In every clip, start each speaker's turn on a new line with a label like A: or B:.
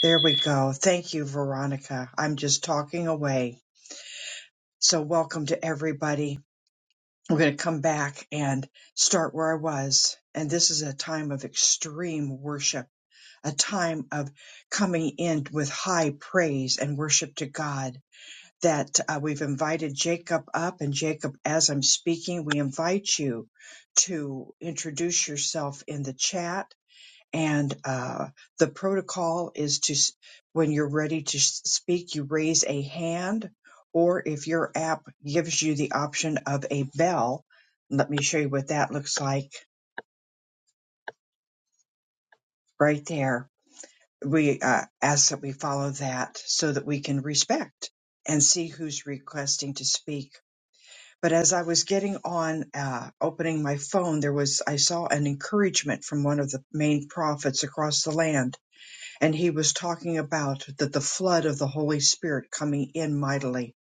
A: There we go. Thank you, Veronica. I'm just talking away. So, welcome to everybody. We're going to come back and start where I was. And this is a time of extreme worship, a time of coming in with high praise and worship to God. That uh, we've invited Jacob up. And Jacob, as I'm speaking, we invite you to introduce yourself in the chat and uh, the protocol is to s- when you're ready to s- speak you raise a hand or if your app gives you the option of a bell let me show you what that looks like right there we uh, ask that we follow that so that we can respect and see who's requesting to speak but as i was getting on uh, opening my phone there was i saw an encouragement from one of the main prophets across the land and he was talking about that the flood of the Holy Spirit coming in mightily.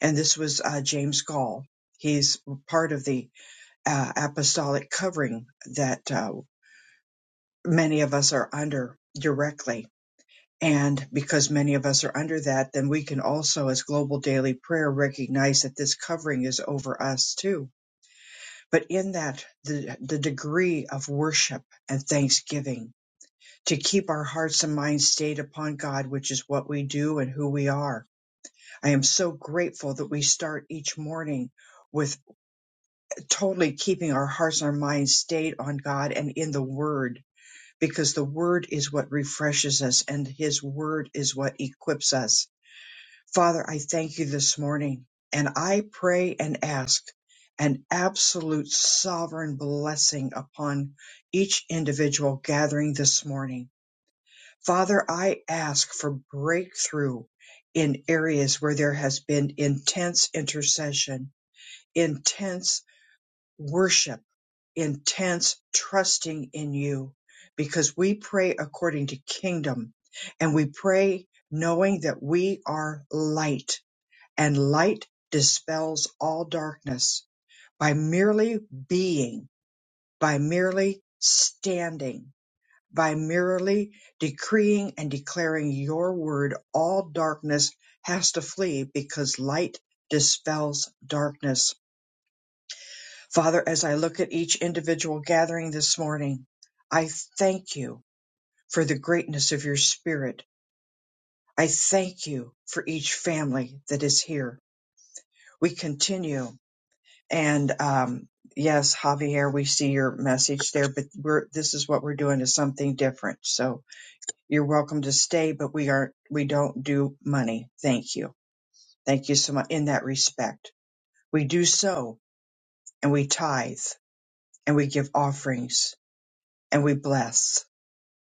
A: And this was uh, James Gall. He's part of the uh, apostolic covering that uh, many of us are under directly. And because many of us are under that, then we can also, as global daily prayer, recognize that this covering is over us too. But in that, the, the degree of worship and thanksgiving to keep our hearts and minds stayed upon God, which is what we do and who we are. I am so grateful that we start each morning with totally keeping our hearts and our minds stayed on God and in the Word, because the Word is what refreshes us and His Word is what equips us. Father, I thank you this morning and I pray and ask an absolute sovereign blessing upon each individual gathering this morning. Father, I ask for breakthrough in areas where there has been intense intercession, intense worship, intense trusting in you, because we pray according to kingdom and we pray knowing that we are light and light dispels all darkness by merely being, by merely standing by merely decreeing and declaring your word, all darkness has to flee because light dispels darkness. Father, as I look at each individual gathering this morning, I thank you for the greatness of your spirit. I thank you for each family that is here. We continue and, um, Yes, Javier, we see your message there, but we're, this is what we're doing is something different. So, You're welcome to stay, but we are we don't do money. Thank you. Thank you so much in that respect. We do so and we tithe and we give offerings and we bless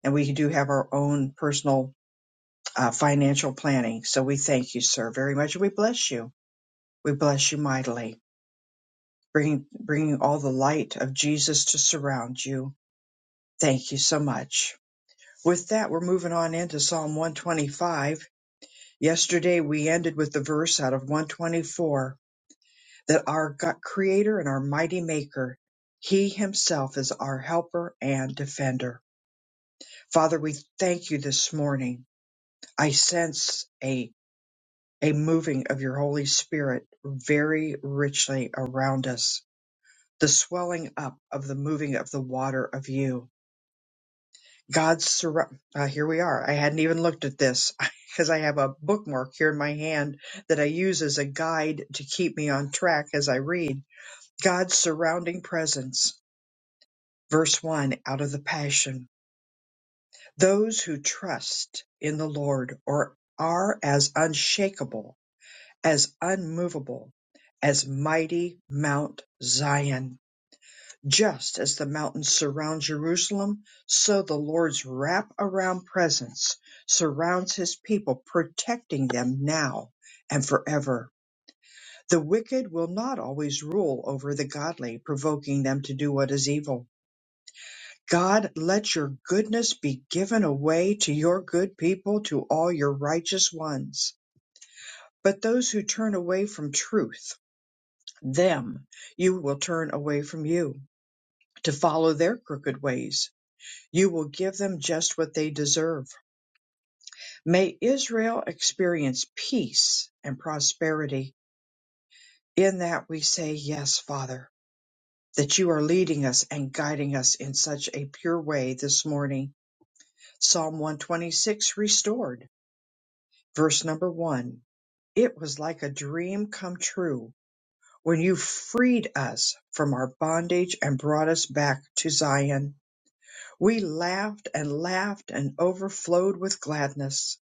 A: and we do have our own personal uh, financial planning. So we thank you, sir, very much. and We bless you. We bless you mightily, bringing bringing all the light of Jesus to surround you. Thank you so much. With that, we're moving on into Psalm 125 Yesterday we ended with the verse out of 124 that our God, creator and our mighty maker, he himself is our helper and defender. Father, we thank you this morning. I sense a, a moving of your Holy Spirit very richly around us, the swelling up of the moving of the water of you. God's surround. Uh, here we are. I hadn't even looked at this because I have a bookmark here in my hand that I use as a guide to keep me on track as I read. God's surrounding presence. Verse 1 out of the Passion. Those who trust in the Lord or are as unshakable, as unmovable, as mighty Mount Zion Just as the mountains surround Jerusalem, so the Lord's wrap around presence surrounds his people, protecting them now and forever. The wicked will not always rule over the godly, provoking them to do what is evil. God, let your goodness be given away to your good people, to all your righteous ones. But those who turn away from truth, them you will turn away from you to follow their crooked ways You will give them just what they deserve. May Israel experience peace and prosperity. In that we say, Yes, Father, that you are leading us and guiding us in such a pure way this morning. Psalm 126 restored, verse number one. It was like a dream come true when you freed us from our bondage and brought us back to Zion. We laughed and laughed and overflowed with gladness.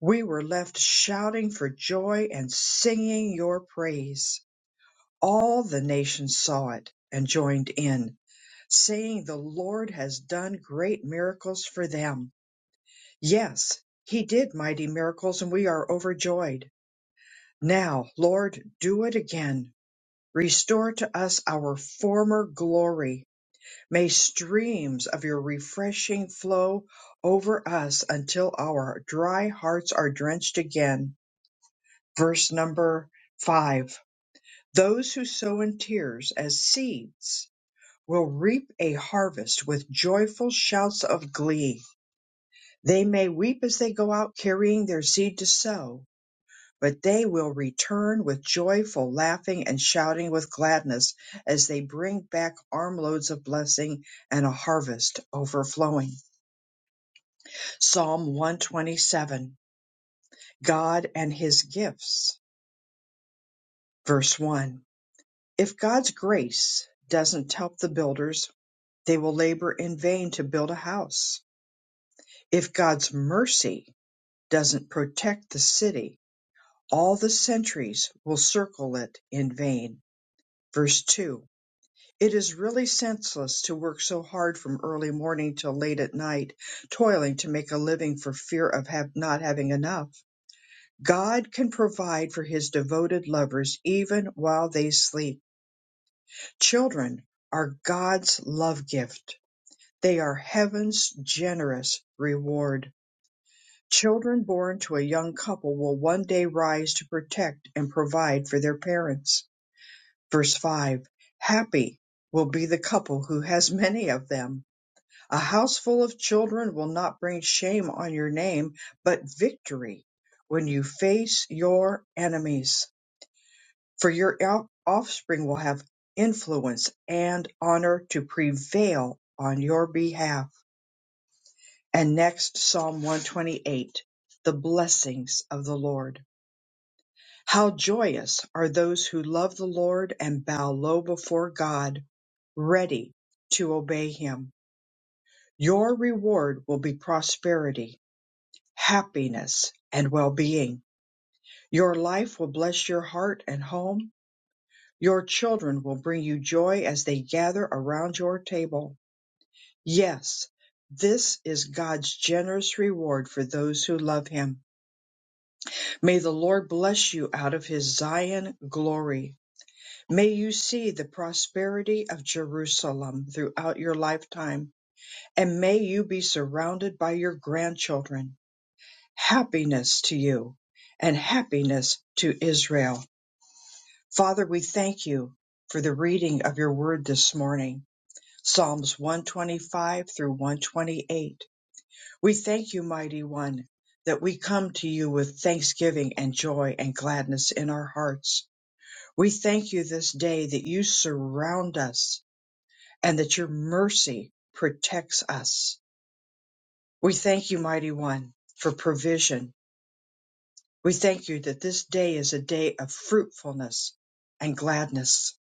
A: We were left shouting for joy and singing your praise. All the nations saw it and joined in, saying, The Lord has done great miracles for them. Yes, He did mighty miracles, and we are overjoyed. Now, Lord, do it again. Restore to us our former glory. May streams of your refreshing flow over us until our dry hearts are drenched again verse number five. Those who sow in tears as seeds will reap a harvest with joyful shouts of glee. They may weep as they go out carrying their seed to sow, but they will return with joyful laughing and shouting with gladness as they bring back armloads of blessing and a harvest overflowing. Psalm 127 God and His Gifts, verse 1. If God's grace doesn't help the builders, they will labor in vain to build a house. If God's mercy doesn't protect the city, all the sentries will circle it in vain. Verse 2 It is really senseless to work so hard from early morning till late at night, toiling to make a living for fear of have not having enough. God can provide for his devoted lovers even while they sleep. Children are God's love gift They are heaven's generous reward. Children born to a young couple will one day rise to protect and provide for their parents. Verse 5 Happy will be the couple who has many of them. A house full of children will not bring shame on your name, but victory when you face your enemies. For your off- offspring will have influence and honor to prevail on your behalf. And next, Psalm 128, the blessings of the Lord. How joyous are those who love the Lord and bow low before God, ready to obey him. Your reward will be prosperity, happiness, and well-being. Your life will bless your heart and home. Your children will bring you joy as they gather around your table. Yes, this is God's generous reward for those who love him May the Lord bless you out of his Zion glory. May you see the prosperity of Jerusalem throughout your lifetime, and may you be surrounded by your grandchildren. Happiness to you and happiness to Israel. Father, we thank you for the reading of your word this morning. Psalms 125 through 128. We thank you, mighty one, that we come to you with thanksgiving and joy and gladness in our hearts We thank you this day that you surround us and that your mercy protects us. We thank you, Mighty One, for provision. We thank you that this day is a day of fruitfulness and gladness.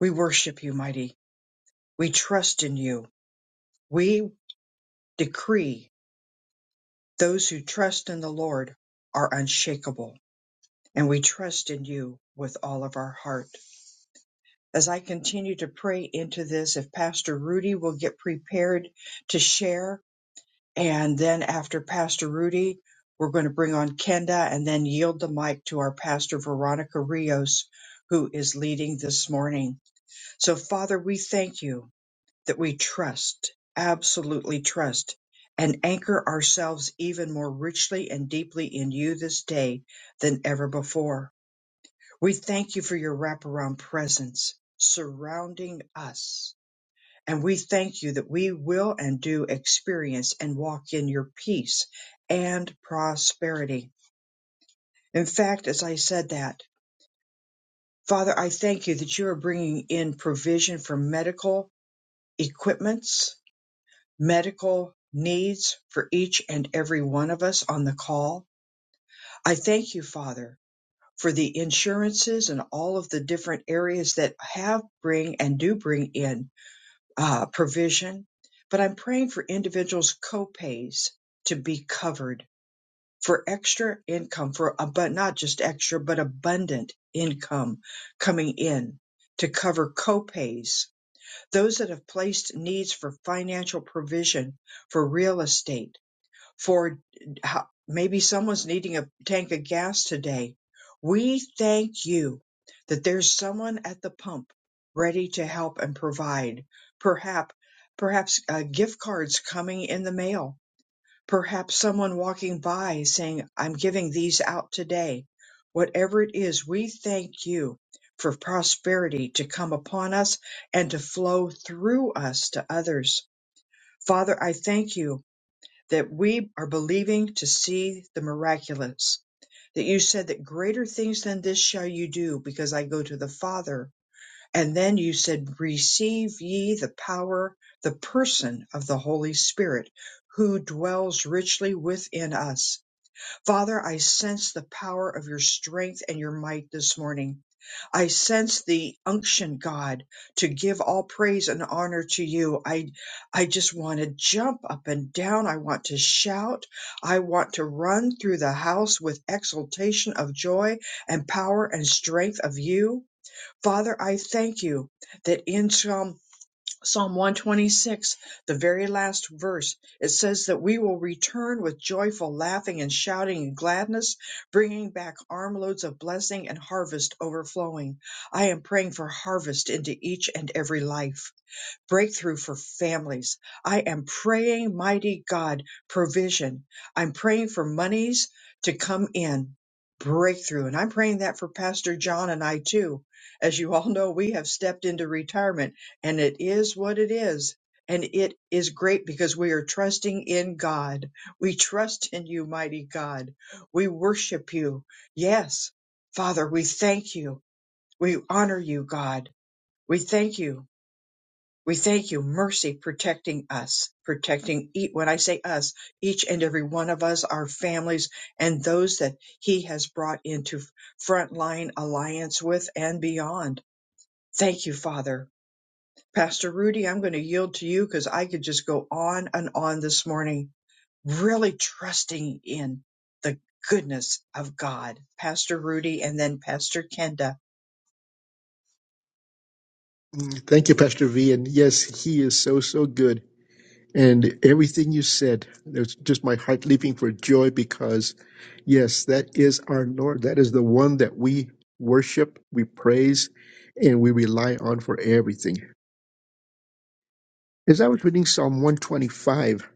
A: We worship you, Mighty. We trust in you. We decree those who trust in the Lord are unshakable, and we trust in you with all of our heart. as I continue to pray into this, if Pastor Rudy will get prepared to share. And then after Pastor Rudy, we're going to bring on Kenda and then yield the mic to our pastor, Veronica Rios, who is leading this morning. So, Father, we thank you that we trust, absolutely trust, and anchor ourselves even more richly and deeply in you this day than ever before. We thank you for your wraparound presence surrounding us. And we thank you that we will and do experience and walk in your peace and prosperity. In fact, as I said that, Father, I thank you that you are bringing in provision for medical equipments, medical needs for each and every one of us on the call. I thank you, Father, for the insurances and all of the different areas that have bring and do bring in uh, provision, but I'm praying for individuals' copays to be covered for extra income for uh, but not just extra but abundant income coming in to cover copays those that have placed needs for financial provision for real estate for how, maybe someone's needing a tank of gas today. We thank you that there's someone at the pump ready to help and provide. Perhaps, perhaps uh, gift cards coming in the mail. Perhaps someone walking by saying, I'm giving these out today. Whatever it is, we thank you for prosperity to come upon us and to flow through us to others. Father, I thank you that we are believing to see the miraculous. That you said that greater things than this shall you do because I go to the Father. And then you said, receive ye the power, the person of the Holy Spirit who dwells richly within us Father, I sense the power of your strength and your might this morning. I sense the unction, God, to give all praise and honor to you. I, I just want to jump up and down. I want to shout. I want to run through the house with exultation of joy and power and strength of you. Father, I thank you that in Psalm Psalm 126, the very last verse, it says that we will return with joyful laughing and shouting and gladness, bringing back armloads of blessing and harvest overflowing. I am praying for harvest into each and every life breakthrough for families. I am praying, mighty God, provision. I'm praying for monies to come in, breakthrough. And I'm praying that for Pastor John and I too. As you all know, we have stepped into retirement and it is what it is. And it is great because we are trusting in God. We trust in you, mighty God. We worship you. Yes. Father, we thank you. We honor you, God. We thank you we thank you, mercy, protecting us, protecting each, when I say us, each and every one of us, our families, and those that He has brought into frontline alliance with and beyond. Thank you, Father. Pastor Rudy, I'm going to yield to you because I could just go on and on this morning, really trusting in the goodness of God. Pastor Rudy and then Pastor Kenda.
B: Mm, Thank you, Pastor V. And yes, he is so, so good. And everything you said, there's just my heart leaping for joy because, yes, that is our Lord. That is the one that we worship, we praise, and we rely on for everything. As I was reading Psalm 125,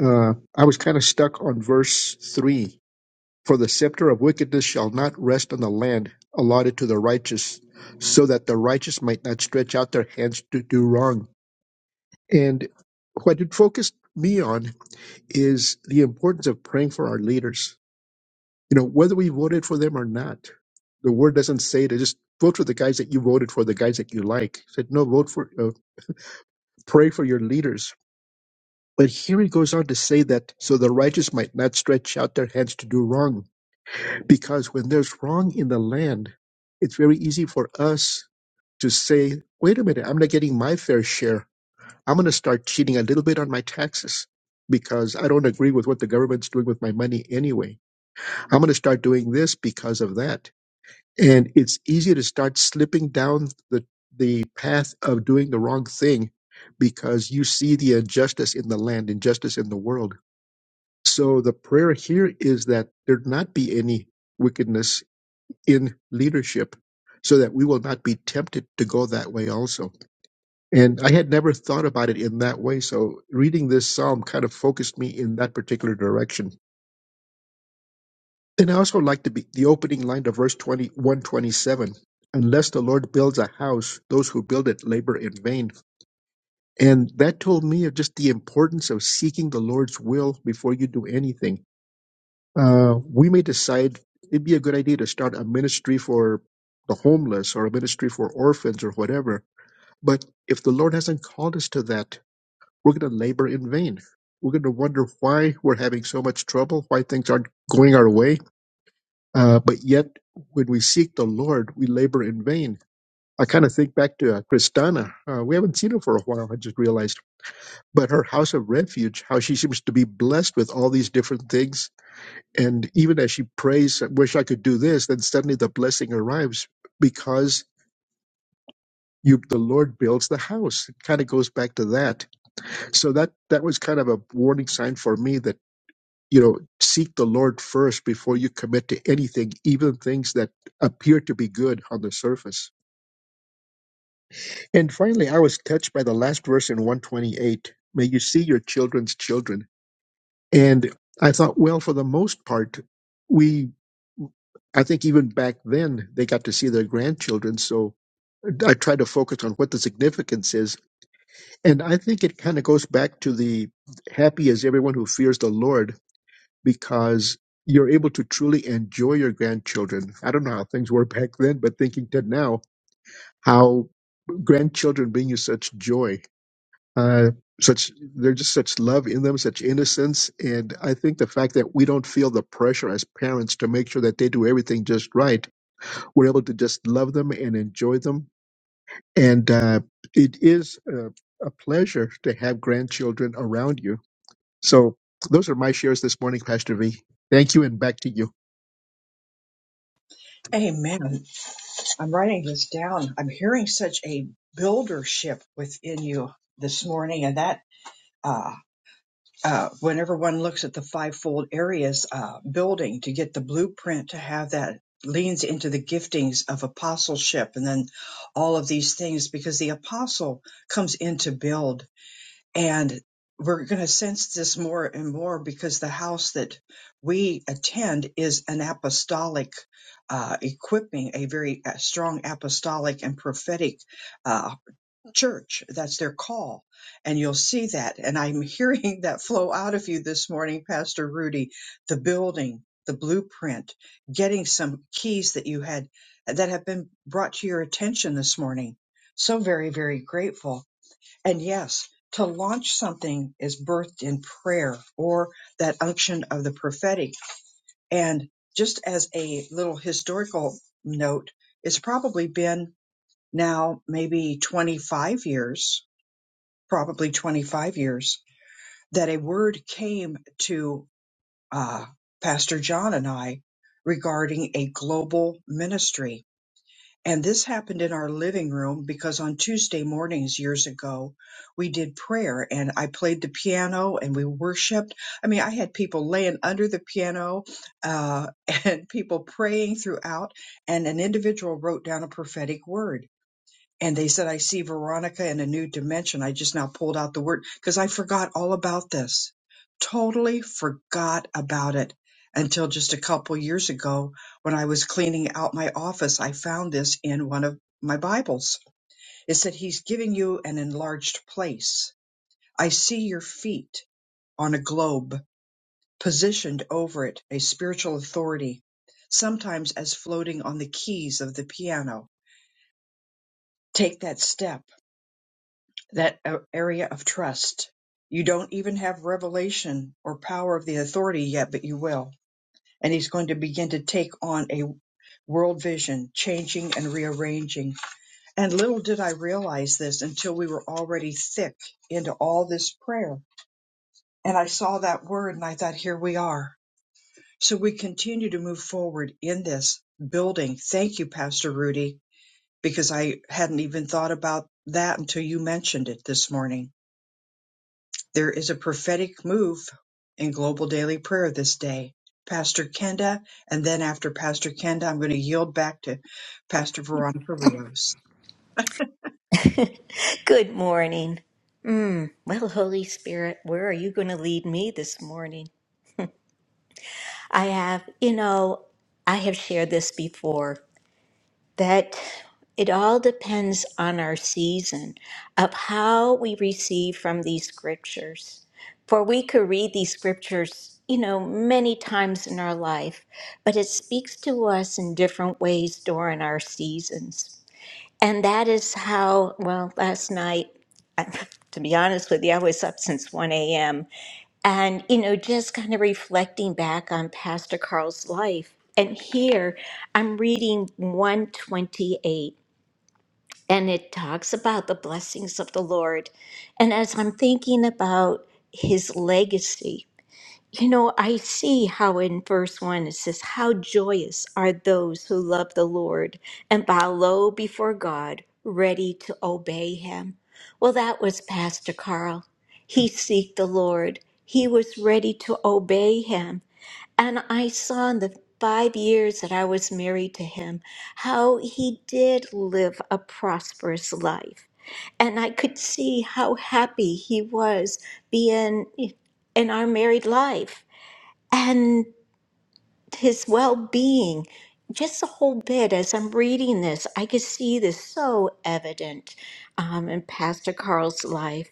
B: uh, I was kind of stuck on verse 3 For the scepter of wickedness shall not rest on the land allotted to the righteous, so that the righteous might not stretch out their hands to do wrong. And what it focused me on is the importance of praying for our leaders. You know, whether we voted for them or not, the word doesn't say to just vote for the guys that you voted for, the guys that you like. It said, no, vote for, uh, pray for your leaders. But here he goes on to say that so the righteous might not stretch out their hands to do wrong, because when there's wrong in the land, it's very easy for us to say, wait a minute, I'm not getting my fair share I'm going to start cheating a little bit on my taxes because I don't agree with what the government's doing with my money anyway. I'm going to start doing this because of that. And it's easy to start slipping down the, the path of doing the wrong thing because you see the injustice in the land, injustice in the world. So the prayer here is that there not be any wickedness in leadership so that we will not be tempted to go that way also. And I had never thought about it in that way. So reading this psalm kind of focused me in that particular direction. And I also like to be the opening line of verse 21:27, Unless the Lord builds a house, those who build it labor in vain. And that told me of just the importance of seeking the Lord's will before you do anything. Uh, we may decide it'd be a good idea to start a ministry for the homeless or a ministry for orphans or whatever. But if the Lord hasn't called us to that, We're going to labor in vain. We're going to wonder why we're having so much trouble, why things aren't going our way. Uh, but yet, when we seek the Lord, we labor in vain. I kind of think back to uh, Kristana. Uh, we haven't seen her for a while, I just realized. But her house of refuge, how she seems to be blessed with all these different things. And even as she prays, I wish I could do this, then suddenly the blessing arrives because you the Lord builds the house. It kind of goes back to that. So that that was kind of a warning sign for me that you know seek the lord first before you commit to anything even things that appear to be good on the surface and finally i was touched by the last verse in 128 may you see your children's children and i thought well for the most part we i think even back then they got to see their grandchildren so i try to focus on what the significance is and i think it kind of goes back to the happy is everyone who fears the lord because you're able to truly enjoy your grandchildren. I don't know how things were back then, but thinking to now, how grandchildren bring you such joy. Uh, such they're just such love in them, such innocence, and I think the fact that we don't feel the pressure as parents to make sure that they do everything just right, we're able to just love them and enjoy them, and uh, it is a, a pleasure to have grandchildren around you. So those are my shares this morning, Pastor V. Thank you, and back to you.
A: Amen. I'm writing this down. I'm hearing such a buildership within you this morning, and that uh, uh, whenever one looks at the fivefold areas uh, building to get the blueprint to have that leans into the giftings of apostleship, and then all of these things because the apostle comes in to build and we're going to sense this more and more because the house that we attend is an apostolic uh, equipping, a very uh, strong apostolic and prophetic uh, church. That's their call. And you'll see that. And I'm hearing that flow out of you this morning, Pastor Rudy, the building, the blueprint, getting some keys that you had that have been brought to your attention this morning. So very, very grateful and yes, to launch something is birthed in prayer or that unction of the prophetic. And just as a little historical note, it's probably been now maybe 25 years, probably 25 years, that a word came to uh, Pastor John and I regarding a global ministry and this happened in our living room because on Tuesday mornings years ago, we did prayer and I played the piano and we worshiped. I mean, I had people laying under the piano uh, and people praying throughout, and an individual wrote down a prophetic word and they said, I see Veronica in a new dimension. I just now pulled out the word because I forgot all about this. Totally forgot about it until just a couple years ago when I was cleaning out my office. I found this in one of my Bibles. It said, He's giving you an enlarged place. I see your feet on a globe, positioned over it, a spiritual authority, sometimes as floating on the keys of the piano. Take that step that a- area of trust. You don't even have revelation or power of the authority yet, but you will. And he's going to begin to take on a world vision, changing and rearranging. And little did I realize this until we were already thick into all this prayer. And I saw that word and I thought, here we are. So we continue to move forward in this building. Thank you, Pastor Rudy, because I hadn't even thought about that until you mentioned it this morning There is a prophetic move in global daily prayer this day. Pastor Kenda, and then after Pastor Kenda, I'm going to yield back to Pastor Veronica Rios.
C: Good morning. Mm, well, Holy Spirit, where are you going to lead me this morning? I have, you know, I have shared this before that it all depends on our season of how we receive from these scriptures. For we could read these scriptures, you know, many times in our life, but it speaks to us in different ways during our seasons. And that is how, well, last night, I- to be honest with you, I was up since 1 a.m. And, you know, just kind of reflecting back on Pastor Carl's life. And here I'm reading 128, and it talks about the blessings of the Lord. And as I'm thinking about his legacy, you know, I see how in verse 1 it says, How joyous are those who love the Lord and bow low before God, ready to obey him. Well, that was Pastor Carl. He seeked the Lord, he was ready to obey him. And I saw in the five years that I was married to him how he did live a prosperous life. And I could see how happy he was being in our married life and his well being. Just a whole bit as I'm reading this, I could see this so evident um, in Pastor Carl's life.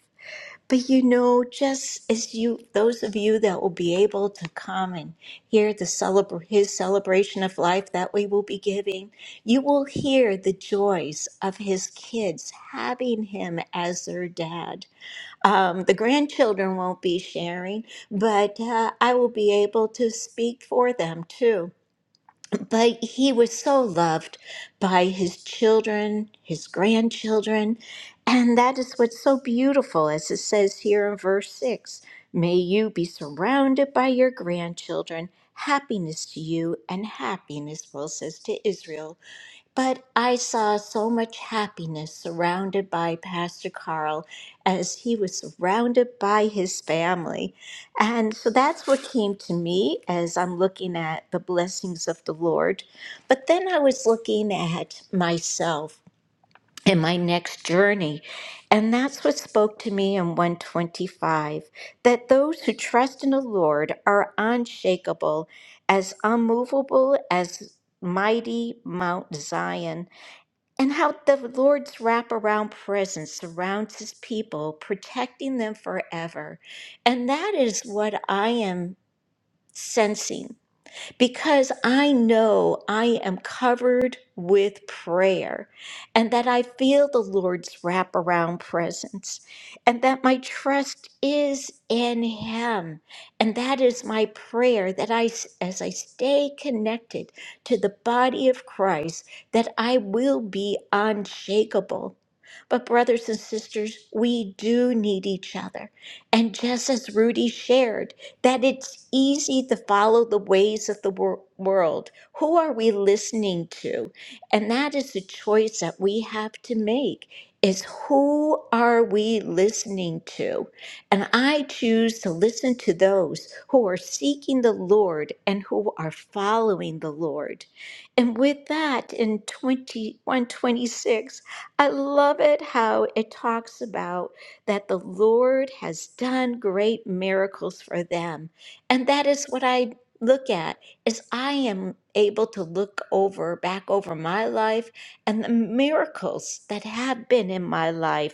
C: But you know, just as you, those of you that will be able to come and hear the celebr his celebration of life that we will be giving, you will hear the joys of his kids having him as their dad um, the grandchildren won't be sharing, but uh, I will be able to speak for them too. But he was so loved by his children, his grandchildren, and that is what's so beautiful, as it says here in verse 6 May you be surrounded by your grandchildren. Happiness to you, and happiness, Will says to Israel but I saw so much happiness surrounded by Pastor Carl as he was surrounded by his family. And so that's what came to me as I'm looking at the blessings of the Lord. But then I was looking at myself and my next journey. And that's what spoke to me in 125 that those who trust in the Lord are unshakable, as unmovable as mighty Mount Zion and how the Lord's wraparound presence surrounds his people, protecting them forever. And that is what I am sensing because I know I am covered with prayer and that I feel the Lord's wraparound presence and that my trust is in Him. And that is my prayer that I, s- as I stay connected to the body of Christ, that I will be unshakable. But, brothers and sisters, we do need each other. And just as Rudy shared, that it's easy to follow the ways of the wor- world. Who are we listening to? And that is the choice that we have to make is who are we listening to? And I choose to listen to those who are seeking the Lord and who are following the Lord. And with that in 2126, I love it how it talks about that the Lord has done great miracles for them. And that is what I look at is I am able to look over back over my life and the miracles that have been in my life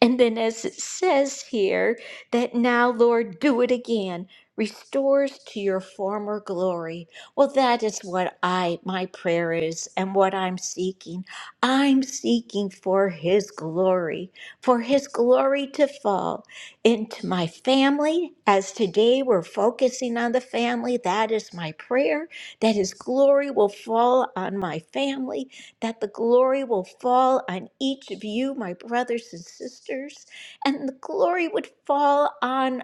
C: and then, as it says here, that now, Lord, do it again, restores to your former glory. Well, that is what I, my prayer is, and what I'm seeking. I'm seeking for His glory, for His glory to fall into my family. As today we're focusing on the family, that is my prayer, that His glory will fall on my family that the glory will fall on each of you, my brothers and sisters, and the glory would fall on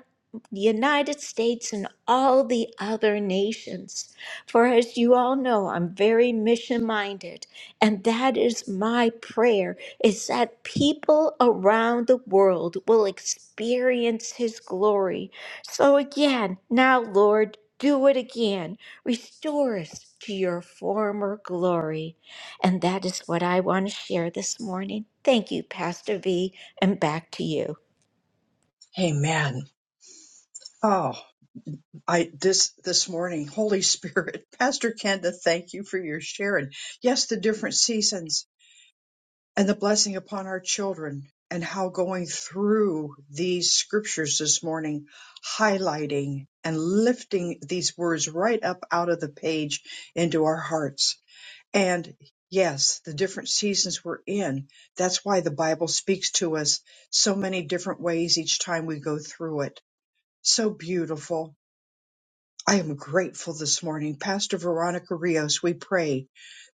C: the United States and all the other nations. For as you all know, I'm very mission minded, and that is my prayer is that people around the world will experience his glory. So again, now Lord, do it again. Restore us to your former glory. And that is what I want to share this morning. Thank you, Pastor V, and back to you.
A: Amen. Oh, I this this morning, Holy Spirit, Pastor Kenda, thank you for your sharing. Yes, the different seasons. and the blessing upon our children and how going through these scriptures this morning, highlighting and lifting these words right up out of the page into our hearts. And yes, the different seasons we're in, that's why the Bible speaks to us so many different ways each time we go through it. So beautiful. I am grateful this morning. Pastor Veronica Rios, we pray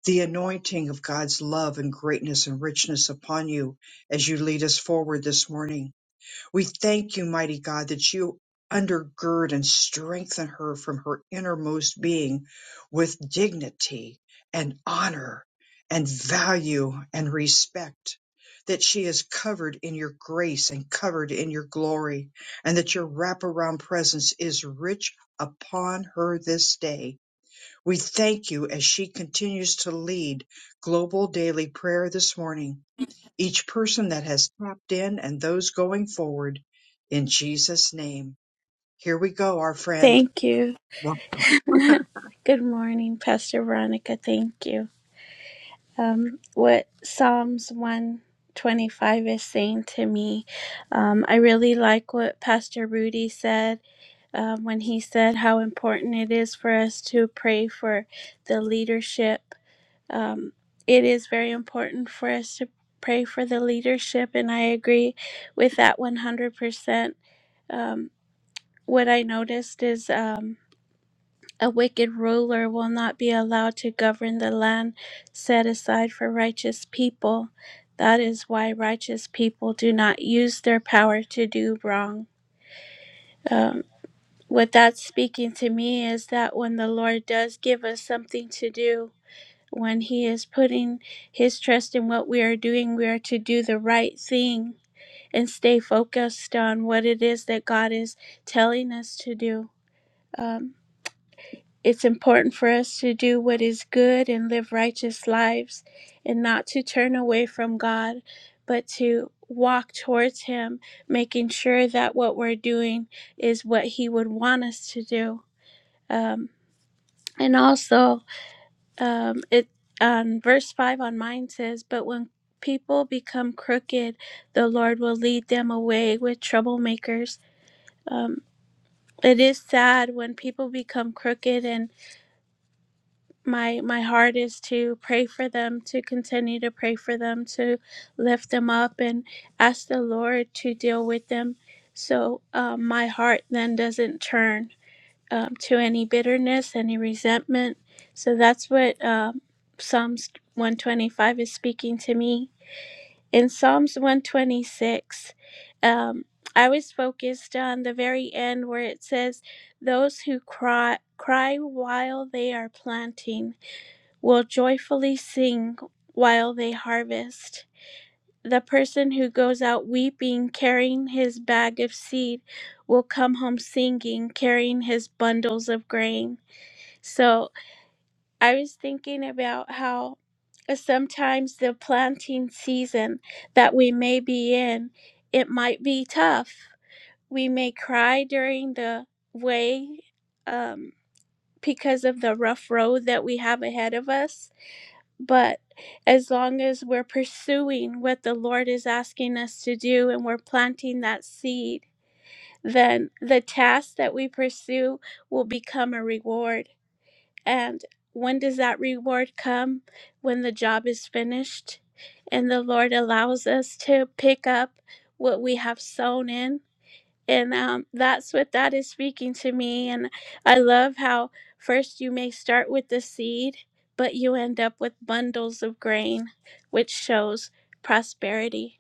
A: the anointing of God's love and greatness and richness upon you as you lead us forward this morning. We thank you, mighty God, that you undergird and strengthen her from her innermost being with dignity and honor and value and respect. That she is covered in your grace and covered in your glory, and that your wraparound presence is rich upon her this day. We thank you as she continues to lead global daily prayer this morning each person that has tapped in and those going forward in Jesus' name. Here we go, our friend.
D: Thank you.
A: Well,
D: Good morning, Pastor Veronica. Thank you. Um, what Psalms 125 is saying to me, um, I really like what Pastor Rudy said um, when he said how important it is for us to pray for the leadership. Um, it is very important for us to pray for the leadership, and I agree with that 100%. Um, what I noticed is. Um, A wicked ruler will not be allowed to govern the land set aside for righteous people. That is why righteous people do not use their power to do wrong. Um, what that's speaking to me is that when the Lord does give us something to do, when He is putting His trust in what we are doing, we are to do the right thing and stay focused on what it is that God is telling us to do. Um, It's important for us to do what is good and live righteous lives and not to turn away from God, but to walk towards Him, making sure that what we're doing is what He would want us to do. Um, and also, um, it on verse 5 on mine says, But when people become crooked, the Lord will lead them away with troublemakers. Um, it is sad when people become crooked and. my my heart is to pray for them to continue to pray for them to lift them up and ask the lord to deal with them so um, my heart then doesn't turn um, to any bitterness any resentment so that's what um, psalms 125 is speaking to me in psalms 126 um, i was focused on the very end where it says those who cry cry while they are planting will joyfully sing while they harvest. The person who goes out weeping, carrying his bag of seed, will come home singing, carrying his bundles of grain. So I was thinking about how uh, sometimes the planting season that we may be in, it might be tough. We may cry during the way um, because of the rough road that we have ahead of us but as long as we're pursuing what the Lord is asking us to do and we're planting that seed, then the task that we pursue will become a reward. And when does that reward come? When the job is finished and the Lord allows us to pick up what we have sown in and um, that's what that is speaking to me and i love how first you may start with the seed but you end up with bundles of grain which shows prosperity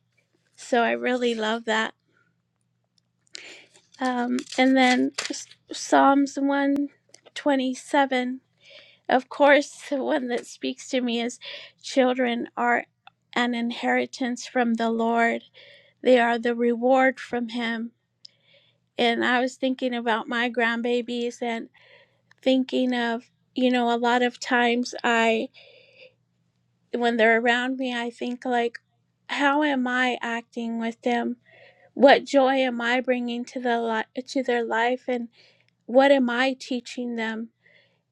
D: so i really love that um, and then S- psalms 127 of course the one that speaks to me is children are an inheritance from the lord they are the reward from him and i was thinking about my grandbabies and thinking of, you know, a lot of times I, when they're around me, I think like, how am I acting with them? What joy am I bringing to the li- to their life, and what am I teaching them?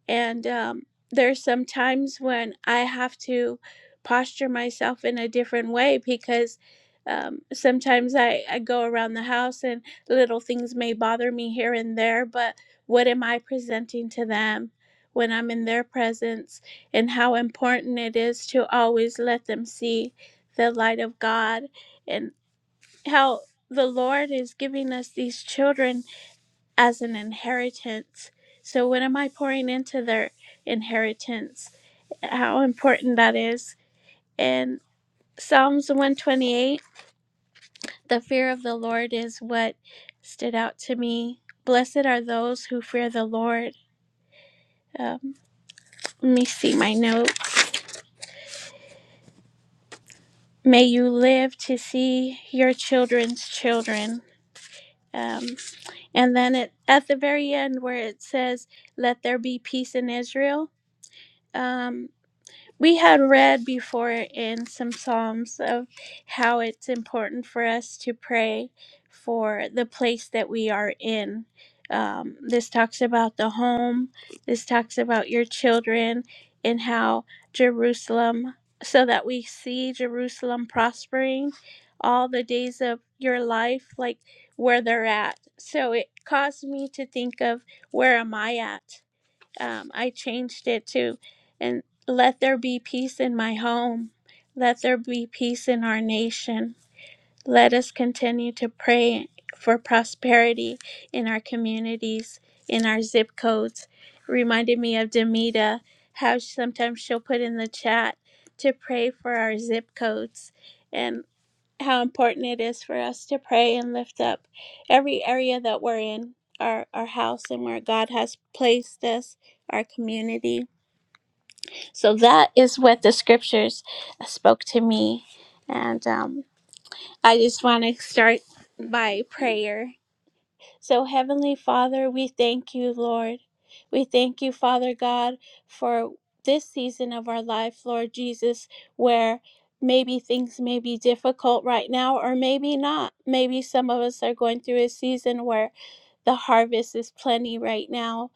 D: And um, there's some times when I have to posture myself in a different way because um, sometimes I, I go around the house and little things may bother me here and there, but what am I presenting to them when I'm in their presence and how important it is to always let them see the light of God and how the Lord is giving us these children as an inheritance. So, what am I pouring into their inheritance? How important that is. In Psalms 128, the fear of the Lord is what stood out to me. Blessed are those who fear the Lord. Um, let me see my note. May you live to see your children's children. Um, and then it, at the very end, where it says, Let there be peace in Israel. Um, we had read before in some psalms of how it's important for us to pray for the place that we are in um, this talks about the home this talks about your children and how jerusalem so that we see jerusalem prospering all the days of your life like where they're at so it caused me to think of where am i at um, I changed it to, and let there be peace in my home. Let there be peace in our nation. Let us continue to pray for prosperity in our communities, in our zip codes. Reminded me of Demita, how sometimes she'll put in the chat to pray for our zip codes. and how important it is for us to pray and lift up every area that we're in our, our house and where God has placed us, our community. So that is what the scriptures spoke to me. And um, I just want to start by prayer. So, Heavenly Father, we thank you, Lord. We thank you, Father God, for this season of our life, Lord Jesus, where maybe things may be difficult right now, or maybe not. Maybe some of us are going through a season where the harvest is plenty right now.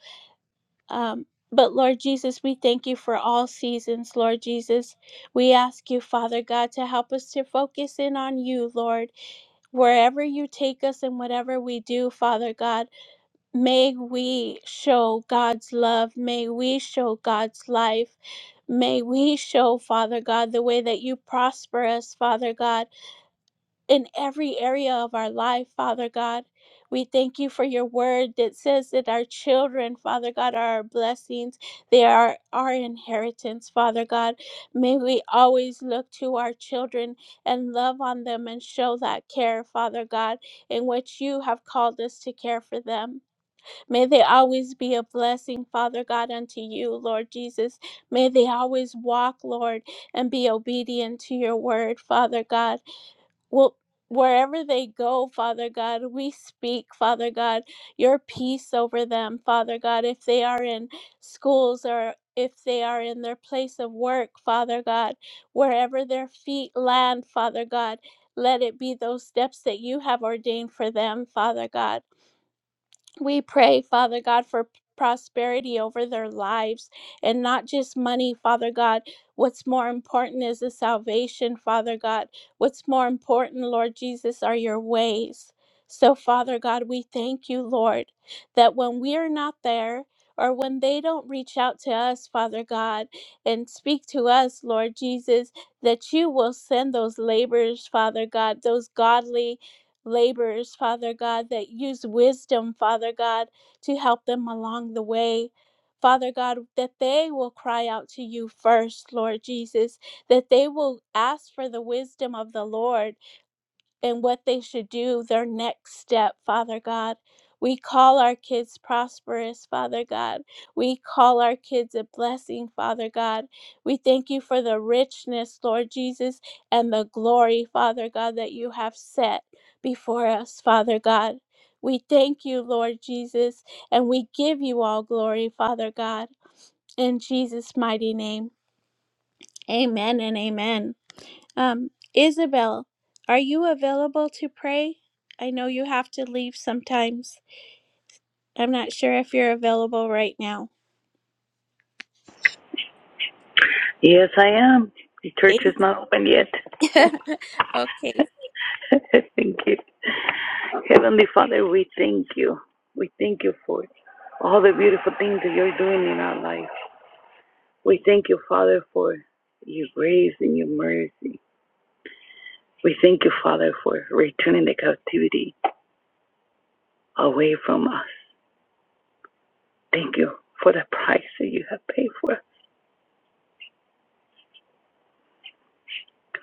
D: Um, but Lord Jesus, we thank you for all seasons, Lord Jesus. We ask you, Father God, to help us to focus in on you, Lord, wherever you take us and whatever we do, Father God. May we show God's love. May we show God's life. May we show, Father God, the way that you prosper us, Father God, in every area of our life, Father God. We thank you for your word that says that our children, Father God, are our blessings. They are our inheritance, Father God. May we always look to our children and love on them and show that care, Father God, in which you have called us to care for them. May they always be a blessing, Father God, unto you, Lord Jesus. May they always walk, Lord, and be obedient to your word, Father God. Well, wherever they go, Father God, we speak, Father God, your peace over them, Father God. If they are in schools or if they are in their place of work, Father God, wherever their feet land, Father God, let it be those steps that you have ordained for them, Father God. We pray, Father God, for prosperity over their lives and not just money, Father God. What's more important is the salvation, Father God. What's more important, Lord Jesus, are your ways. So, Father God, we thank you, Lord, that when we are not there, or when they don't reach out to us, Father God, and speak to us, Lord Jesus, that you will send those laborers, Father God, those godly laborers, Father God, that use wisdom, Father God, to help them along the way. Father God, that they will cry out to you first, Lord Jesus, that they will ask for the wisdom of the Lord and what they should do, their next step, Father God. We call our kids prosperous, Father God. We call our kids a blessing, Father God. We thank you for the richness, Lord Jesus, and the glory, Father God, that you have set before us, Father God. We thank you, Lord Jesus, and we give you all glory, Father God, in Jesus' mighty name. Amen and amen. Um, Isabel, are you available to pray? I know you have to leave sometimes. I'm not sure if you're available right now.
E: Yes, I am. The church
D: Thank-
E: is not open yet.
D: okay.
E: thank you. Heavenly Father, we thank you. We thank you for all the beautiful things that you're doing in our life. We thank you, Father, for your grace and your mercy. We thank you, Father, for returning the captivity away from us. Thank you for the price that you have paid for us.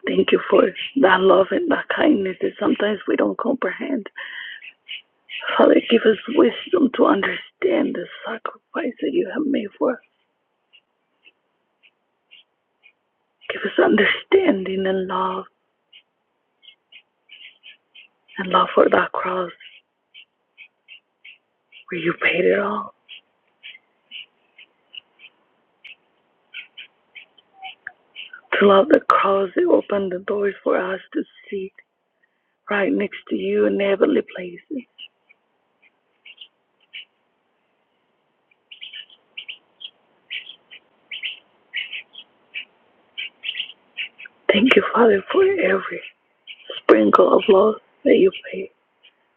E: Thank you for that love and that kindness that sometimes we don't comprehend. Father, give us wisdom to understand the sacrifice that you have made for us. Give us understanding and love, and love for that cross where you paid it all. To love the cross that opened the doors for us to sit right next to you in heavenly places. Thank you, Father, for every sprinkle of love that you paid,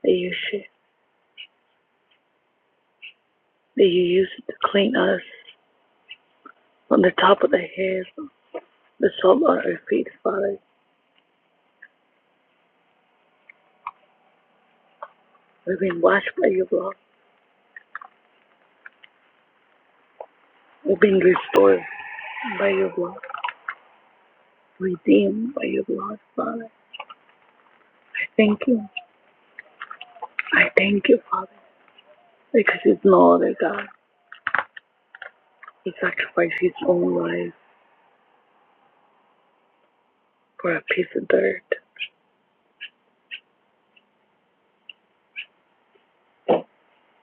E: that you shed, that you used to clean us from the top of the head, the sole of our feet, Father. We've been washed by your blood. We've been restored by your blood, redeemed by your blood, Father. I thank you. I thank you, Father, because it's no other God. He sacrificed his own life for a piece of dirt,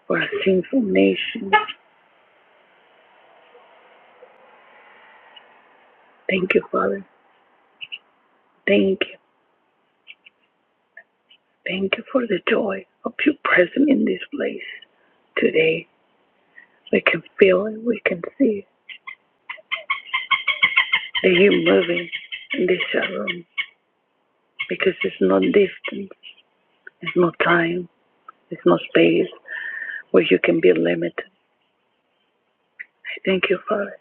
E: for a sinful nation. Thank you, Father. Thank you. Thank you for the joy of your presence in this place today. We can feel it. We can see it. that you're moving in this room because it's no distance, it's no time, it's no space where you can be limited. I thank you, Father.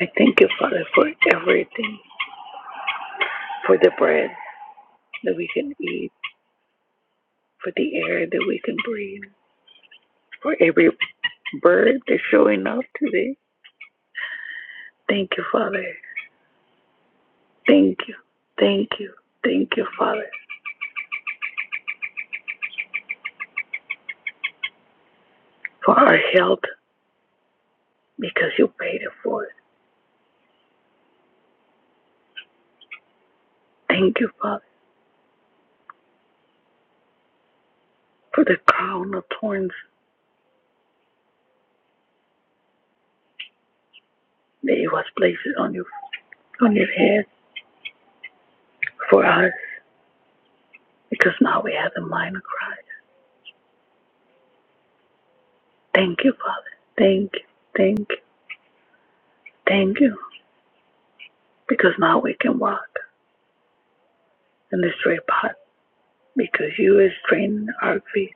E: I thank you, Father, for everything, for the bread that we can eat, for the air that we can breathe, for every bird that's showing up today. Thank you, Father. Thank you. Thank you. Thank you, Father, for our health because you paid it for it. Thank you, Father, for the crown of thorns that you was placed on your on your head for us because now we have the mind of Christ. Thank you, Father. Thank you. Thank you. Thank you. Because now we can walk. in the straight path because you will strengthen our feet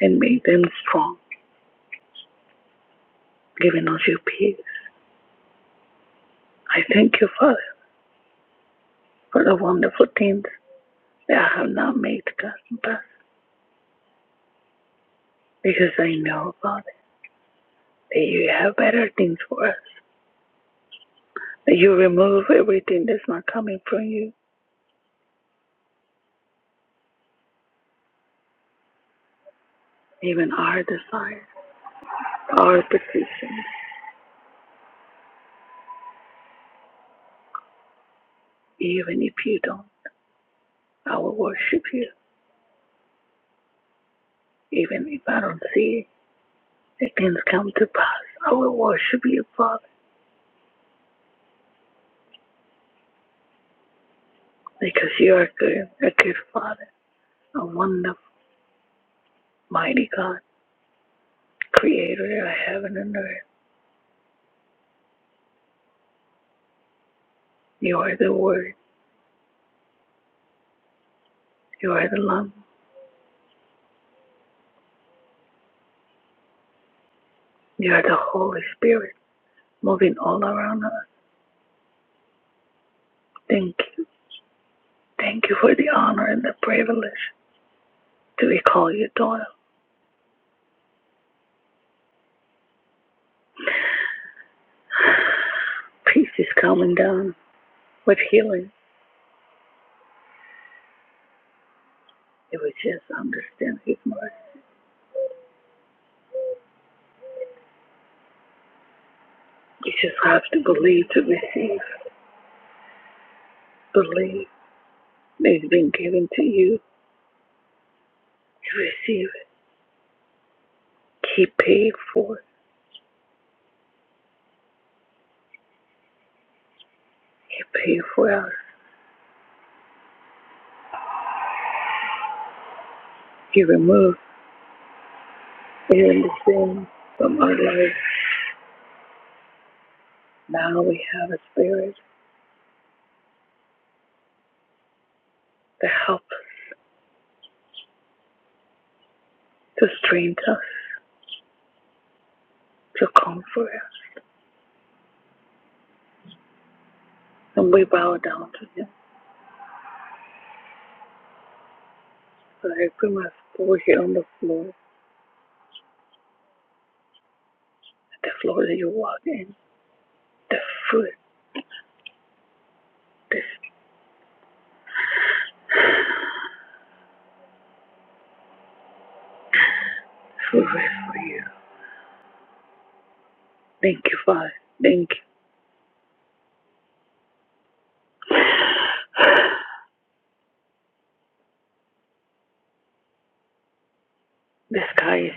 E: and make them strong, giving us your peace. I thank you, Father, for the wonderful things that I have not made to come to pass because I know, Father, that you have better things for us, that you remove everything that's not coming from you, even our desires, our petitions, even if you don't. I will worship you, even if I don't see the things come to pass. I will worship you, Father, because you are good, a good Father. O wonderful, mighty God, creator of heaven and earth. You are the Word. You are the Lamb. You are the Holy Spirit moving all around us. Thank you. Thank you for the honor and the privilege to be called your daughter. Peace is coming down with healing. If we just understand His word, you just have to believe to receive. Believe it's been given to you. You receive it. He paid for it. He paid for us. He removed. clearing the sin from our life. Now we have a spirit to help, to strengthen us, to comfort us. And we bow down to him. So I put my foot here on the floor, the floor that you walk in, the foot, this foot rest for you. Thank you, Father. Thank you. The sky is,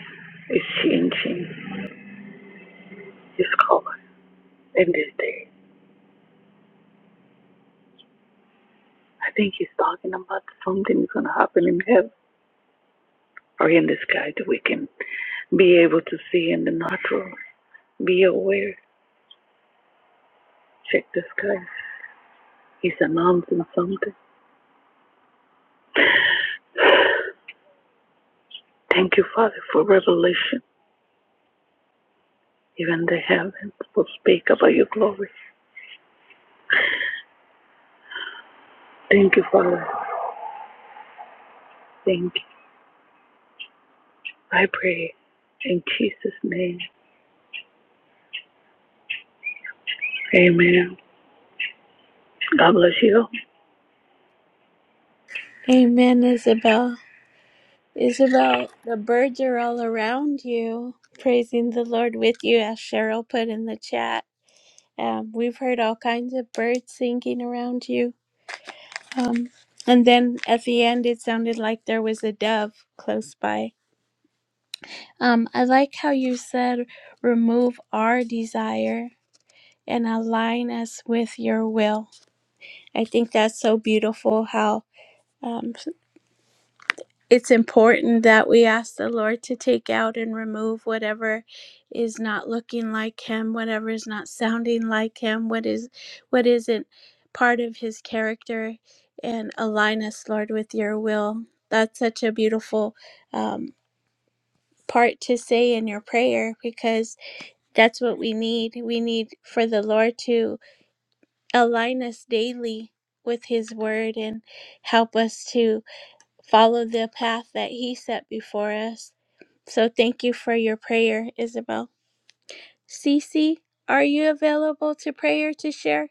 E: is changing its covered in this day. I think he's talking about something something's gonna happen in heaven or in the sky the weekend. Be able to see in the natural. Be aware. Check the skies. He's announcing something. Thank you, Father, for revelation. Even the heavens will speak about your glory. Thank you, Father. Thank you. I pray in Jesus' name. Amen. God bless you.
D: Amen, Isabel. Isabel, the birds are all around you, praising the Lord with you, as Cheryl put in the chat. Um, we've heard all kinds of birds singing around you. Um, and then at the end, it sounded like there was a dove close by. Um, I like how you said remove our desire and align us with your will. I think that's so beautiful how um, it's important that we ask the Lord to take out and remove whatever is not looking like him, whatever is not sounding like him, what is what isn't part of his character and align us, Lord, with your will. That's such a beautiful um, part to say in your prayer because That's what we need. We need for the Lord to align us daily with His Word and help us to follow the path that He set before us. So thank you for your prayer, Isabel. Cece, are you available to pray or to share?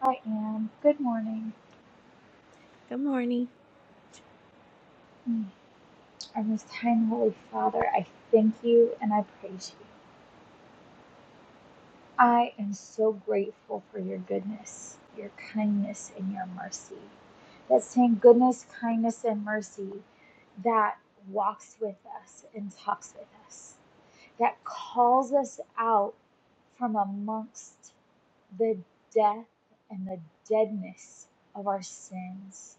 F: I am. Good morning.
D: Good morning.
F: Mm, Our most high and holy Father, I thank you and I praise you. I am so grateful for your goodness, your kindness, and your mercy. That same goodness, kindness, and mercy that walks with us and talks with us, that calls us out from amongst the death and the deadness of our sins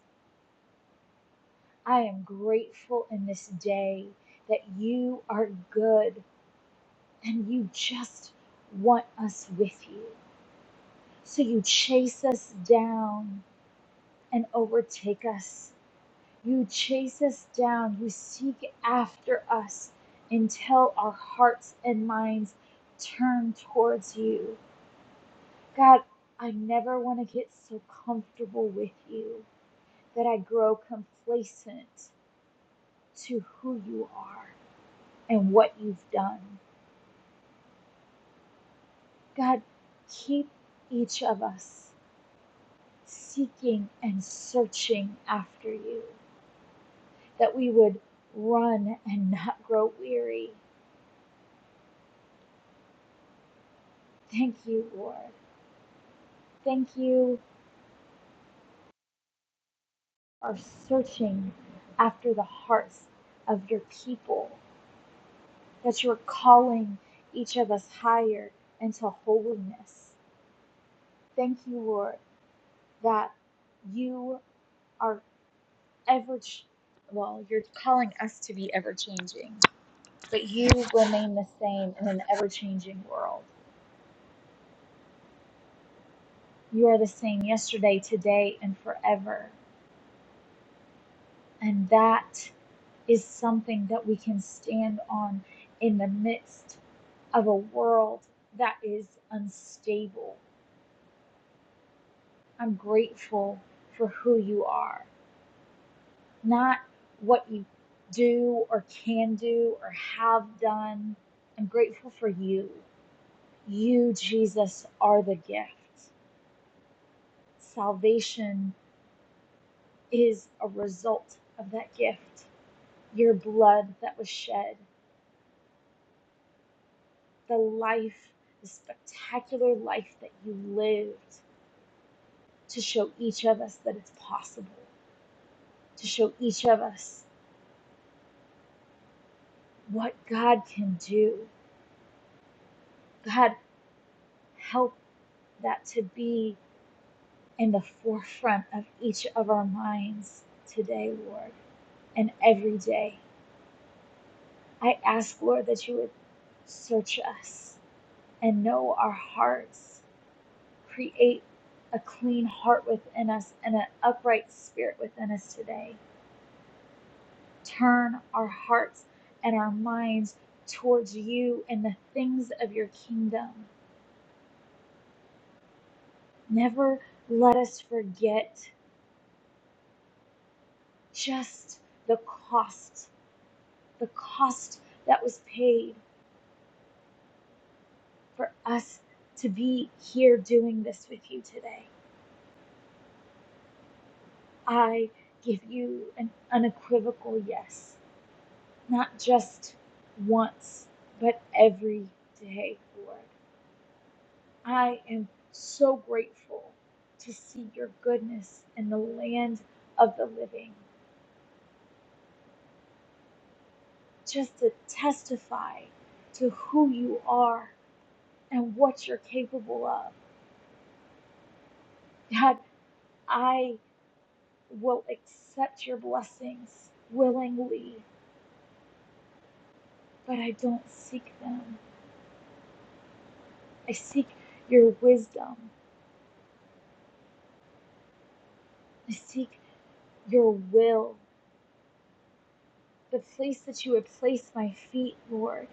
F: I am grateful in this day that you are good and you just want us with you. So you chase us down and overtake us. You chase us down. You seek after us until our hearts and minds turn towards you. God, I never want to get so comfortable with you that I grow complacent to who you are and what you've done. God, keep each of us seeking and searching after you, that we would run and not grow weary. Thank you, Lord. Thank you for searching after the hearts of your people, that you're calling each of us higher into holiness. Thank you, Lord, that you are ever, well, you're calling us to be ever changing but you remain the same in an ever changing world. You are the same yesterday, today, and forever. And that is something that we can stand on in the midst of a world that is unstable. I'm grateful for who you are, not what you do or can do or have done. I'm grateful for you. You, Jesus, are the gift. Salvation is a result of that gift. Your blood that was shed, the life, the spectacular life that you lived to show each of us that it's possible, to show each of us what God can do. God, help that to be in the forefront of each of our minds today, Lord, and every day. I ask, Lord, that you would search us and know our hearts Create a clean heart within us and an upright spirit within us today. Turn our hearts and our minds towards you and the things of your kingdom. Never let us forget just the cost, the cost that was paid for us to be here doing this with you today. I give you an unequivocal yes. Not just once, but every day, Lord. I am so grateful to see your goodness in the land of the living, just to testify to who you are and what you're capable of. God, I will accept your blessings willingly, but I don't seek them. I seek your wisdom, I seek your will. The place that you would place my feet, Lord.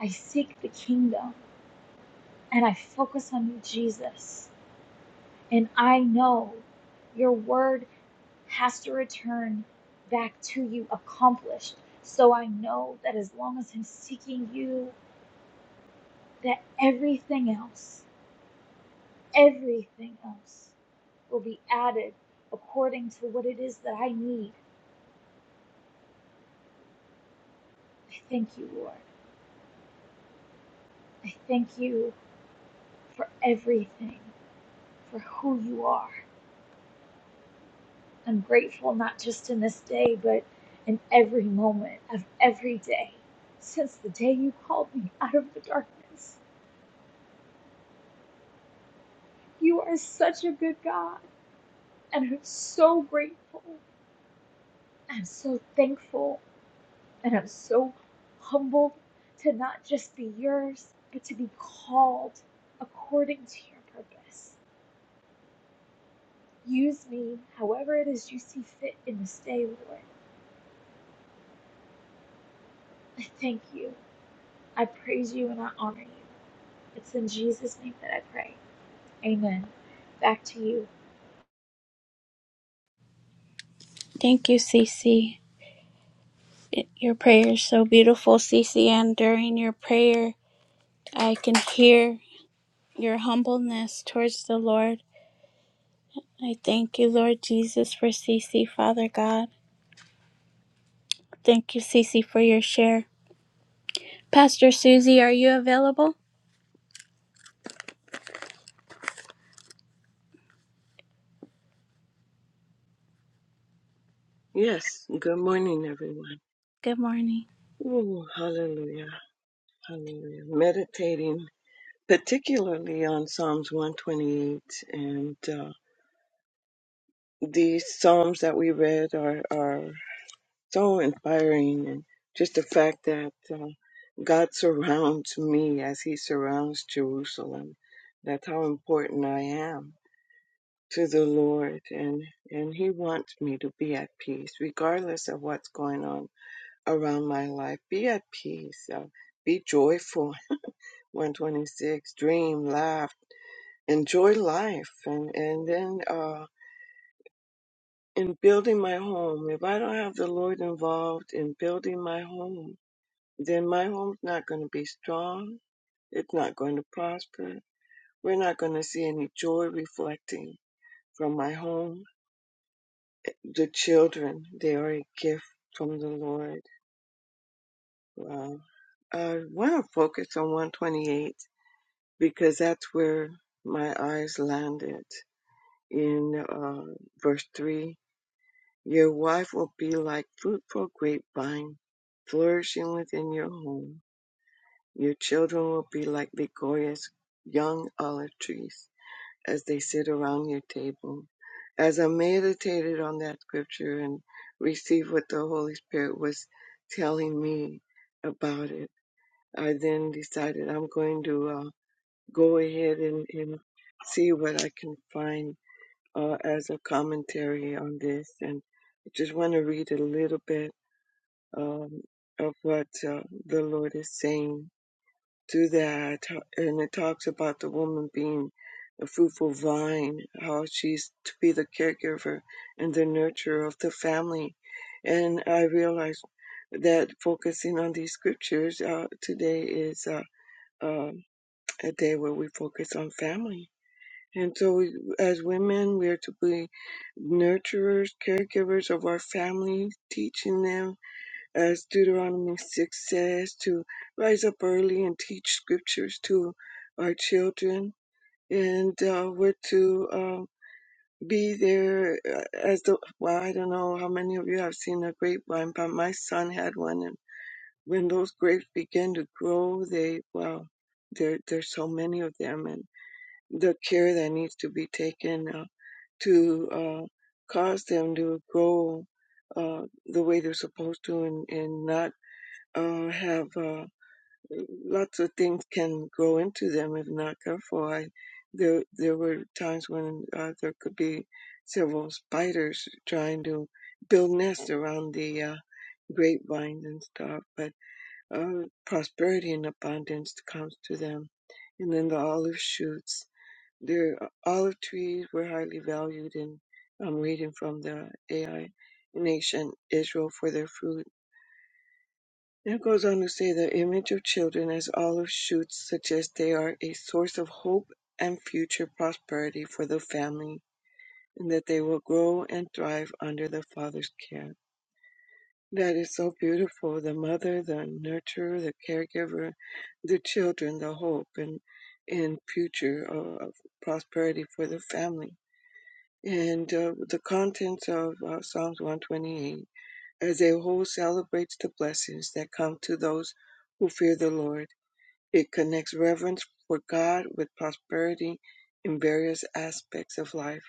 F: I seek the kingdom and I focus on you, Jesus. And I know your word has to return back to you accomplished. So I know that as long as I'm seeking you, that everything else, everything else will be added according to what it is that I need. I thank you, Lord. I thank you for everything, for who you are. I'm grateful not just in this day, but in every moment of every day since the day you called me out of the darkness. You are such a good God, and I'm so grateful. I'm so thankful, and I'm so humbled to not just be yours, but to be called according to your purpose. Use me however it is you see fit in this day, Lord. I thank you. I praise you and I honor you. It's in Jesus' name that I pray. Amen. Back to you.
D: Thank you, Cece. Y- Your prayer is so beautiful, Cece, and during your prayer, I can hear your humbleness towards the Lord. I thank you, Lord Jesus, for Cece, Father God. Thank you, Cece, for your share. Pastor Susie, are you available?
G: Yes, good morning, everyone.
D: Good morning.
G: Ooh, hallelujah, hallelujah. Meditating particularly on Psalms 128, and uh, these Psalms that we read are, are so inspiring, and just the fact that uh, God surrounds me as He surrounds Jerusalem. That's how important I am to the Lord, and, and He wants me to be at peace, regardless of what's going on around my life. Be at peace. uh, be joyful. 126. Dream, laugh, enjoy life. And, and then uh, in building my home, if I don't have the Lord involved in building my home, then my home's not going to be strong. It's not going to prosper. We're not going to see any joy reflecting from my home. The children, they are a gift from the Lord. Wow. I want to focus on 128 because that's where my eyes landed in uh, verse 3 Your wife will be like fruitful grapevine flourishing within your home. Your children will be like Ligoria's young olive trees as they sit around your table. As I meditated on that scripture and received what the Holy Spirit was telling me about it, I then decided I'm going to. uh, go ahead and, and see what I can find uh, as a commentary on this. And I just want to read a little bit um, of what uh, the Lord is saying through that. And it talks about the woman being a fruitful vine, how she's to be the caregiver and the nurturer of the family. And I realize that focusing on these scriptures uh, today is uh, um a day where we focus on family and so, we, as women, we are to be nurturers, caregivers of our families, teaching them, as Deuteronomy 6 says, to rise up early and teach scriptures to our children. And uh, we're to um, be there uh, as the, well, I don't know how many of you have seen a grapevine, but my son had one. And when those grapes begin to grow, they, well, there, there's so many of them and the care that needs to be taken. Uh, to uh, cause them to grow uh, the way they're supposed to and, and not uh, have uh, lots of things can grow into them if not careful. I, there, there were times when uh, there could be several spiders trying to build nests around the uh, grapevines and stuff, but uh, prosperity and abundance comes to them. And then the olive shoots the olive trees were highly valued, in I'm reading from the AI in ancient Israel for their fruit. And it goes on to say the image of children as olive shoots suggests they are a source of hope and future prosperity for the family, and that they will grow and thrive under the father's care. That is so beautiful. The mother, the nurturer, the caregiver, the children, the hope and and future of prosperity for the family And uh, the contents of uh, Psalms 128 as a whole celebrates the blessings that come to those who fear the Lord. It connects reverence for God with prosperity in various aspects of life,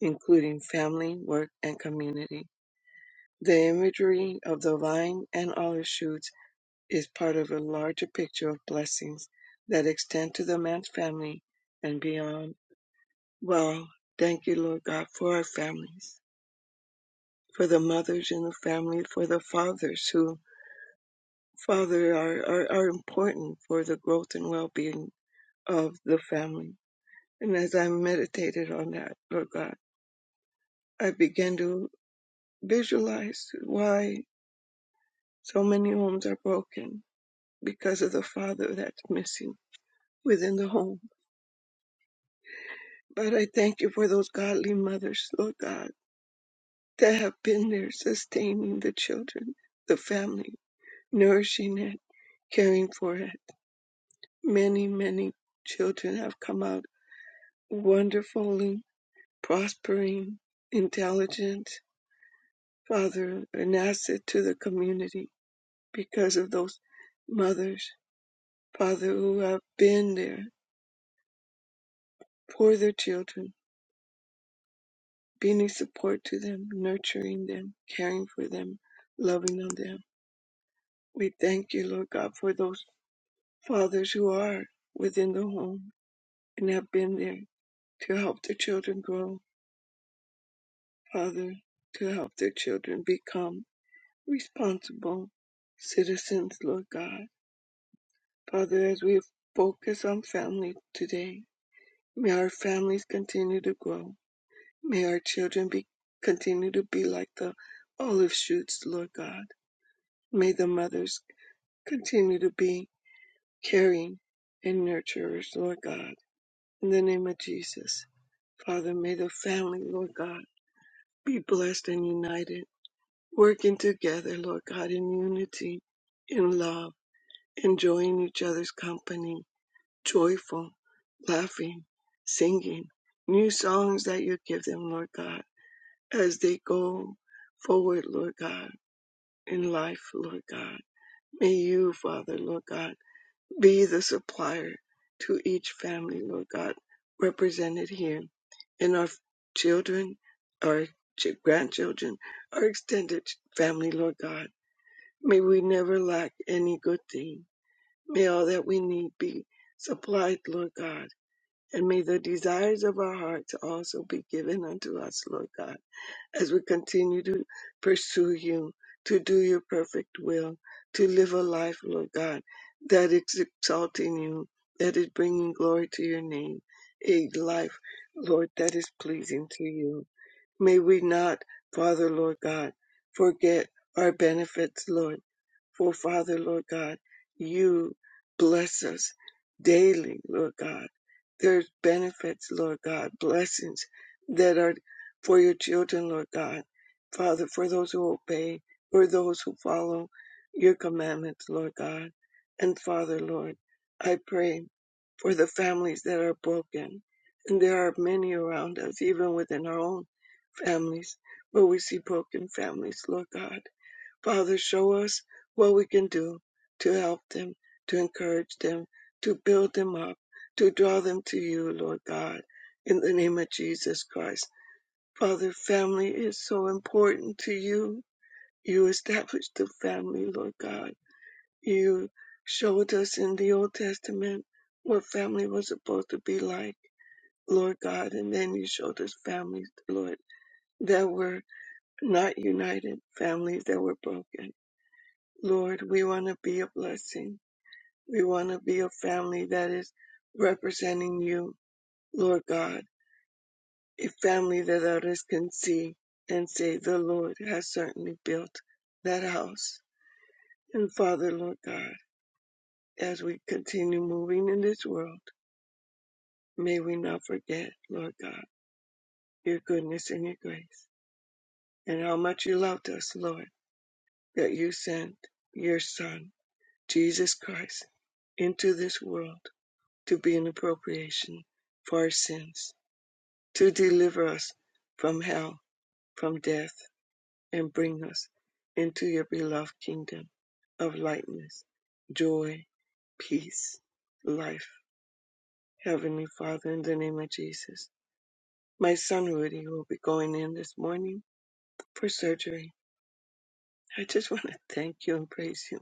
G: including family, work, and community. The imagery of the vine and olive shoots is part of a larger picture of blessings that extend to the man's family and beyond. Well, thank you, Lord God, for our families. for the mothers in the family, for the fathers who, Father, are, are, are important for the growth and well being of the family. And as I meditated on that, Lord God, I began to visualize why so many homes are broken because of the father that's missing within the home. But I thank you for those godly mothers, Lord God, that have been there sustaining the children, the family, nourishing it, caring for it Many, many children have come out wonderfully prospering, intelligent, father, an asset to the community because of those mothers, father who have been there for their children, being a support to them, nurturing them, caring for them, loving on them. We thank you, Lord God, for those fathers who are within the home and have been there to help their children grow, Father, to help their children become. responsible citizens, Lord God. Father, as we focus on family today, may our families continue to grow. May our children be continue to be like the olive shoots, Lord God. May the mothers continue to be caring and nurturers, Lord God. In the name of Jesus. Father, may the family, Lord God, be blessed and united, working together, Lord God, in unity, in love enjoying each other's company, joyful, laughing, singing new songs that you give them, Lord God, as they go forward, Lord God, in life, Lord God. May you, Father, Lord God, be the supplier to each family, Lord God, represented here in our children, our ch- grandchildren, our extended family, Lord God. May we never lack any good thing May all that we need be supplied, Lord God. And may the desires of our hearts also be given unto us, Lord God, as we continue to pursue you, to do your perfect will, to live a life, Lord God, that is exalting you, that is bringing glory to your name, a life, Lord, that is pleasing to you. May we not, Father, Lord God, forget our benefits, Lord. For Father, Lord God, you bless us daily, Lord God. There's benefits, Lord God, blessings that are for your children, Lord God. Father, for those who obey, for those who follow your commandments, Lord God. And Father, Lord, I pray for the families that are broken. And there are many around us, even within our own families where we see broken families, Lord God. Father, show us what we can do to help them, to encourage them, to build them up, to draw them to you, Lord God, in the name of Jesus Christ. Father, family is so important to you. You established the family, Lord God. You showed us in the Old Testament what family was supposed to be like, Lord God, and then you showed us families, Lord, that were not united, families that were broken. Lord, we want to be a blessing. We want to be a family that is representing you, Lord God, a family that others can see and say, The Lord has certainly built that house. And Father, Lord God, as we continue moving in this world, may we not forget, Lord God, your goodness and your grace, and how much you loved us, Lord, that you sent your Son, Jesus Christ into this world to be an appropriation for our sins, to deliver us from hell, from death, and bring us into your beloved kingdom of lightness, joy, peace, life. Heavenly Father, in the name of Jesus, my son Rudy will be going in this morning for surgery. I just want to thank you and praise you.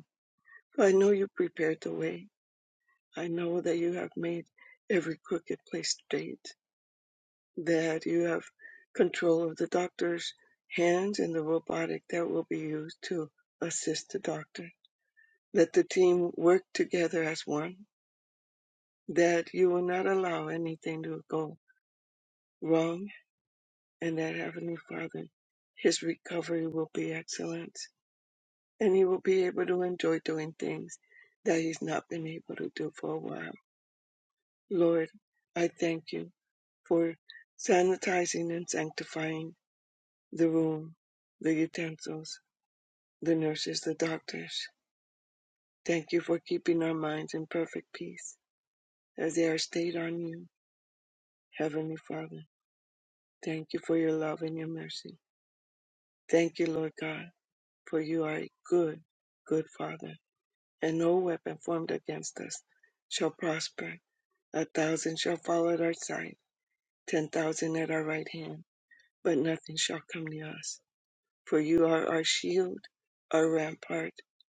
G: I know you prepared the way. I know that you have made every crooked place straight. that you have control of the doctor's hands and the robotic that will be used to assist the doctor. Let the team work together as one, that you will not allow anything to go wrong, and that Heavenly Father, his recovery will be excellent, and he will be able to enjoy doing things that he's not been able to do for a while. Lord, I thank you for sanitizing and sanctifying the room, the utensils, the nurses, the doctors. Thank you for keeping our minds in perfect peace as they are stayed on you, Heavenly Father. Thank you for your love and your mercy. Thank you, Lord God, for you are a good, good Father, and no weapon formed against us shall prosper. A thousand shall fall at our side, ten thousand at our right hand, but nothing shall come near us. For you are our shield, our rampart,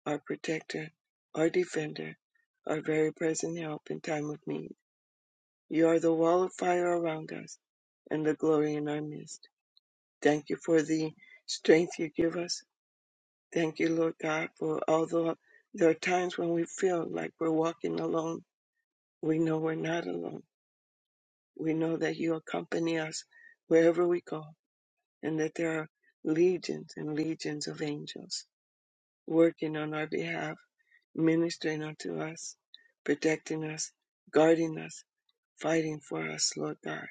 G: our protector, our defender, our very present help in time of need. You are the wall of fire around us and the glory in our midst. Thank you for the strength you give us. Thank you, Lord God, for although there are times when we feel like we're walking alone, we know we're not alone. We know that you accompany us wherever we go and that there are legions and legions of angels working on our behalf ministering unto us, protecting us, guarding us, fighting for us, Lord God.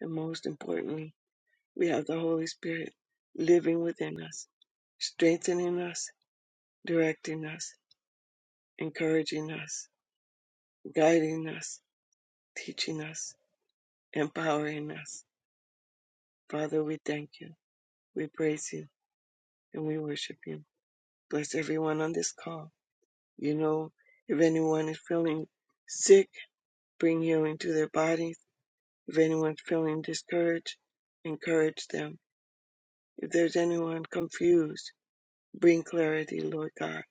G: And most importantly, we have the Holy Spirit living within us, strengthening us, directing us, encouraging us, guiding us, teaching us, empowering us. Father, we thank you, we praise you, and we worship you. Bless everyone on this call. You know, if anyone is feeling sick, bring healing to their bodies If anyone's feeling discouraged, encourage them. If there's anyone confused, bring clarity, Lord God.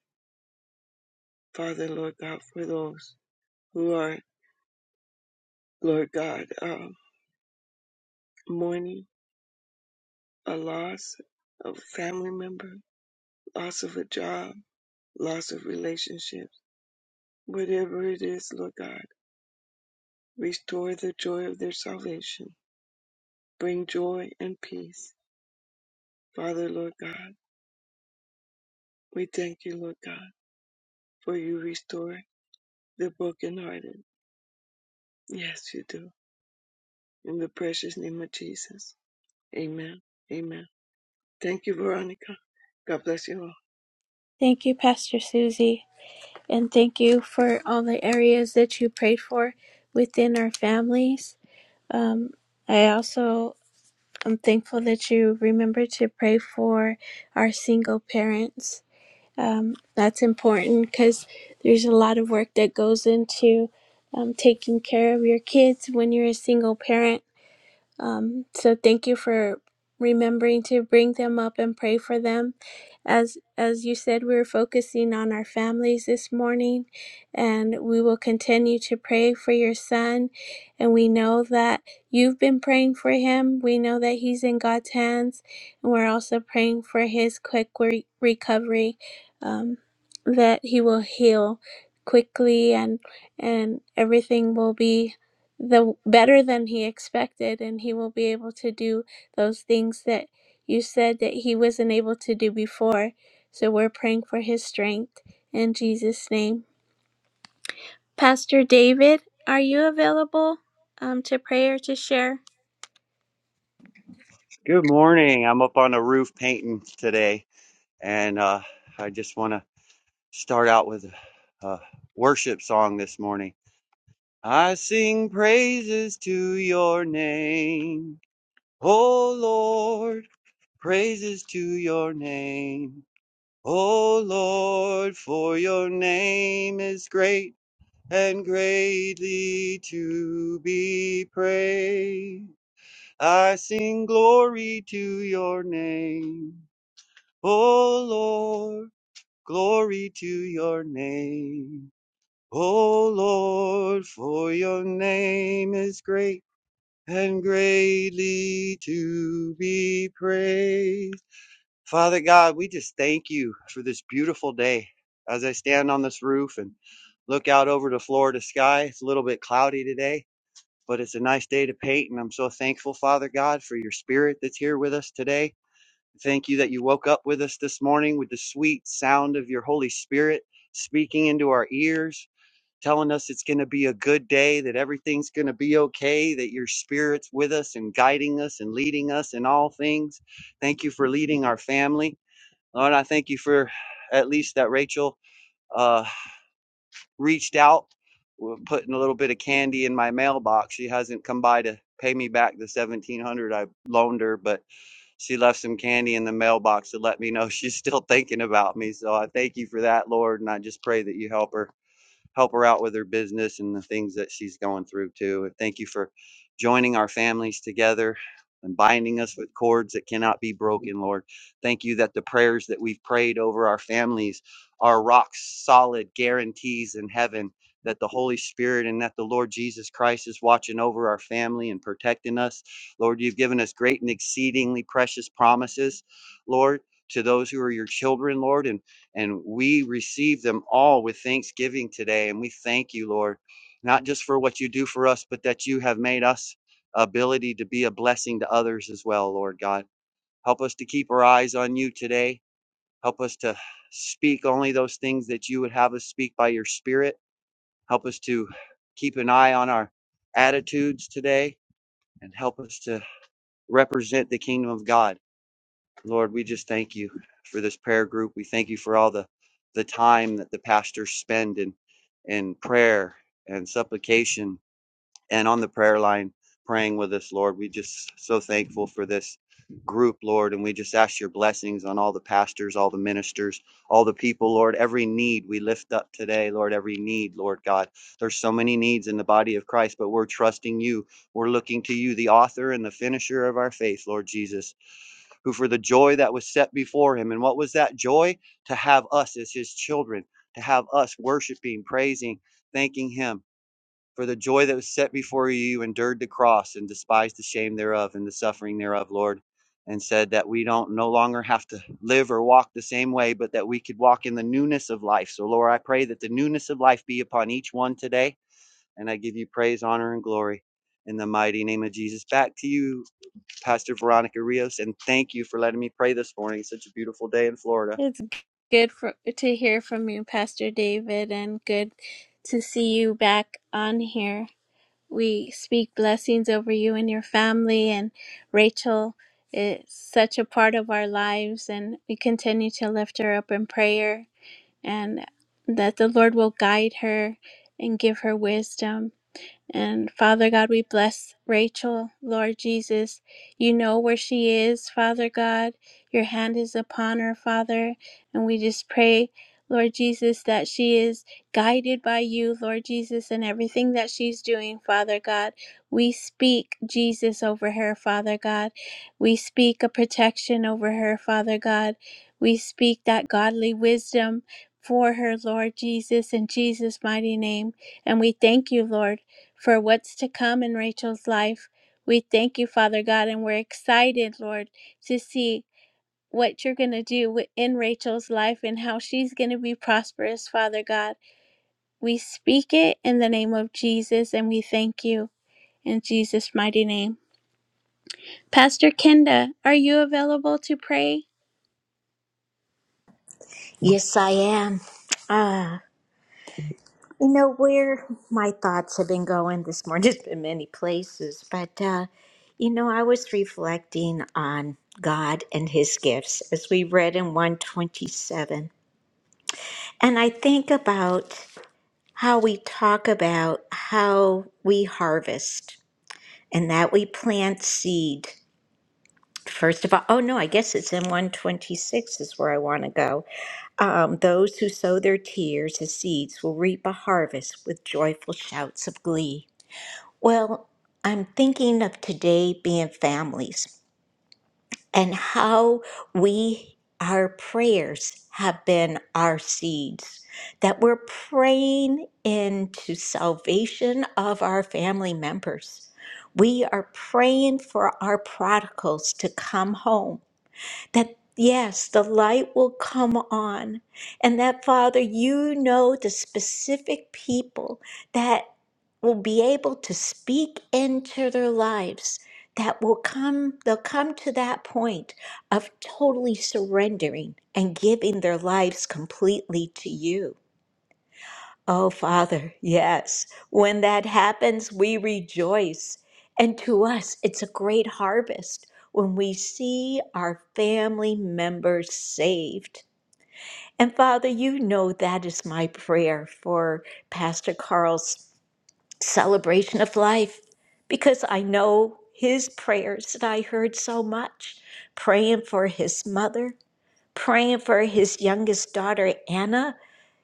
G: Father, Lord God, for those who are, Lord God, um, mourning a loss of a family member, loss of a job, loss of relationships, whatever it is, Lord God, restore the joy of their salvation. Bring joy and peace. Father, Lord God, we thank you, Lord God, for you restore the brokenhearted. Yes, you do. In the precious name of Jesus. Amen. Amen. Thank you, Veronica. God bless you all.
D: Thank you, Pastor Susie. And thank you for all the areas that you prayed for within our families. Um, I also am thankful that you remember to pray for our single parents. Um, that's important because there's a lot of work that goes into um, taking care of your kids when you're a single parent Um, so thank you for remembering to bring them up and pray for them. As as you said, we were focusing on our families this morning, and we will continue to pray for your son. And we know that you've been praying for him. We know that he's in God's hands, and we're also praying for his quick re- recovery, um, that he will heal quickly and and everything will be the better than he expected and he will be able to do those things that you said that he wasn't able to do before so we're praying for his strength in jesus name pastor david are you available um, to pray or to share
H: Good morning. I'm up on the roof painting today, and uh, I just want to start out with a a worship song this morning. I sing praises to your name, O Lord, praises to your name, O Lord, for your name is great and greatly to be praised. I sing glory to your name. O Lord, glory to your name. O Lord, for your name is great and greatly to be praised. Father God, we just thank you for this beautiful day. As I stand on this roof and look out over the Florida sky, it's a little bit cloudy today, but it's a nice day to paint. And I'm so thankful, Father God, for your spirit that's here with us today. Thank you that you woke up with us this morning with the sweet sound of your Holy Spirit speaking into our ears, telling us it's going to be a good day, that everything's going to be okay, that your Spirit's with us and guiding us and leading us in all things. Thank you for leading our family. Lord, I thank you for at least that Rachel uh, reached out, w- putting a little bit of candy in my mailbox. She hasn't come by to pay me back the 1700 I loaned her, but she left some candy in the mailbox to let me know she's still thinking about me. So I thank you for that, Lord, and I just pray that you help her help her out with her business and the things that she's going through too. And thank you for joining our families together and binding us with cords that cannot be broken, Lord. Thank you that the prayers that we've prayed over our families are rock solid guarantees in heaven. That the Holy Spirit and that the Lord Jesus Christ is watching over our family and protecting us. Lord, you've given us great and exceedingly precious promises, Lord, to those who are your children, Lord. And and we receive them all with thanksgiving today. And we thank you, Lord, not just for what you do for us, but that you have made us ability to be a blessing to others as well, Lord God. Help us to keep our eyes on you today. Help us to speak only those things that you would have us speak by your spirit. Help us to keep an eye on our attitudes today and help us to represent the kingdom of God Lord, we just thank you for this prayer group. We thank you for all the the time that the pastors spend in in prayer and supplication and on the prayer line praying with us, Lord. We just so thankful for this group, Lord, and we just ask your blessings on all the pastors, all the ministers, all the people, Lord. Every need we lift up today, Lord, every need, Lord God. There's so many needs in the body of Christ, but we're trusting you. We're looking to you, the author and the finisher of our faith, Lord Jesus who for the joy that was set before him. And what was that joy? To have us as his children, to have us worshiping, praising, thanking him. For the joy that was set before you, you endured the cross and despised the shame thereof and the suffering thereof, Lord. And said that we don't no longer have to live or walk the same way, but that we could walk in the newness of life. So, Lord, I pray that the newness of life be upon each one today. And I give you praise, honor, and glory in the mighty name of Jesus. Back to you, Pastor Veronica Rios, and thank you for letting me pray this morning. It's such a beautiful day in Florida.
D: it's good for, to hear from you pastor david and good to see you back on here We speak blessings over you and your family. And Rachel is such a part of our lives, and we continue to lift her up in prayer and that the Lord will guide her and give her wisdom. And Father God, we bless Rachel, Lord Jesus. You know where she is, Father God. Your hand is upon her, Father. And we just pray, Lord Jesus, that she is guided by you, Lord Jesus, in everything that she's doing, Father God. We speak Jesus over her, Father God. We speak a protection over her, Father God. We speak that godly wisdom for her, Lord Jesus, in Jesus' mighty name. And we thank you, Lord for what's to come in Rachel's life. We thank you, Father God, and we're excited, Lord, to see what you're going to do in Rachel's life and how she's going to be prosperous, Father God. We speak it in the name of Jesus and we thank you in Jesus' mighty name. Pastor Kenda, are you available to pray?
C: Yes, I am. Ah. You know where my thoughts have been going this morning has been many places, but uh, you know, I was reflecting on God and His gifts as we read in 127. And I think about how we talk about how we harvest and that we plant seed. First of all, oh no, I guess it's in 126 is where I want to go. Um, Those who sow their tears as seeds will reap a harvest with joyful shouts of glee. Well, I'm thinking of today being families and how we, our prayers have been our seeds, that we're praying into salvation of our family members. We are praying for our prodigals to come home that yes, the light will come on. And that, Father, you know the specific people that will be able to speak into their lives that will come they'll come to that point of totally surrendering and giving their lives completely to you Oh, Father, yes. When that happens, we rejoice. And to us, it's a great harvest when we see our family members saved. And Father, you know that is my prayer for Pastor Carl's celebration of life because I know his prayers that I heard so much praying for his mother, praying for his youngest daughter, Anna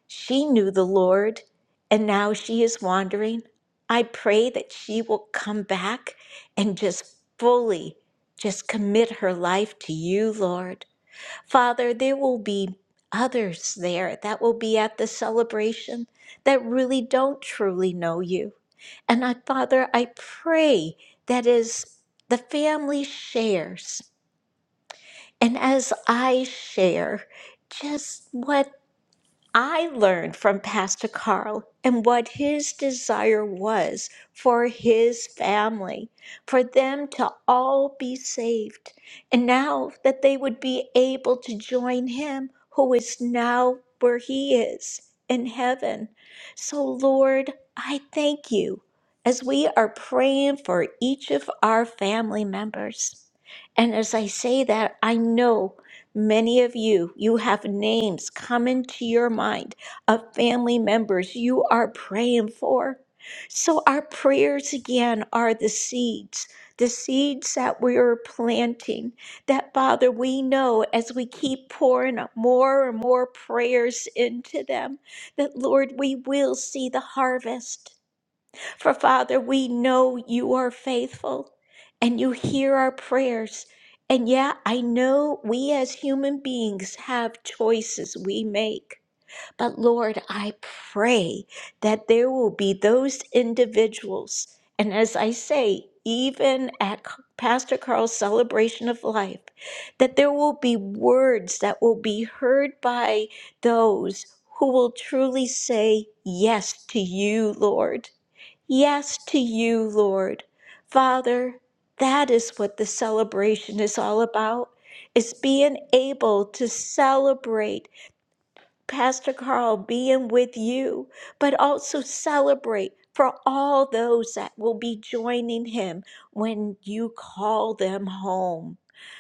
C: she knew the Lord, and now she is wandering. I pray that she will come back and just fully just commit her life to you, Lord. Father, there will be others there that will be at the celebration that really don't truly know you. And I, Father, I pray that as the family shares and as I share just what I learned from Pastor Carl and what his desire was for his family, for them to all be saved, and now that they would be able to join him who is now where he is in heaven. So, Lord, I thank you as we are praying for each of our family members. And as I say that, I know. Many of you, you have names come into your mind of family members you are praying for. So, our prayers again are the seeds, the seeds that we are planting. That, Father, we know as we keep pouring out more and more prayers into them, that, Lord, we will see the harvest. For Father, we know you are faithful and you hear our prayers. And yeah, I know we as human beings have choices we make. But Lord, I pray that there will be those individuals. And as I say, even at C- Pastor Carl's celebration of life, that there will be words that will be heard by those who will truly say yes to you, Lord. Yes to you, Lord. Father, that is what the celebration is all about, is being able to celebrate Pastor Carl, being with you, but also celebrate for all those that will be joining him when you call them home.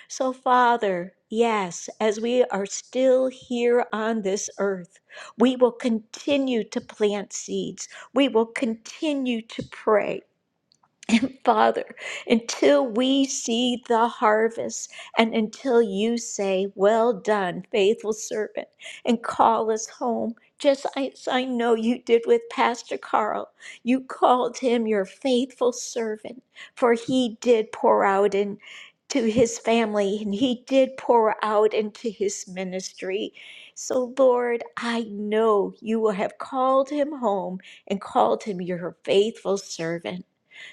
C: So, Father, yes, as we are still here on this earth, we will continue to plant seeds. We will continue to pray. Father, until we see the harvest and until you say, Well done, faithful servant, and call us home. Just as I know you did with Pastor Carl, you called him your faithful servant, for he did pour out into his family and he did pour out into his ministry. So, Lord, I know you will have called him home and called him your faithful servant.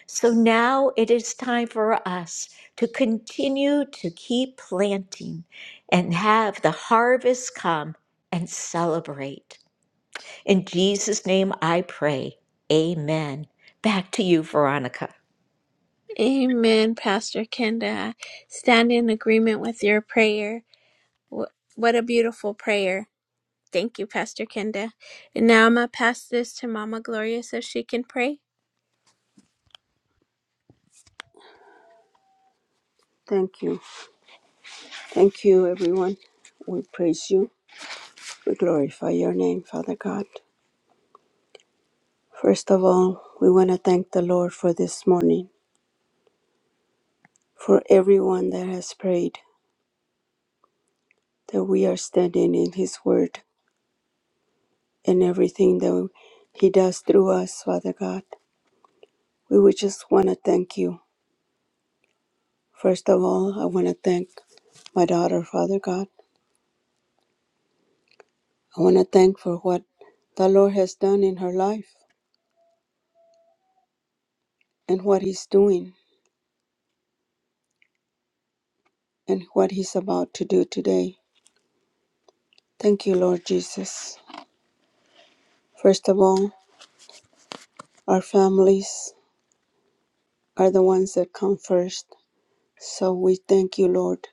C: So now it is time for us to continue to keep planting and have the harvest come and celebrate. In Jesus' name I pray. Amen. Back to you, Veronica.
D: Amen, Pastor Kenda. I Stand in agreement with your prayer. Wh- What a beautiful prayer. Thank you, Pastor Kenda. And now I'm going to pass this to Mama Gloria so she can pray. Thank you. Thank you, everyone. We praise you. We glorify your name, Father God. First of all, we want to thank the Lord for this morning, for everyone that has prayed, that we are standing in His Word and everything that He does through us, Father God. We would just want to thank you. First of all, I want to thank my daughter, Father God. I want to thank for what the Lord has done in her life and what He's doing and what He's about to do today. Thank you, Lord Jesus. First of all, our families are the ones that come first. So we thank you, Lord,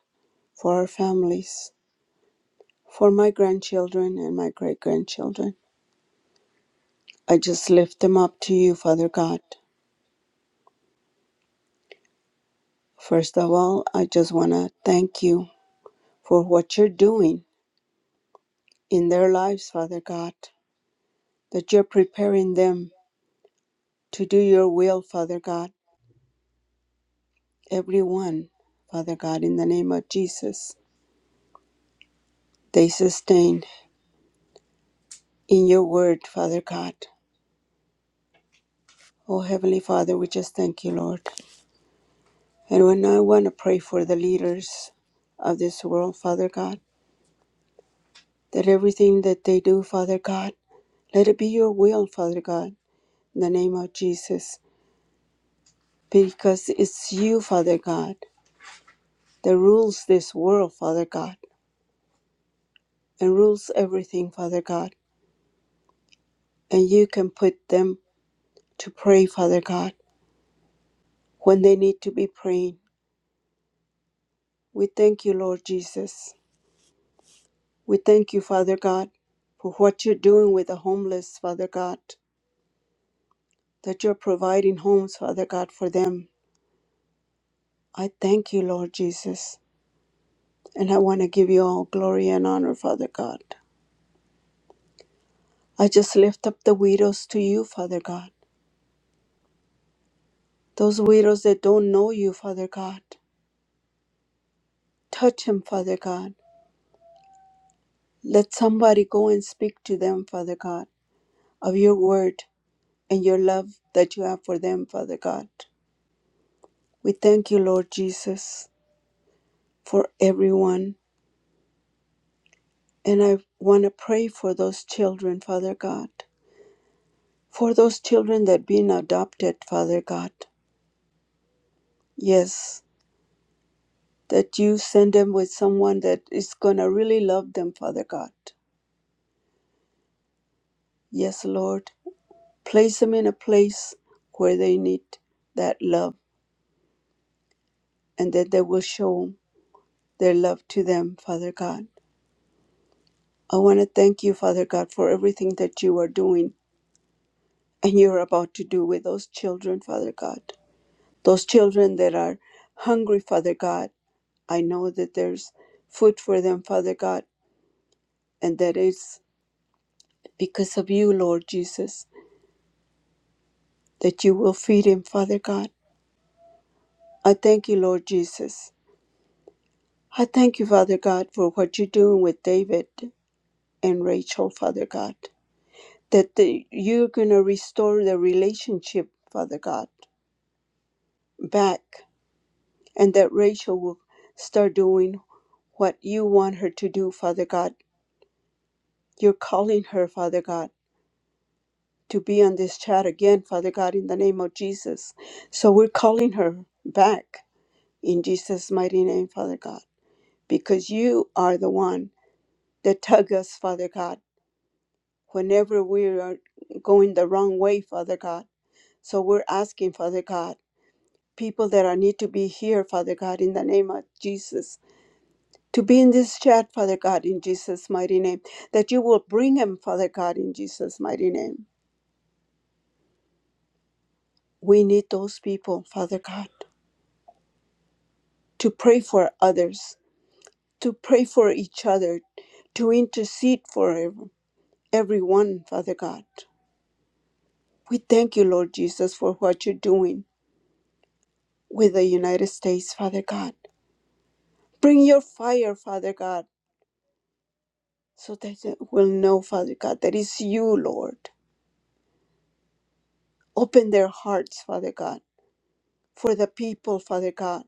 D: for our families, for my grandchildren and my great grandchildren. I just lift them up to you, Father God. First of all, I just want to thank you for what you're doing in their lives, Father God, that you're preparing them to do your will, Father God. Everyone, Father God, in the name of Jesus, they sustain in your word, Father God. Oh, Heavenly Father, we just thank you, Lord. And when I want to pray for the leaders of this world, Father God, that everything that they do, Father God, let it be your will, Father God, in the name of Jesus, because it's you, Father God, that rules this world, Father God, and rules everything, Father God. And you can put them to pray, Father God, when they need to be praying. We thank you, Lord Jesus. We thank you, Father God, for what you're doing with the homeless, Father God, that you're providing homes, Father God, for them. I thank you, Lord Jesus, and I want to give you all glory and honor, Father God. I just lift up the widows to you, Father God, those widows that don't know you, Father God. Touch them, Father God. Let somebody go and speak to them, Father God, of your word and your love that you have for them, Father God. We thank you, Lord Jesus, for everyone. And I want to pray for those children, Father God, for those children that have been adopted, Father God. Yes, that you send them with someone that is going to really love them, Father God. Yes, Lord. Place them in a place where they need that love and that they will show their love to them, Father God. I want to thank you, Father God, for everything that you are doing and you're about to do with those children, Father God. Those children that are hungry, Father God, I know that there's food for them, Father God, and that it's because of you, Lord Jesus, that you will feed him, Father God. I thank you, Lord Jesus. I thank you, Father God, for what you're doing with David and Rachel, Father God. That the, you're going to restore the relationship, Father God, back and that Rachel will start doing what you want her to do, Father God. You're calling her, Father God, to be on this chat again, Father God, in the name of Jesus. So we're calling her back in Jesus' mighty name, Father God, because you are the one that tug us, Father God, whenever we are going the wrong way, Father God. So we're asking, Father God, people that are need to be here, Father God, in the name of Jesus to be in this chat, Father God, in Jesus' mighty name, that you will bring them, Father God, in Jesus' mighty name. We need those people, Father God, to pray for others, to pray for each other, to intercede for ev- everyone, Father God. We thank you, Lord Jesus, for what you're doing with the United States, Father God. Bring your fire, Father God, so that they will know, Father God, that it's you, Lord. Open their hearts, Father God for the people, Father God,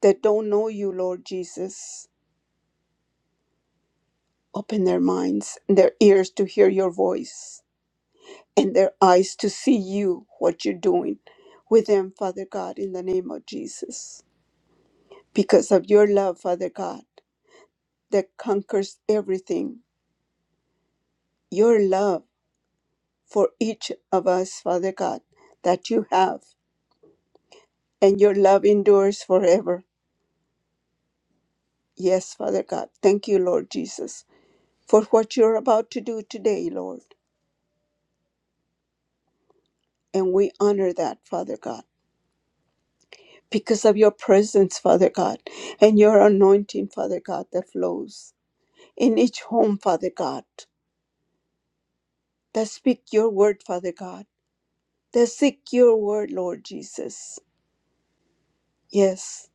D: that don't know you, Lord Jesus. Open their minds, and their ears to hear your voice, and their eyes to see you, what you're doing with them, Father God, in the name of Jesus. Because of your love, Father God, that conquers everything, your love for each of us, Father God, that you have, and your love endures forever. Yes, Father God. Thank you, Lord Jesus, for what you're about to do today, Lord. And we honor that, Father God, because of your presence, Father God, and your anointing, Father God, that flows in each home, Father God, that speak your word, Father God, that seek your word, Lord Jesus. Yes,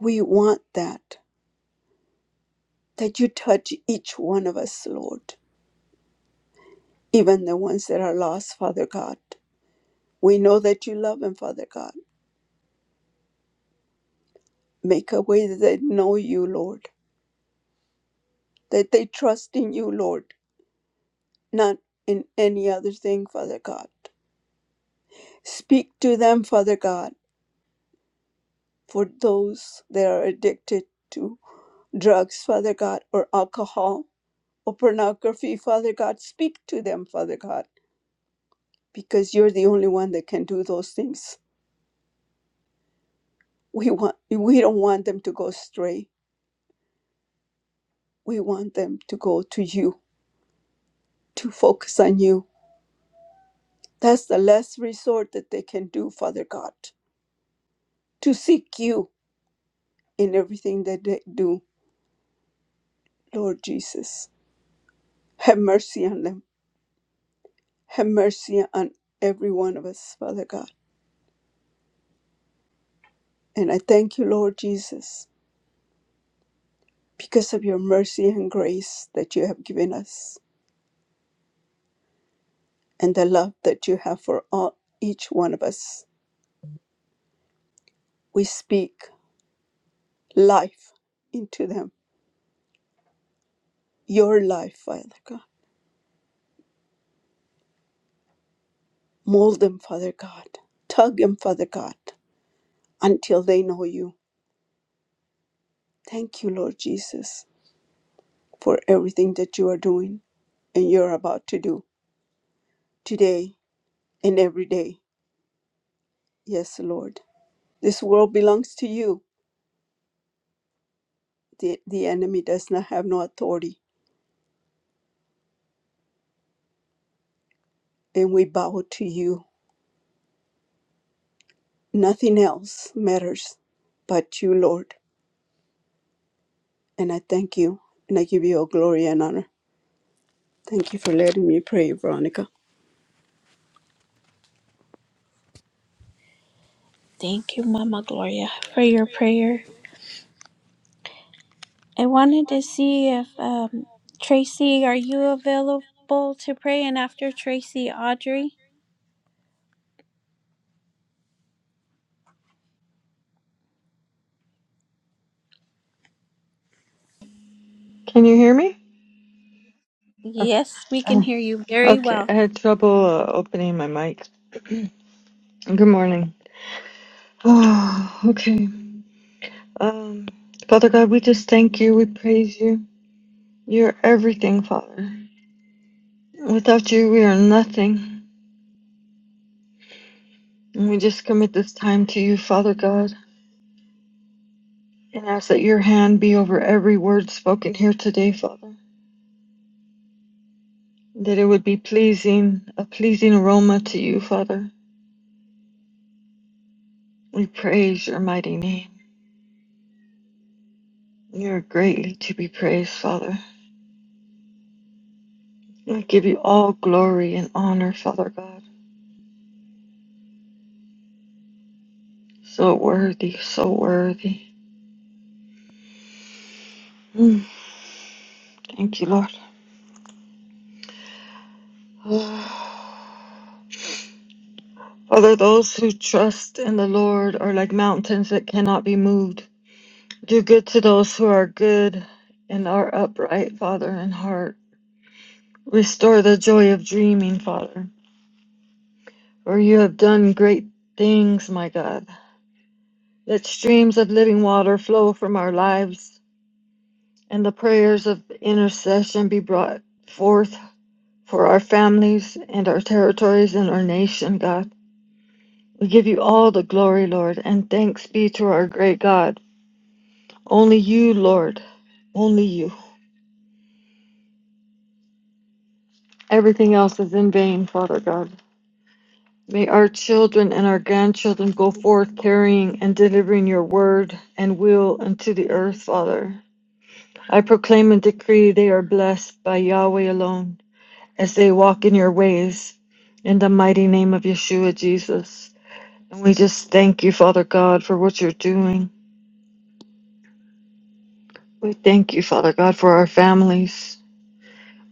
D: we want that, that you touch each one of us, Lord, even the ones that are lost, Father God. We know that you love them, Father God. Make a way that they know you, Lord, that they trust in you, Lord not in any other thing, Father God. Speak to them, Father God, for those that are addicted to drugs, Father God, or alcohol or pornography, Father God. Speak to them, Father God, because you're the only one that can do those things. We want we don't want them to go astray. We want them to go to you, to focus on you. That's the last resort that they can do, Father God, to seek you in everything that they do, Lord Jesus. Have mercy on them. Have mercy on every one of us, Father God. And I thank you, Lord Jesus, because of your mercy and grace that you have given us and the love that you have for all, each one of us. We speak life into them, your life, Father God. Mold them, Father God. Tug them, Father God, until they know you. Thank you, Lord Jesus, for everything that you are doing and you're about to do today and every day. Yes, Lord. This world belongs to you. The, the enemy does not have no authority, and we bow to you. Nothing else matters but you, Lord. And I thank you, and I give you all glory and honor. Thank you for letting me pray, Veronica. Thank you, Mama Gloria, for your prayer. I wanted to see if um, Tracy, are you available to pray? And after Tracy, Audrey?
I: Can you hear me? Okay.
D: Yes, we can
I: Oh,
D: hear you very
I: Okay.
D: well.
I: I had trouble uh, opening my mic. Good morning. Oh, okay. Um, Father God, we just thank you. We praise you. You're everything, Father. Without you, we are nothing. And we just commit this time to you, Father God, and ask that your hand be over every word spoken here today, Father. That it would be pleasing, a pleasing aroma to you, Father. We praise your mighty name. You're greatly to be praised, Father. I give you all glory and honor, Father God. So worthy, so worthy. Mm, Thank you, Lord. Father, those who trust in the Lord are like mountains that cannot be moved. Do good to those who are good and are upright, Father, in heart. Restore the joy of dreaming, Father, for you have done great things, my God. Let streams of living water flow from our lives, and the prayers of intercession be brought forth for our families and our territories and our nation, God. We give you all the glory, Lord, and thanks be to our great God. Only you, Lord, only you. Everything else is in vain, Father God. May our children and our grandchildren go forth carrying and delivering your word and will unto the earth, Father. I proclaim and decree they are blessed by Yahweh alone as they walk in your ways. In the mighty name of Yeshua Jesus. And we just thank you, Father God, for what you're doing. We thank you, Father God, for our families.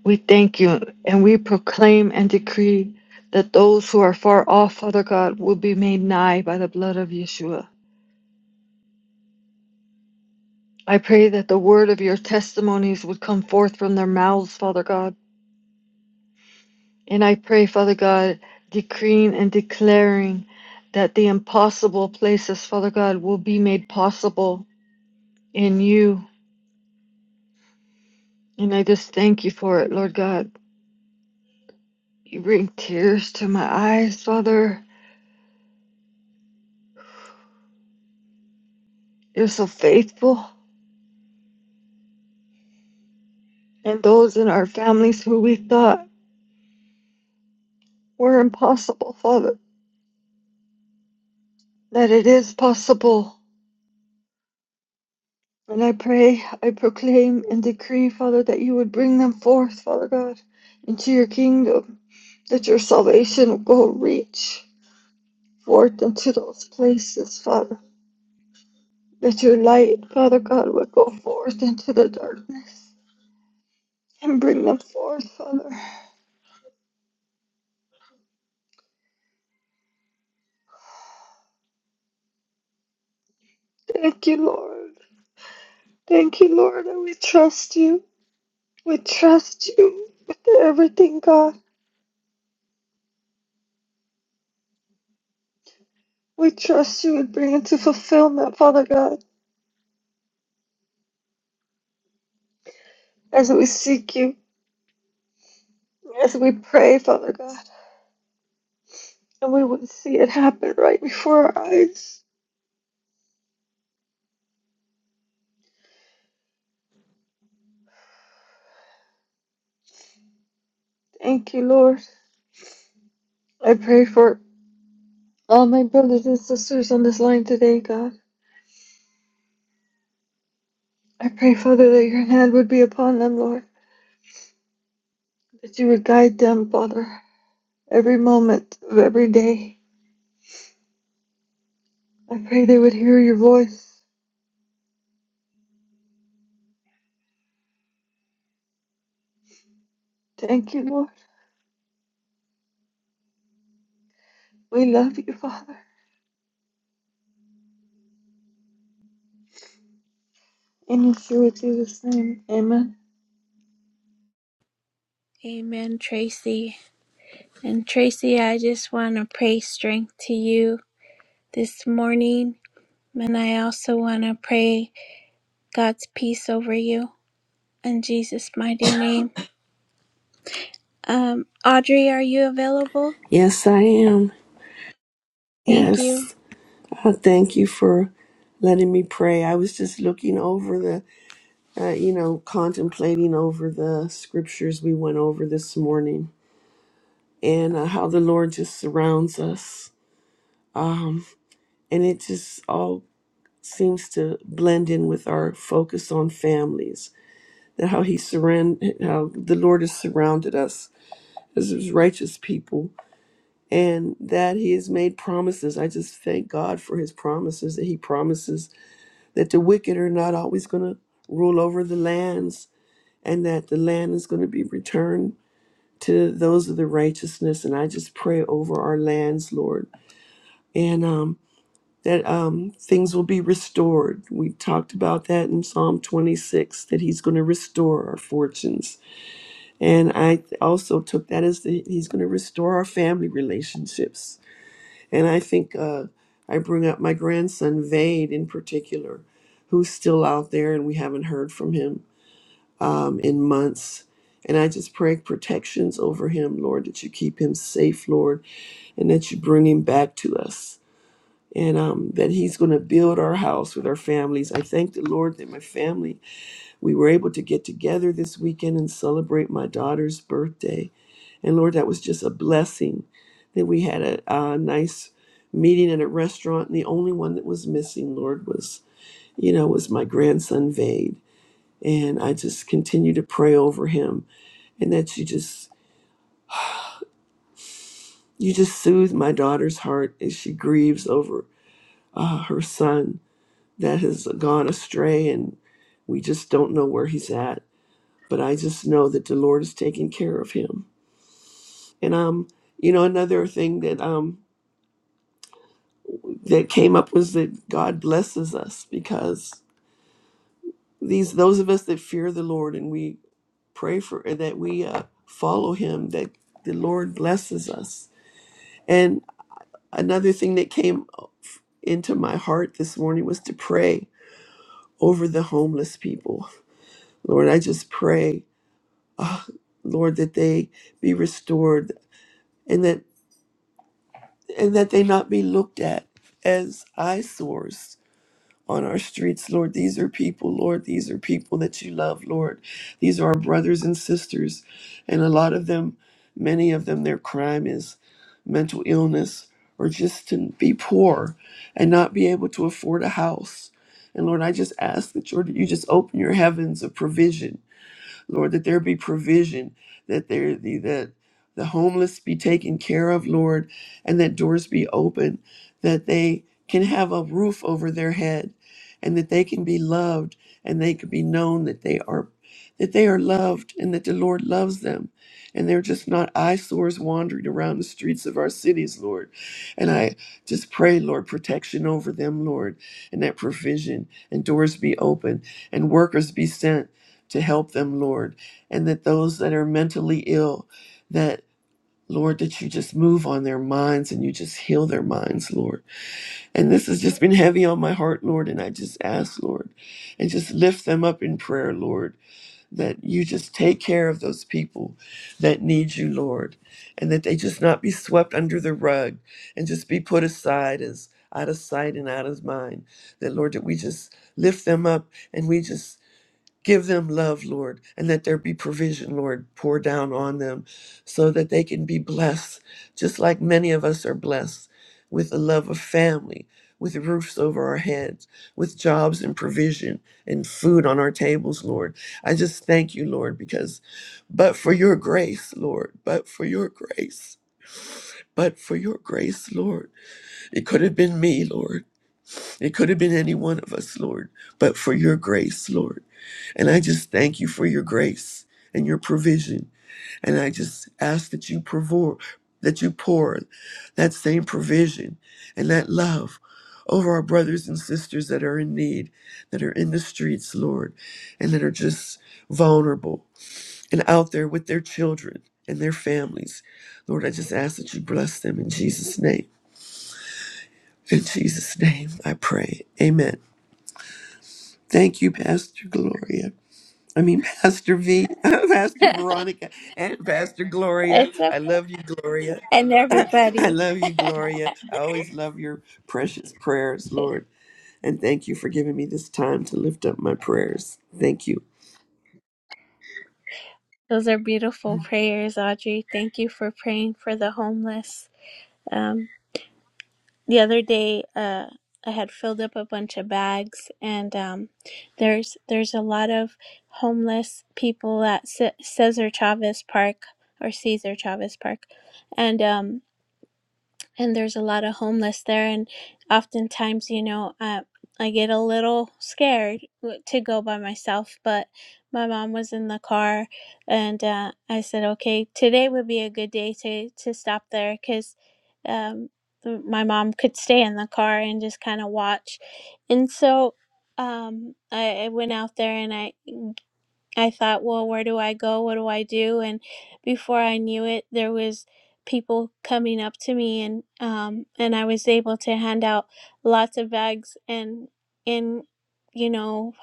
I: We thank you and we proclaim and decree that those who are far off, Father God, will be made nigh by the blood of Yeshua. I pray that the word of your testimonies would come forth from their mouths, Father God. And I pray, Father God, decreeing and declaring that the impossible places, Father God, will be made possible in you. And I just thank you for it, Lord God. You bring tears to my eyes, Father. You're so faithful. And those in our families who we thought were impossible, Father, that it is possible. And I pray, I proclaim and decree, Father, that you would bring them forth, Father God, into your kingdom, that your salvation will go reach forth into those places, Father, that your light, Father God, would go forth into the darkness and bring them forth, Father. Thank you, Lord. Thank you, Lord, that we trust you. We trust you with everything, God. We trust you with bringing to fulfillment, Father God, as we seek you, as we pray, Father God, and we would see it happen right before our eyes. Thank you, Lord. I pray for all my brothers and sisters on this line today, God. I pray, Father, that your hand would be upon them, Lord, that you would guide them, Father, every moment of every day. I pray they would hear your voice. Thank you, Lord. We love you, Father, and you sure do the same. Amen.
D: Amen, Tracy. And Tracy, I just want to pray strength to you this morning. And I also want to pray God's peace over you in Jesus' mighty name. Um, Audrey, are you available?
J: Yes, I am.
D: Thank you.
J: Yes. I thank you for letting me pray. I was just looking over the, uh, you know, contemplating over the scriptures we went over this morning and uh, how the Lord just surrounds us. Um, and it just all seems to blend in with our focus on families, that how he surround, how the Lord has surrounded us as his righteous people and that he has made promises. I just thank God for his promises that he promises that the wicked are not always going to rule over the lands and that the land is going to be returned to those of the righteousness. And I just pray over our lands, Lord, and um, that um, things will be restored. We talked about that in Psalm 26 that he's going to restore our fortunes. And I also took that as the, he's going to restore our family relationships And I think uh, I bring up my grandson, Vade, in particular, who's still out there and we haven't heard from him um, in months. And I just pray protections over him, Lord, that you keep him safe, Lord, and that you bring him back to us. And um, that he's going to build our house with our families. I thank the Lord that my family, we were able to get together this weekend and celebrate my daughter's birthday and Lord, that was just a blessing that we had a, a nice meeting at a restaurant. And the only one that was missing, Lord, was, you know, was my grandson, Vade. And I just continue to pray over him and that you just, you just soothe my daughter's heart as she grieves over uh, her son that has gone astray. And we just don't know where he's at. But I just know that the Lord is taking care of him. And, um, you know, another thing that, um, that came up was that God blesses us because these those of us that fear the Lord and we pray for and that we uh, follow Him that the Lord blesses us. And another thing that came into my heart this morning was to pray over the homeless people. Lord, I just pray, ah, Lord, that they be restored and that and that they not be looked at as eyesores on our streets, Lord. These are people, Lord. These are people that you love, Lord. These are our brothers and sisters. And a lot of them, many of them, their crime is mental illness or just to be poor and not be able to afford a house. And Lord, I just ask that Lord, you just open your heavens of provision Lord, that there be provision, that there the that the homeless be taken care of, Lord, and that doors be open, that they can have a roof over their head, and that they can be loved, and they can be known that they are that they are loved and that the Lord loves them. And they're just not eyesores wandering around the streets of our cities, Lord. And I just pray, Lord, protection over them, Lord, and that provision and doors be open and workers be sent to help them, Lord, and that those that are mentally ill, that Lord, that you just move on their minds and you just heal their minds, Lord. And this has just been heavy on my heart, Lord, and I just ask, Lord, and just lift them up in prayer, Lord, that you just take care of those people that need you, Lord, and that they just not be swept under the rug and just be put aside as out of sight and out of mind. That, Lord, that we just lift them up and we just Give them love, Lord, and let there be provision, Lord, pour down on them so that they can be blessed, just like many of us are blessed with the love of family, with roofs over our heads, with jobs and provision and food on our tables, Lord. I just thank you, Lord, because but for your grace, Lord, but for your grace, but for your grace, Lord, it could have been me, Lord. It could have been any one of us, Lord, but for your grace, Lord. And I just thank you for your grace and your provision. And I just ask that you pour, that you pour that same provision and that love over our brothers and sisters that are in need, that are in the streets, Lord, and that are just vulnerable and out there with their children and their families. Lord, I just ask that you bless them in Jesus' name. In Jesus' name, I pray. Amen. Thank you, Pastor Gloria. I mean, Pastor V, Pastor Veronica, and Pastor Gloria.
D: it's
J: I
D: okay.
J: love you, Gloria.
D: And
J: I
D: everybody.
J: love you, Gloria. I always love your precious prayers, Lord. And thank you for giving me this time to lift up my prayers. Thank you.
D: Those are beautiful prayers, Audrey. Thank you for praying for the homeless. Um, the other day uh I had filled up a bunch of bags and um there's there's a lot of homeless people at C- Cesar Chavez Park or Cesar Chavez Park and um and there's a lot of homeless there and oftentimes you know uh, i get a little scared w- to go by myself but my mom was in the car and uh, i said okay today would be a good day to to stop there because um, th- my mom could stay in the car and just kind of watch and so um, I, I went out there and i I thought, well, where do I go? What do I do? And before I knew it, there was people coming up to me, and um, and I was able to hand out lots of bags, and and you know,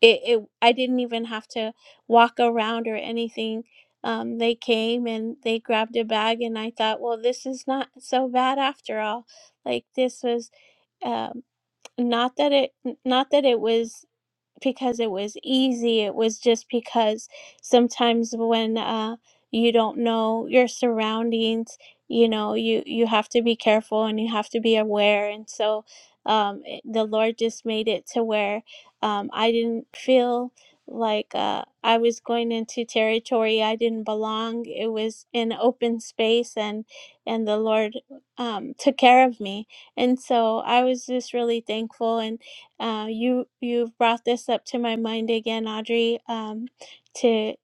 D: it, it I didn't even have to walk around or anything. Um, they came and they grabbed a bag, and I thought, well, this is not so bad after all. Like this was um, not that it not that it was because it was easy. It was just because sometimes when uh, you don't know your surroundings, you know, you you have to be careful and you have to be aware. And so, um, it- the Lord just made it to where um, I didn't feel like uh, I was going into territory I didn't belong. It was an open space, and and the Lord um, took care of me. And so I was just really thankful. and. Uh, you you've brought this up to my mind again, Audrey. Um, to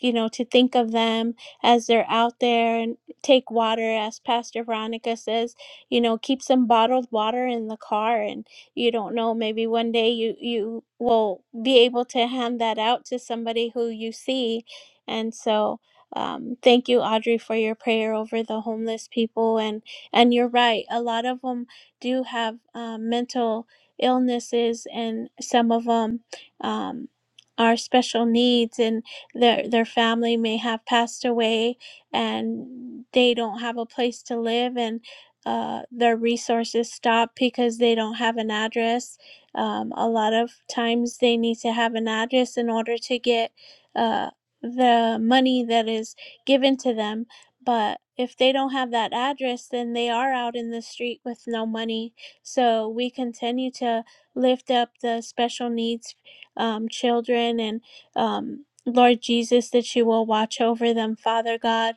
D: you know, to think of them as they're out there and take water, as Pastor Veronica says, you know, keep some bottled water in the car. And you don't know, maybe one day you, you will be able to hand that out to somebody who you see. And so, um, thank you, Audrey, for your prayer over the homeless people. And, and you're right, a lot of them do have um, mental illnesses, and some of them um, are special needs. And their their family may have passed away and they don't have a place to live and uh, their resources stop because they don't have an address. Um, a lot of times they need to have an address in order to get uh, the money that is given to them. But if they don't have that address, then they are out in the street with no money. So we continue to lift up the special needs um, children and um, Lord Jesus, that you will watch over them, Father God.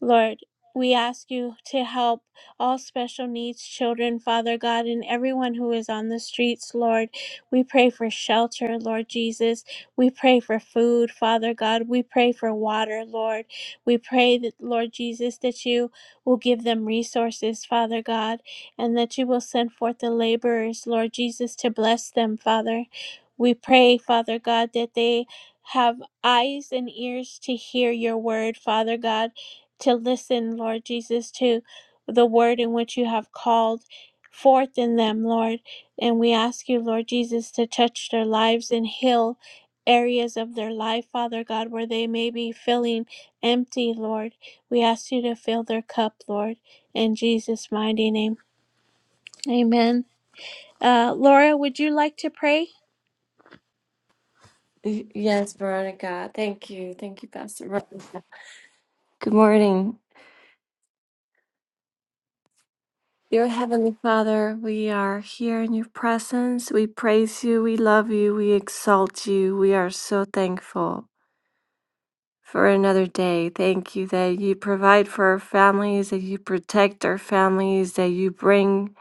D: Lord, we ask you to help all special needs children, Father God, and everyone who is on the streets, Lord. We pray for shelter, Lord Jesus. We pray for food, Father God. We pray for water, Lord. We pray that, Lord Jesus, that you will give them resources, Father God, and that you will send forth the laborers, Lord Jesus, to bless them, Father. We pray, Father God, that they have eyes and ears to hear your word, Father God, to listen, Lord Jesus, to the word in which you have called forth in them, Lord. And we ask you, Lord Jesus, to touch their lives and heal areas of their life, Father God, where they may be feeling empty, Lord. We ask you to fill their cup, Lord, in Jesus' mighty name. Amen. Uh, Laura, would you like to pray?
K: Y- Yes, Veronica. Thank you. Thank you, Pastor. Ron. Good morning. Dear Heavenly Father, we are here in your presence. We praise you. We love you. We exalt you. We are so thankful for another day. Thank you that you provide for our families, that you protect our families, that you bring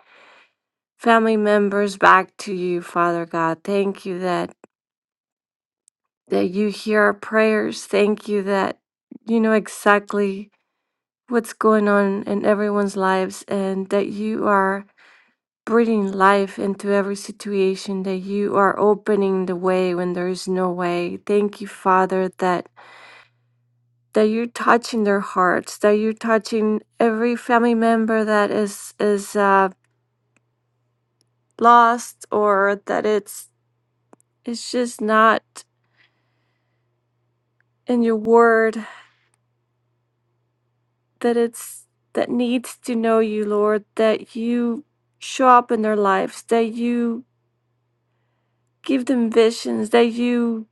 K: family members back to you, Father God. Thank you that that you hear our prayers. Thank you that you know exactly what's going on in everyone's lives and that you are breathing life into every situation, that you are opening the way when there is no way. Thank you, Father, that that you're touching their hearts, that you're touching every family member that is is uh, lost or that it's it's just not in your word, that it's that needs to know you, Lord, that you show up in their lives, that you give them visions, that you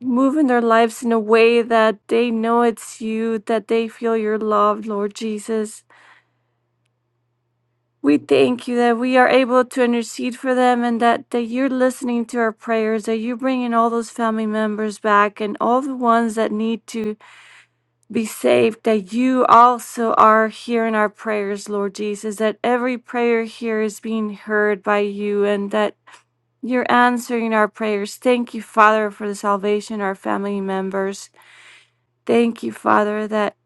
K: move in their lives in a way that they know it's you, that they feel your love, Lord Jesus. We thank you that we are able to intercede for them and that, that you're listening to our prayers, that you're bringing all those family members back and all the ones that need to be saved, that you also are hearing our prayers, Lord Jesus, that every prayer here is being heard by you and that You're answering our prayers. Thank you, Father, for the salvation of our family members. Thank you, Father, that,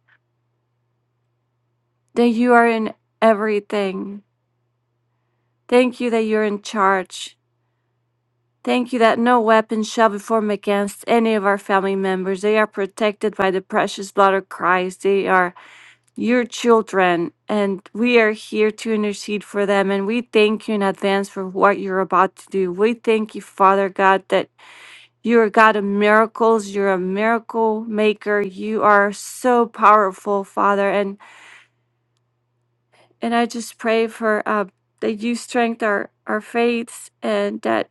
K: that you are in everything. Thank you that you're in charge. Thank you that no weapon shall be formed against any of our family members. They are protected by the precious blood of Christ. They are your children, and we are here to intercede for them. And we thank you in advance for what you're about to do. We thank you, Father God, that You're God of miracles. You're a miracle maker. You are so powerful, Father. And and I just pray for uh, that you strengthen our, our faiths and that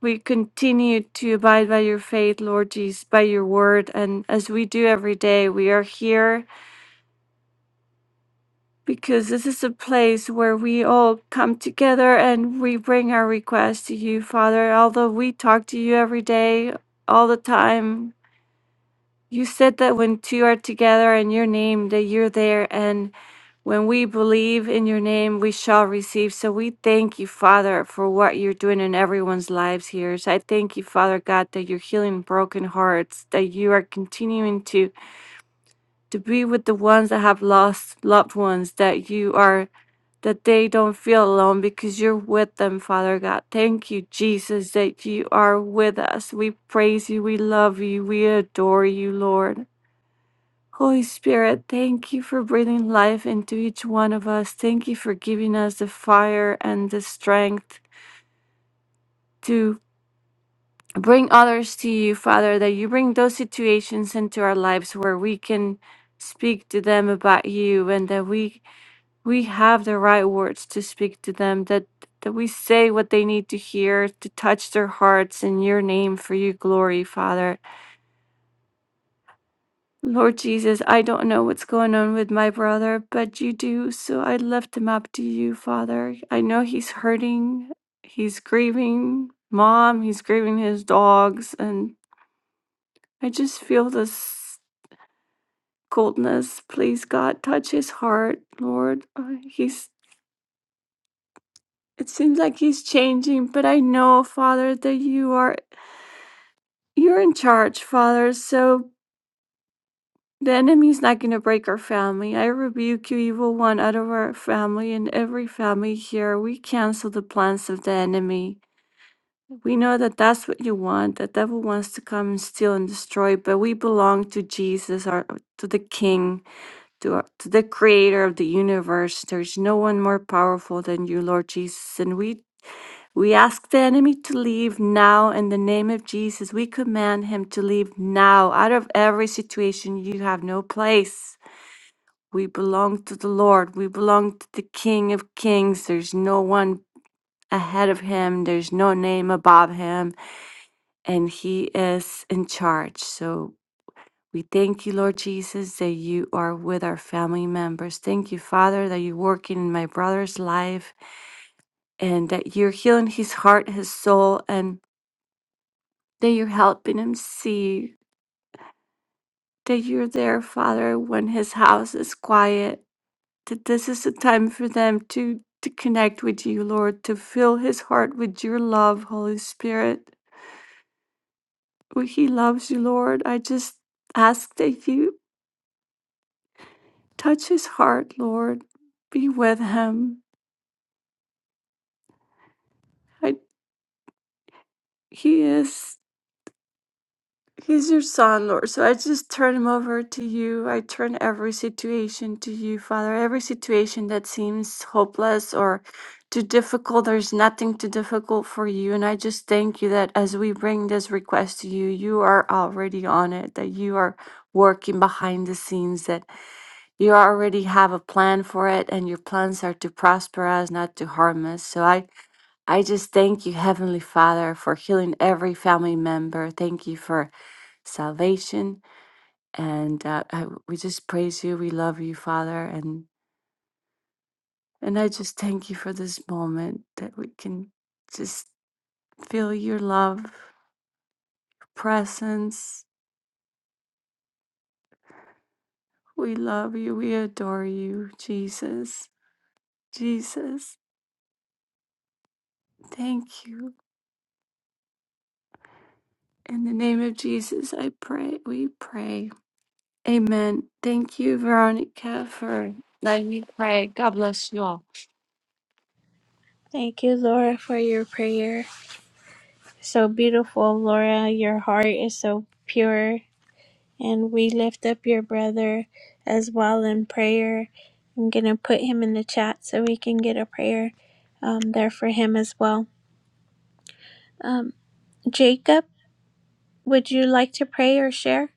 K: we continue to abide by your faith, Lord Jesus, by your word. And as we do every day, we are here because this is a place where we all come together and we bring our requests to you, Father. Although we talk to you every day, all the time, You said that when two are together in your name, that you're there. And when we believe in your name, we shall receive. So we thank you, Father, for what you're doing in everyone's lives here. So I thank you, Father God, that you're healing broken hearts, that you are continuing to, to be with the ones that have lost loved ones, that you are, that they don't feel alone because you're with them, Father God. Thank you, Jesus, that you are with us. We praise you. We love you. We adore you, Lord. Holy Spirit, thank you for breathing life into each one of us. Thank you for giving us the fire and the strength to bring others to you, Father, that you bring those situations into our lives where we can speak to them about you and that we we have the right words to speak to them that that we say what they need to hear to touch their hearts in your name for your glory father Lord Jesus, I don't know what's going on with my brother, but you do, so I lift him up to you, Father. I know he's hurting, he's grieving mom, he's grieving his dogs, and I just feel this coldness. Please, God, touch his heart, Lord. Uh, He's it seems like he's changing, but I know, Father, that you are you're in charge, Father. So The enemy is not going to break our family. I rebuke you, evil one, out of our family and every family here. We cancel the plans of the enemy. We know that that's what you want. The devil wants to come and steal and destroy, but we belong to Jesus, our, to the King, to, our, to the Creator of the universe. There's no one more powerful than you, Lord Jesus. And we, we ask the enemy to leave now in the name of Jesus. We command him to leave now out of every situation. You have no place. We belong to the Lord. We belong to the King of Kings. There's no one ahead of him, there's no name above him, and he is in charge. So we thank you, Lord Jesus, that you are with our family members. Thank you, Father, that you're working in my brother's life and that you're healing his heart, his soul, and that you're helping him see that you're there, Father, when his house is quiet that this is a time for them to, to connect with you, Lord, to fill his heart with your love, Holy Spirit. Oh, He loves you, Lord. I just ask that you touch his heart, Lord. Be with him. I, he is. He's your son, Lord. So I just turn him over to you. I turn every situation to you, Father. Every situation that seems hopeless or too difficult, there's nothing too difficult for you. And I just thank you that as we bring this request to you, you are already on it, that you are working behind the scenes, that you already have a plan for it, and your plans are to prosper us, not to harm us. So I I just thank you, Heavenly Father, for healing every family member. Thank you for salvation. And uh, I, we just praise you. We love you, Father. And, and I just thank you for this moment that we can just feel your love, presence. We love you. We adore you, Jesus. Jesus, thank you. In the name of Jesus, I pray. We pray. Amen. Thank you, Veronica, for letting me pray. God bless you all.
D: Thank you, Laura, for your prayer. So beautiful, Laura, your heart is so pure. And we lift up your brother as well in prayer. I'm going to put him in the chat so we can get a prayer um, there for him as well. Um, Jacob, would you like to pray or share?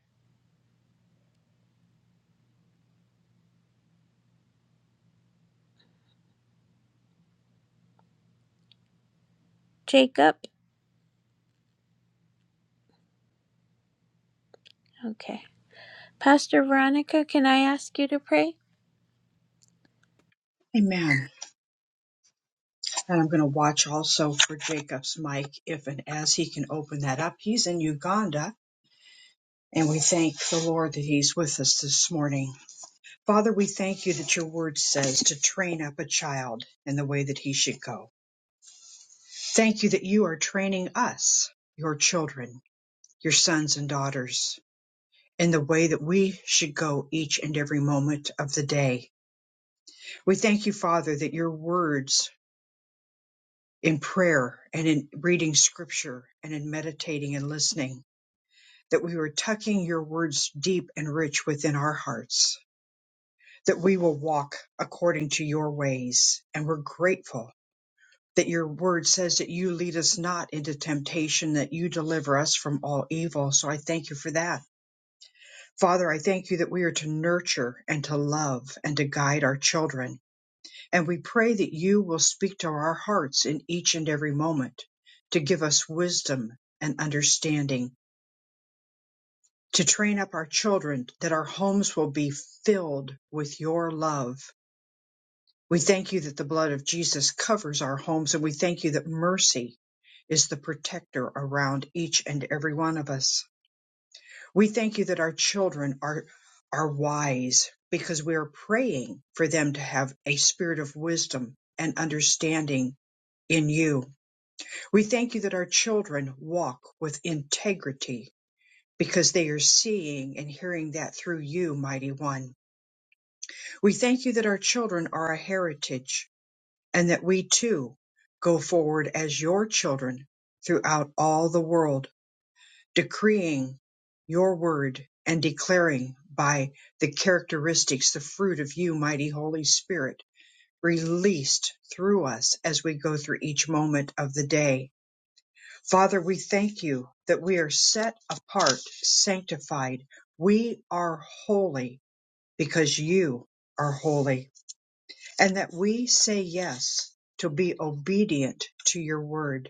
D: Jacob? Okay. Pastor Veronica, can I ask you to pray?
A: amen. And I'm going to watch also for Jacob's mic if and as he can open that up. He's in Uganda. And we thank the Lord that He's with us this morning. Father, we thank you that your word says to train up a child in the way that he should go. Thank you that you are training us, your children, your sons and daughters in the way that we should go each and every moment of the day. We thank you, Father, that your words in prayer and in reading scripture and in meditating and listening, that we are tucking your words deep and rich within our hearts, that we will walk according to your ways. And we're grateful that your word says that you lead us not into temptation, that you deliver us from all evil. So I thank you for that. Father, I thank you that we are to nurture and to love and to guide our children And we pray that you will speak to our hearts in each and every moment to give us wisdom and understanding, to train up our children that our homes will be filled with your love. We thank you that the blood of Jesus covers our homes and we thank you that mercy is the protector around each and every one of us. We thank you that our children are are wise because we are praying for them to have a spirit of wisdom and understanding in you We thank you that our children walk with integrity because they are seeing and hearing that through you, mighty one. We thank you that our children are a heritage and that we too go forward as your children throughout all the world, decreeing your word and declaring by the characteristics, the fruit of you, mighty Holy Spirit, released through us as we go through each moment of the day. Father, we thank you that we are set apart, sanctified. We are holy because you are holy, and that we say yes to be obedient to your word.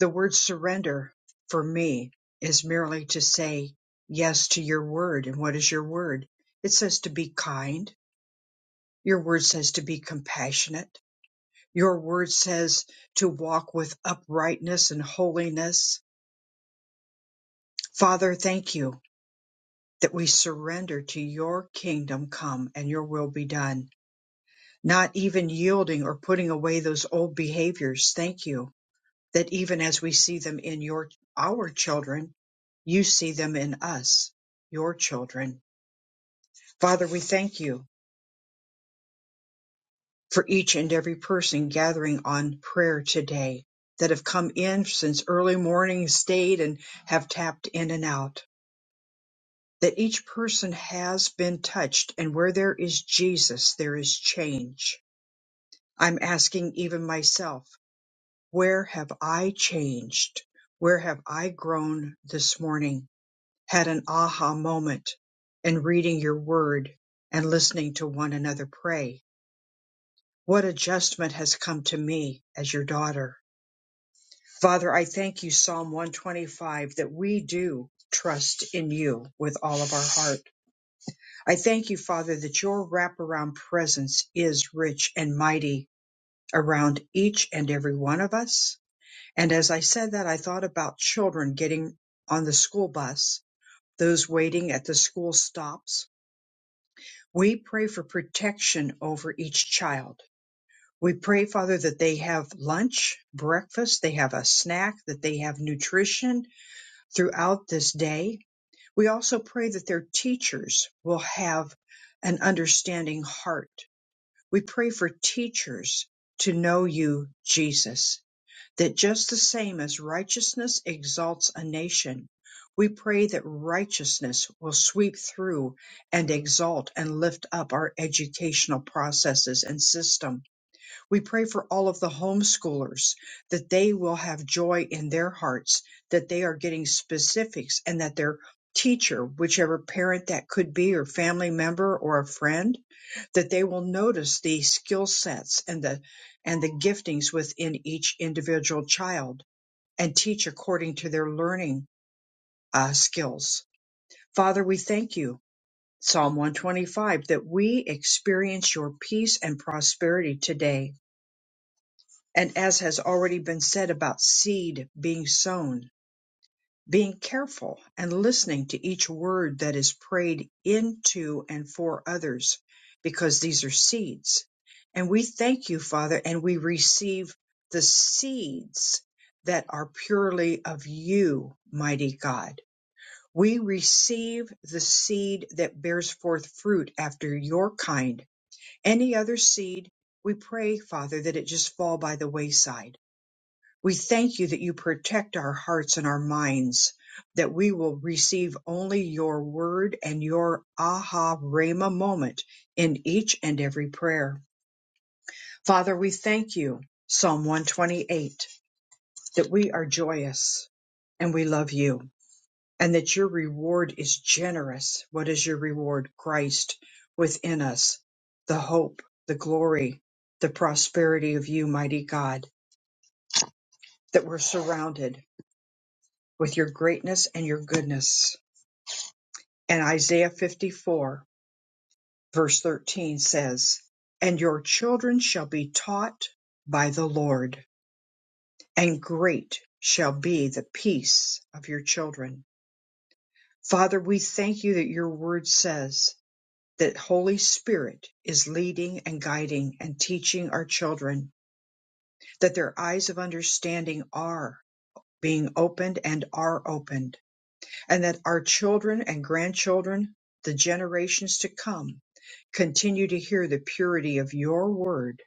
A: The word surrender for me is merely to say yes to your word. And what is your word? It says to be kind. Your word says to be compassionate. Your word says to walk with uprightness and holiness. Father, thank you that we surrender to your kingdom come and your will be done, not even yielding or putting away those old behaviors. Thank you that even as we see them in your our children, you see them in us, your children. Father, we thank you for each and every person gathering on prayer today that have come in since early morning, stayed and have tapped in and out. That each person has been touched, and where there is Jesus, there is change I'm asking even myself, where have I changed? Where have I grown this morning? Had an aha moment in reading your word and listening to one another pray. What adjustment has come to me as your daughter? Father, I thank you, Psalm 125, that we do trust in you with all of our heart. I thank you, Father, that your wraparound presence is rich and mighty around each and every one of us And as I said that, I thought about children getting on the school bus, those waiting at the school stops. We pray for protection over each child. We pray, Father, that they have lunch, breakfast, they have a snack, that they have nutrition throughout this day. We also pray that their teachers will have an understanding heart. We pray for teachers to know you, Jesus, that just the same as righteousness exalts a nation, we pray that righteousness will sweep through and exalt and lift up our educational processes and system. We pray for all of the homeschoolers that they will have joy in their hearts, that they are getting specifics and that their teacher, whichever parent that could be or family member or a friend, that they will notice the skill sets and the and the giftings within each individual child and teach according to their learning uh, skills father we thank you psalm 125 that we experience your peace and prosperity today and as has already been said about seed being sown being careful and listening to each word that is prayed into and for others, because these are seeds. And we thank you, Father, and we receive the seeds that are purely of you, mighty God. We receive the seed that bears forth fruit after your kind. Any other seed, we pray, Father, that it just fall by the wayside we thank you that you protect our hearts and our minds, that we will receive only your word and your aha rhema moment in each and every prayer. Father, we thank you, Psalm 128, that we are joyous and we love you and that your reward is generous. What is your reward? Christ within us, the hope, the glory, the prosperity of you, mighty God, that we're surrounded with your greatness and your goodness. And Isaiah 54, verse 13 says, And your children shall be taught by the Lord, and great shall be the peace of your children. Father, we thank you that your word says that Holy Spirit is leading and guiding and teaching our children, that their eyes of understanding are being opened and are opened and that our children and grandchildren, the generations to come, continue to hear the purity of your word,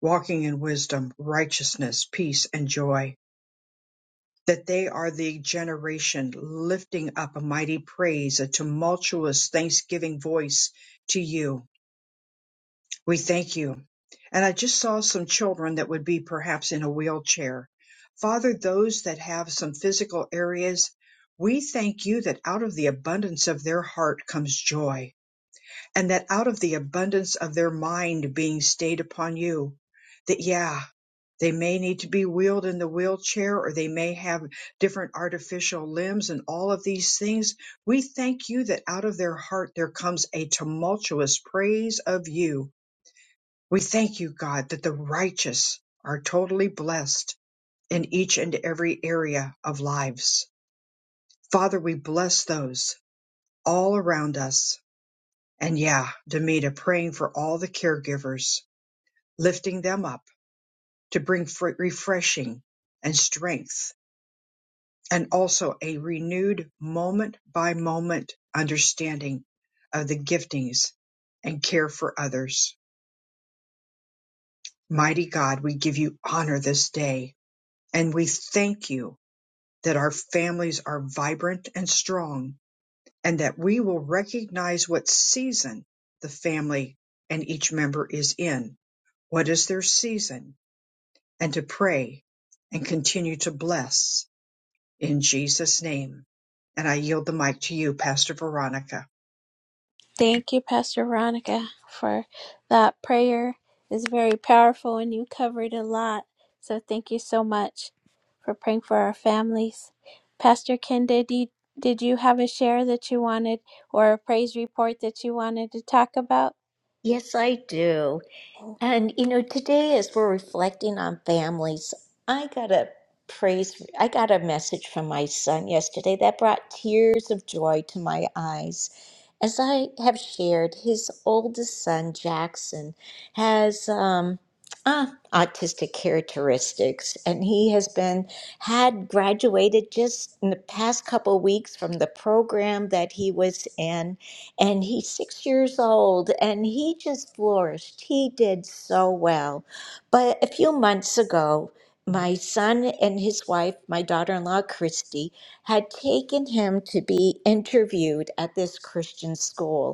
A: walking in wisdom, righteousness, peace, and joy. That they are the generation lifting up a mighty praise, a tumultuous thanksgiving voice to you we thank you. And I just saw some children that would be perhaps in a wheelchair. Father, those that have some physical areas, we thank you that out of the abundance of their heart comes joy, and that out of the abundance of their mind being stayed upon you, that yeah, they may need to be wheeled in the wheelchair or they may have different artificial limbs and all of these things. We thank you that out of their heart there comes a tumultuous praise of you we thank you, God, that the righteous are totally blessed in each and every area of lives. Father, we bless those all around us. And yeah, Demita praying for all the caregivers, lifting them up to bring fr- refreshing and strength, and also a renewed moment by moment understanding of the giftings and care for others. Mighty God, we give you honor this day and we thank you that our families are vibrant and strong, and that we will recognize what season the family and each member is in. What is their season? And to pray and continue to bless in Jesus' name. And I yield the mic to you, Pastor Veronica.
D: Thank you, Pastor Veronica, for that prayer. is very powerful, and you covered a lot. So thank you so much for praying for our families. Pastor Kenda, did you, did you have a share that you wanted or a praise report that you wanted to talk about?
C: Yes, I do. And you know, today as we're reflecting on families, I got a praise, I got a message from my son yesterday that brought tears of joy to my eyes. As I have shared, his oldest son, Jackson, has um, uh, autistic characteristics, and he has been had graduated just in the past couple weeks from the program that he was in and he's six years old and he just flourished. He did so well. But a few months ago, my son and his wife, my daughter in law, Christy, had taken him to be interviewed at this Christian school.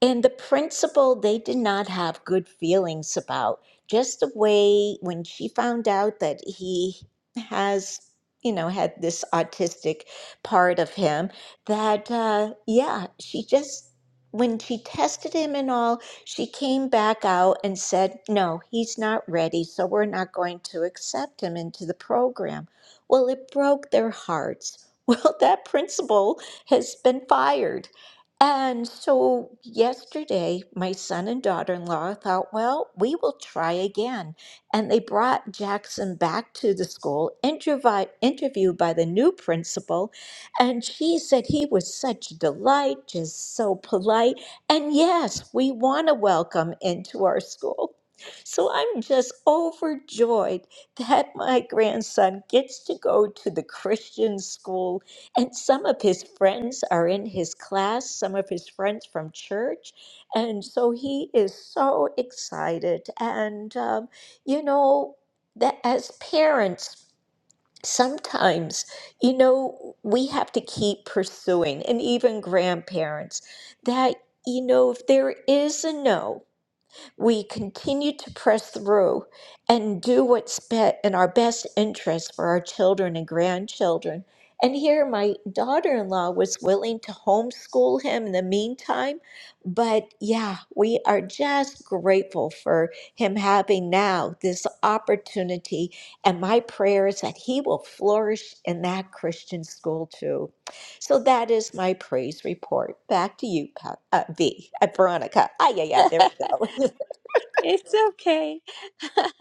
C: And the principal, they did not have good feelings about. Just the way when she found out that he has, you know, had this autistic part of him, that, uh, yeah, she just, when she tested him and all, she came back out and said, no, he's not ready, so we're not going to accept him into the program. Well, it broke their hearts. Well, that principal has been fired. And so yesterday, my son and daughter in law thought, well, we will try again. And they brought Jackson back to the school, intervi- interviewed by the new principal. And she said he was such a delight, just so polite. And yes, we want to welcome into our school. So I'm just overjoyed that my grandson gets to go to the Christian school and some of his friends are in his class, some of his friends from church. And so he is so excited. And, um, you know, that as parents, sometimes, you know, we have to keep pursuing, and even grandparents, that, you know, if there is a no, we continue to press through and do what's be- in our best interest for our children and grandchildren. And here, my daughter in law was willing to homeschool him in the meantime. But yeah, we are just grateful for him having now this opportunity. And my prayer is that he will flourish in that Christian school too. So that is my praise report. Back to you, pa- uh, V, uh, Veronica. Ah, yeah, yeah, there we go.
D: it's okay.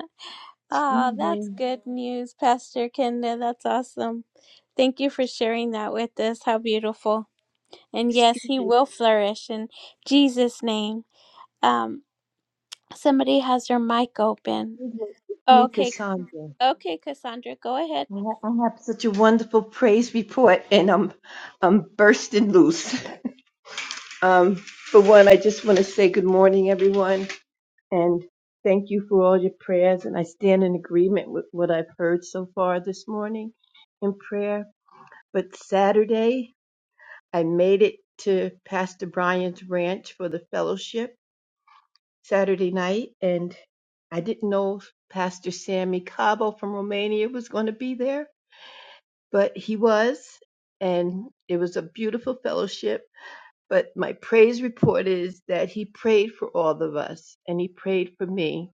D: Oh, that's
L: Mhm.
D: good news, Pastor Kenda. That's awesome. Thank you for sharing that with us. How beautiful. and yes, he
L: Jesus,
D: will flourish in Jesus' name. Um, somebody has their mic open.
L: you're like it's
D: Oh,
L: me,
D: Okay,
L: Cassandra.
D: okay, Cassandra, go ahead.
L: I ha- I have such a wonderful praise report, and I'm I'm bursting loose. Um, for one, I just want to say good morning, everyone, and thank you for all your prayers. And I stand in agreement with what I've heard so far this morning in prayer. But Saturday, I made it to Pastor Brian's ranch for the fellowship, Saturday night, and I didn't know if Pastor Sammy Cabo from Romania was going to be there, but he was, and it was a beautiful fellowship. But my praise report is that he prayed for all of us, and he prayed for me,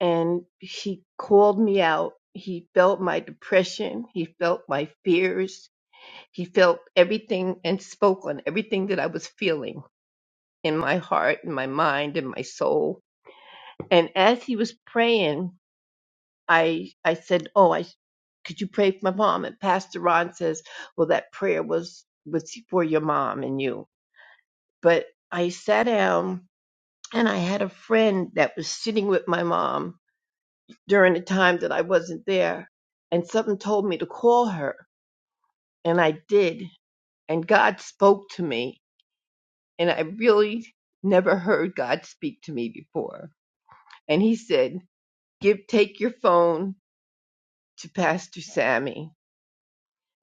L: and he called me out. He felt my depression. He felt my fears. He felt everything and spoke on everything that I was feeling in my heart, in my mind, in my soul. And as he was praying, I I said, "Oh, I could you pray for my mom?" And Pastor Ron says, "Well, that prayer was was for your mom and you." But I sat down and I had a friend that was sitting with my mom during the time that I wasn't there, and something told me to call her, and I did, and God spoke to me, and I really never heard God speak to me before. And he said, "Give take your phone to Pastor Sammy."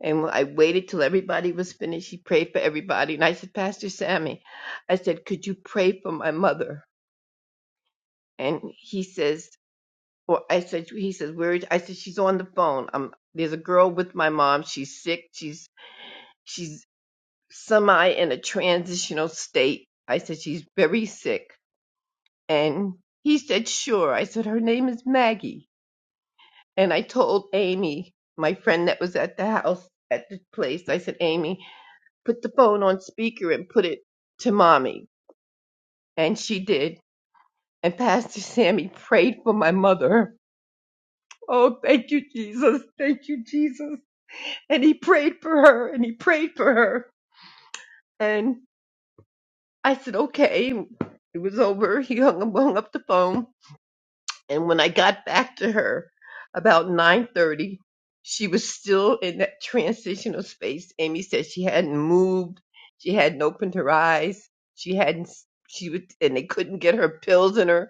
L: And I waited till everybody was finished. She prayed for everybody. And I said, Pastor Sammy, I said, could you pray for my mother? And he says, or I said, he says, where is, I said, she's on the phone. Um, there's a girl with my mom. She's sick. She's, she's semi in a transitional state. I said, she's very sick. And he said, sure. I said, her name is Maggie. And I told Amy, my friend that was at the house at the place, I said, Amy, put the phone on speaker and put it to mommy. And she did. And Pastor Sammy prayed for my mother. Oh, thank you, Jesus. Thank you, Jesus. And he prayed for her and he prayed for her. And I said, okay. It was over. He hung, hung up the phone. And when I got back to her about 9:30, she was still in that transitional space. Amy said she hadn't moved, she hadn't opened her eyes, she hadn't she would and they couldn't get her pills in her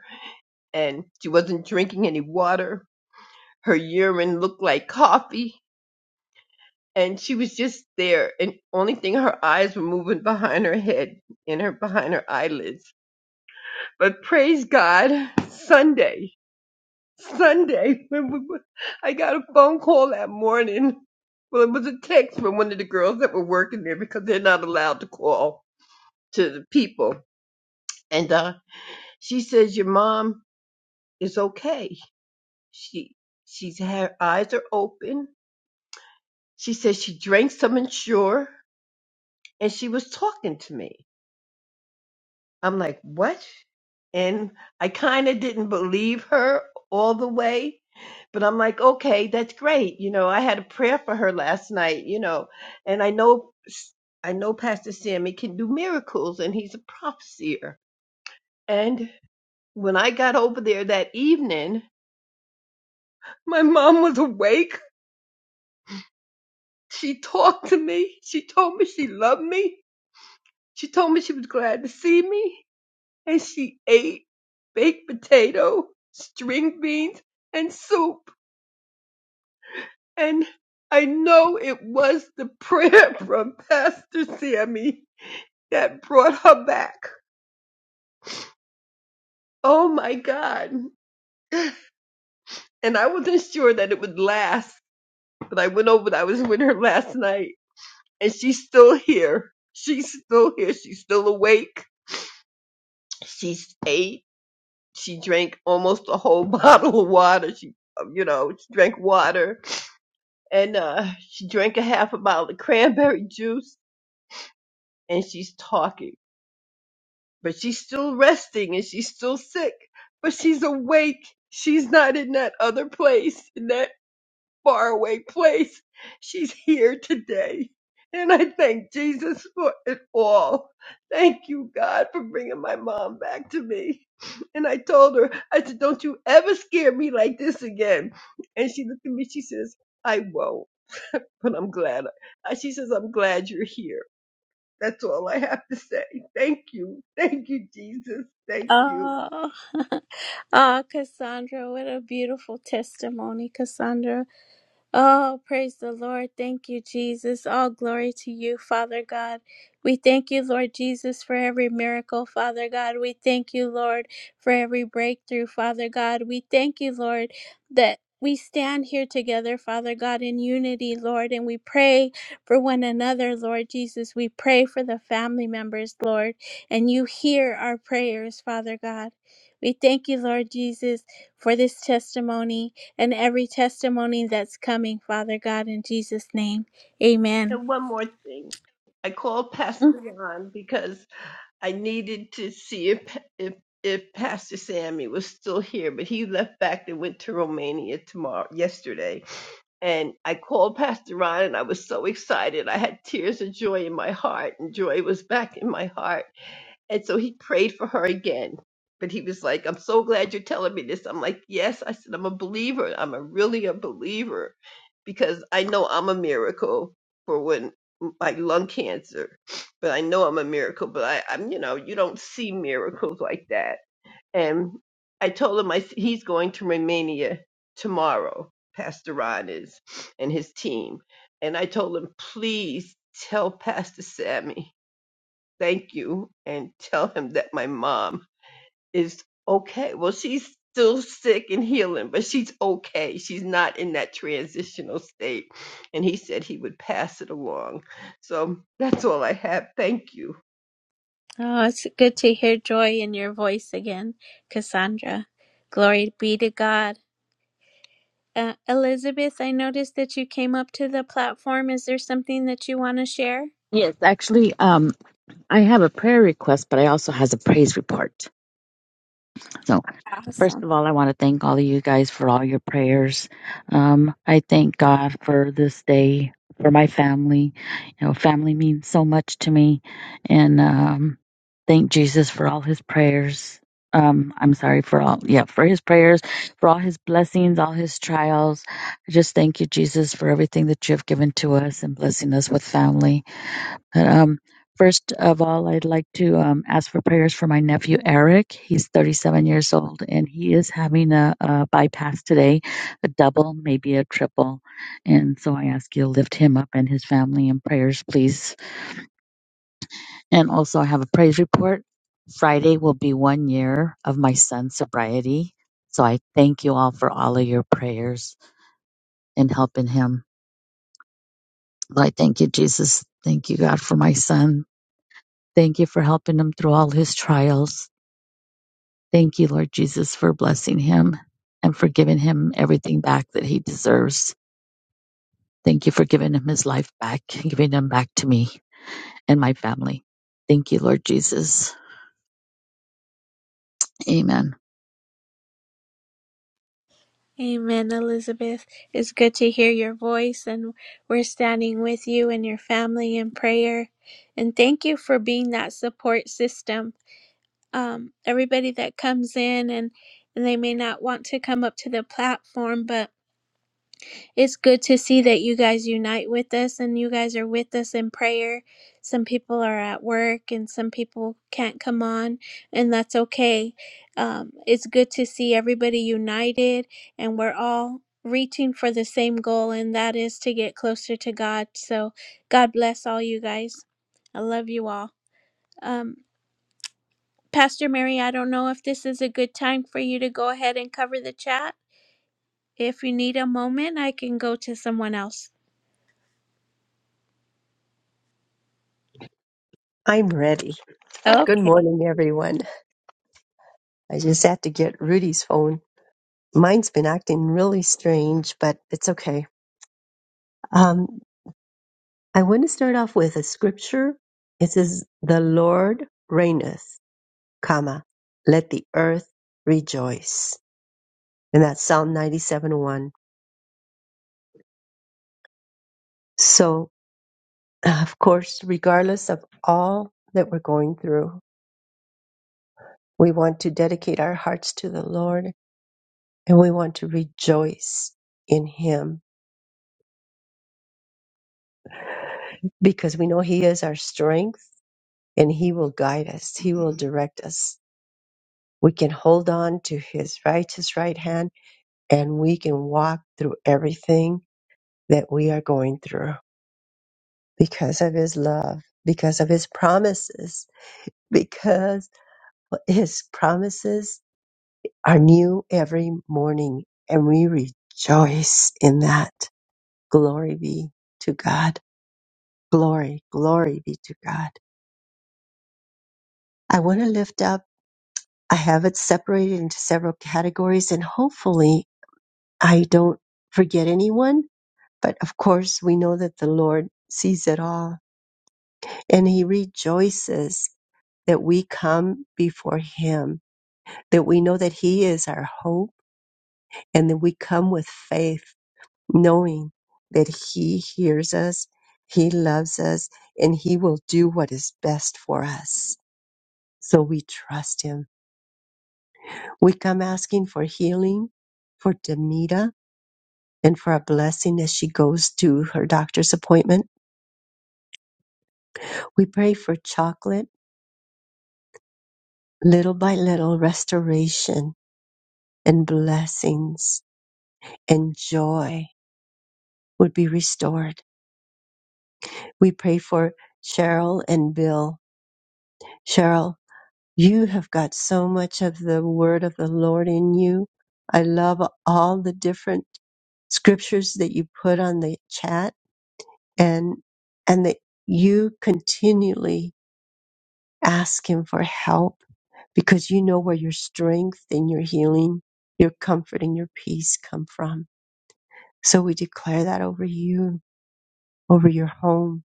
L: and she wasn't drinking any water. Her urine looked like coffee and she was just there and only thing her eyes were moving behind her head in her behind her eyelids. But praise God, Sunday Sunday, I got a phone call that morning. Well, it was a text from one of the girls that were working there because they're not allowed to call to the people. And uh, she says your mom is okay. She she's her eyes are open. She says she drank some Ensure, and she was talking to me. I'm like, what? And I kind of didn't believe her all the way, but I'm like, okay, that's great. You know, I had a prayer for her last night, you know, and I know, I know Pastor Sammy can do miracles and he's a prophesier. And when I got over there that evening, my mom was awake. She talked to me. She told me she loved me. She told me she was glad to see me and she ate baked potato, string beans, and soup. And I know it was the prayer from Pastor Sammy that brought her back. Oh my God. And I wasn't sure that it would last, but I went over, I was with her last night, and she's still here. She's still here. She's still awake. She's ate. She drank almost a whole bottle of water. She, you know, she drank water and uh, she drank a half a bottle of cranberry juice and she's talking, but she's still resting and she's still sick, but she's awake. She's not in that other place, in that faraway place. She's here today. And I thank Jesus for it all. Thank you, God, for bringing my mom back to me. And I told her, I said, don't you ever scare me like this again. And she looked at me, she says, I won't. but I'm glad. uh, She says, I'm glad you're here. That's all I have to say. Thank you. Thank you, Jesus. Thank you.
D: Oh, oh, Cassandra, what a beautiful testimony, Cassandra. Oh, praise the Lord. Thank you, Jesus. All glory to you, Father God. We thank you, Lord Jesus, for every miracle, Father God. We thank you, Lord, for every breakthrough, Father God. We thank you, Lord, that we stand here together, Father God, in unity, Lord, and we pray for one another, Lord Jesus. We pray for the family members, Lord, and you hear our prayers, Father God. We thank you, Lord Jesus, for this testimony and every testimony that's coming, Father God, in Jesus' name. Amen.
L: And one more thing. I called
D: Mm.
L: Pastor Ron because I needed to see if, if, if Pastor Sammy was still here, but he left back and went to Romania tomorrow, yesterday. And I called Pastor Ron and I was so excited. I had tears of joy in my heart and joy was back in my heart And so he prayed for her again. But he was like, I'm so glad you're telling me this. I'm like, yes. I said, I'm a believer. I'm a really a believer because I know I'm a miracle for when like lung cancer, but I know I'm a miracle, but I, I'm, you know, you don't see miracles like that. And I told him I, s- he's going to Romania tomorrow, Pastor Ron is, and his team. And I told him, please tell Pastor Sammy thank you and tell him that my mom is okay. Well, she's still sick and healing, but she's okay. She's not in that transitional state. And he said he would pass it along. So that's all I have. Thank you.
D: Oh, it's good to hear joy in your voice again, Cassandra. Glory be to God. Uh, Elizabeth, I noticed that you came up to the platform. Is there something that you want to share?
M: Yes, actually, um, I have a prayer request, but I also has a praise report. So, first
D: Awesome.
M: of all, I want to thank all of you guys for all your prayers. Um, I thank God for this day, for my family. You know, family means so much to me, and um, thank Jesus for all His prayers. Um, I'm sorry for all, yeah, for His prayers, for all His blessings, all His trials. I just thank you, Jesus, for everything that you have given to us and blessing us with family. Um, first of all, I'd like to um, ask for prayers for my nephew Eric. He's 37 years old and he is having a, a bypass today, a double, maybe a triple. And so I ask you to lift him up and his family in prayers, please. And also, I have a praise report. Friday will be one year of my son's sobriety. So I thank you all for all of your prayers and helping him. I thank you, Jesus. Thank you, God, for my son. Thank you for helping him through all his trials. Thank you, Lord Jesus, for blessing him and for giving him everything back that he deserves. Thank you for giving him his life back and giving him back to me and my family. Thank you, Lord Jesus. Amen.
D: Amen, Elizabeth. It's good to hear your voice, and we're standing with you and your family in prayer. And thank you for being that support system um, everybody that comes in and and they may not want to come up to the platform but it's good to see that you guys unite with us and you guys are with us in prayer some people are at work and some people can't come on and that's okay um, it's good to see everybody united and we're all reaching for the same goal and that is to get closer to god so god bless all you guys i love you all Um. Pastor Mary, I don't know if this is a good time for you to go ahead and cover the chat. If you need a moment, I can go to someone else.
B: I'm ready. Good
D: Okay.
B: morning, everyone. I just had to get Rudy's phone. Mine's been acting really strange, but it's okay. Um, I want to start off with a scripture. It says, "The Lord reigneth, comma, let the earth rejoice," and that's Psalm 97:1. So, of course, regardless of all that we're going through, we want to dedicate our hearts to the Lord, and we want to rejoice in Him because we know He is our strength and He will guide us, He will direct us. We can hold on to His righteous right hand and we can walk through everything that we are going through because of His love, because of His promises, because His promises are new every morning and we rejoice in that. Glory be to God. Glory, glory be to God. I want to lift up I have it separated into several categories and hopefully I don't forget anyone. But of course, we know that the Lord sees it all and he rejoices that we come before him, that we know that he is our hope and that we come with faith, knowing that he hears us, he loves us, and he will do what is best for us. So we trust him. We come asking for healing for Demita and for a blessing as she goes to her doctor's appointment. We pray for chocolate, little by little, restoration and blessings and joy would be restored. We pray for Cheryl and Bill. Cheryl, you have got so much of the word of the Lord in you. I love all the different scriptures that you put on the chat and and that you continually Ask Him for help because you know where your strength and your healing, your comfort and your peace come from. So we declare that over you, over your home,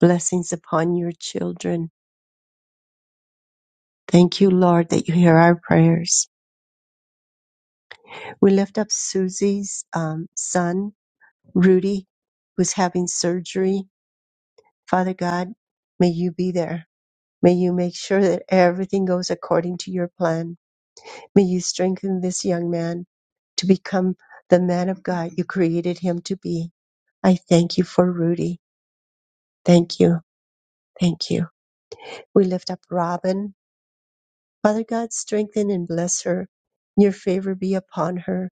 B: blessings upon your children. Thank you, Lord, that you hear our prayers. We lift up Susie's um, son, Rudy, who's having surgery. Father God, may you be there. May you make sure that everything goes according to your plan May you strengthen this young man to become the man of God you created him to be. I thank you for Rudy. Thank you. Thank you. We lift up Robin. Father God, strengthen and bless her. Your favor be upon her.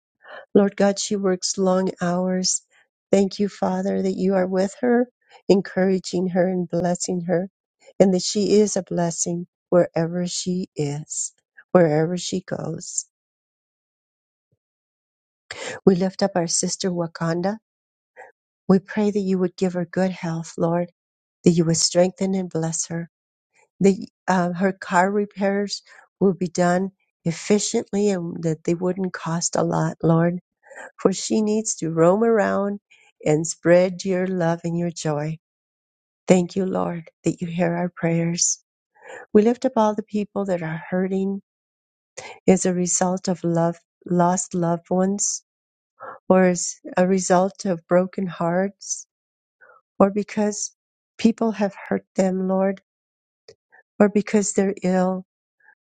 B: Lord God, she works long hours. Thank you, Father, that you are with her, encouraging her and blessing her, and that she is a blessing wherever she is, wherever she goes. We lift up our sister Wakanda. We pray that you would give her good health, Lord, that you would strengthen and bless her, that uh, her car repairs will be done efficiently and that they wouldn't cost a lot, Lord, for she needs to roam around and spread your love and your joy. Thank you, Lord, that you hear our prayers. We lift up all the people that are hurting as a result of love, lost loved ones, or as a result of broken hearts or because people have hurt them, Lord, or because they're ill.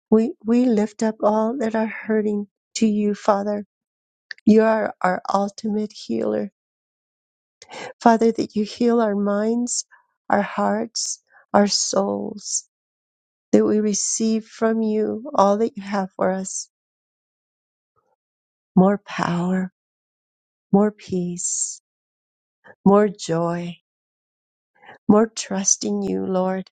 B: We, we lift up all that are hurting to you, Father. You are our ultimate healer. Father, that you heal our minds, our hearts, our souls, that we receive from you all that you have for us more power, more peace, more joy, more trust in you, Lord,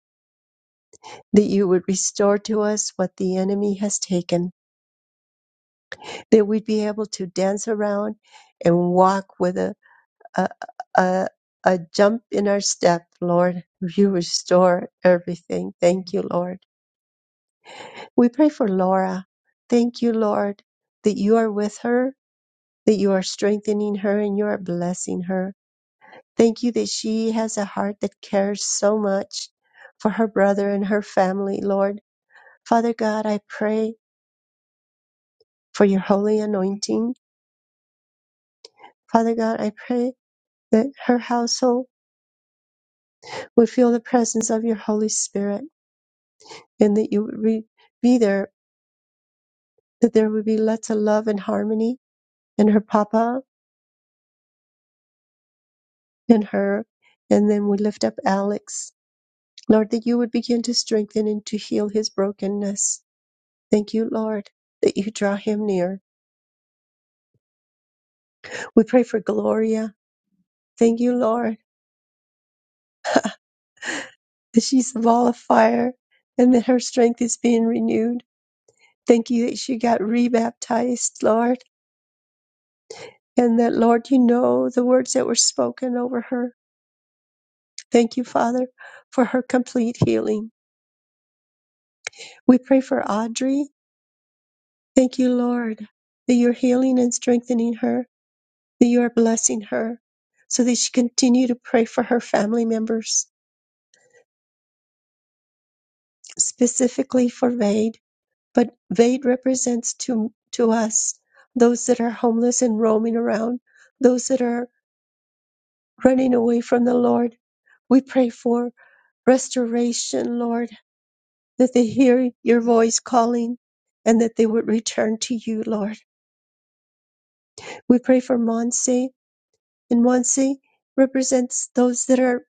B: that you would restore to us what the enemy has taken that we'd be able to dance around and walk with a, a, a, a jump in our step, Lord. You restore everything. Thank you, Lord. We pray for Laura. Thank you, Lord, that you are with her, that you are strengthening her, and you are blessing her. Thank you that she has a heart that cares so much for her brother and her family, Lord. Father God, I pray for your holy anointing. Father God, I pray that her household would feel the presence of your Holy Spirit and that you would re- be there, that there would be lots of love and harmony in her papa and her. And then we lift up Alex. Lord, that you would begin to strengthen and to heal his brokenness. Thank you, Lord, that you draw him near. We pray for Gloria. Thank you, Lord, that she's a ball of fire and that her strength is being renewed. Thank you that she got rebaptized, Lord, and that, Lord, you know the words that were spoken over her Thank you, Father, for her complete healing. We pray for Audrey. Thank you, Lord, that you're healing and strengthening her, that you are blessing her, so that she continue to pray for her family members, specifically for Vade. But Vade represents to, to us those that are homeless and roaming around, those that are running away from the Lord. We pray for restoration, Lord, that they hear your voice calling and that they would return to you, Lord. We pray for Monse, and Monse represents those that are.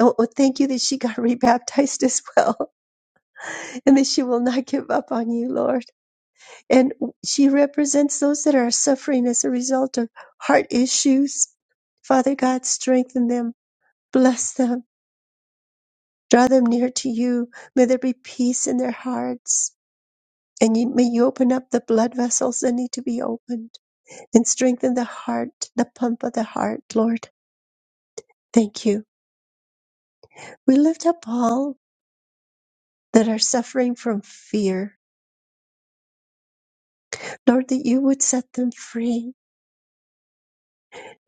B: Oh, oh, thank you that she got rebaptized as well, and that she will not give up on you, Lord. And she represents those that are suffering as a result of heart issues. Father God, strengthen them, bless them, draw them near to you. May there be peace in their hearts. And you, may you open up the blood vessels that need to be opened and strengthen the heart, the pump of the heart, Lord. Thank you. We lift up all that are suffering from fear. Lord, that you would set them free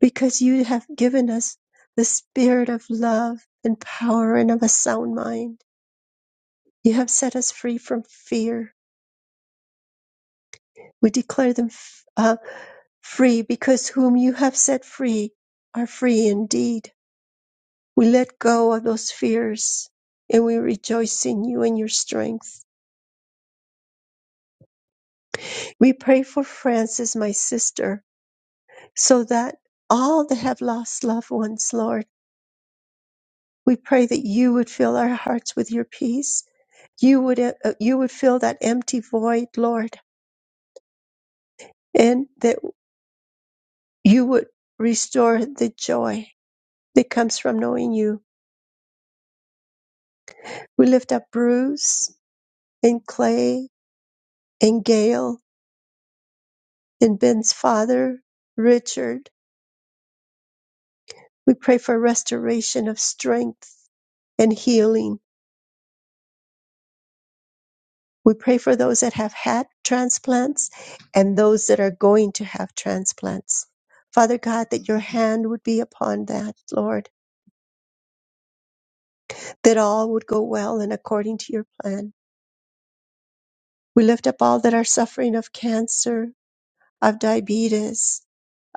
B: because you have given us the spirit of love and power and of a sound mind. You have set us free from fear. We declare them f- uh, free because whom you have set free are free indeed. We let go of those fears and we rejoice in you and your strength. We pray for Frances, my sister, so that all that have lost loved ones, Lord, we pray that you would fill our hearts with your peace. You would uh, uh, you would fill that empty void, Lord, and that you would restore the joy that comes from knowing you. We lift up Bruce and Clay and Gail and Ben's father, Richard. We pray for restoration of strength and healing We pray for those that have had transplants and those that are going to have transplants. Father God, that your hand would be upon that, Lord, that all would go well and according to your plan. We lift up all that are suffering of cancer, of diabetes,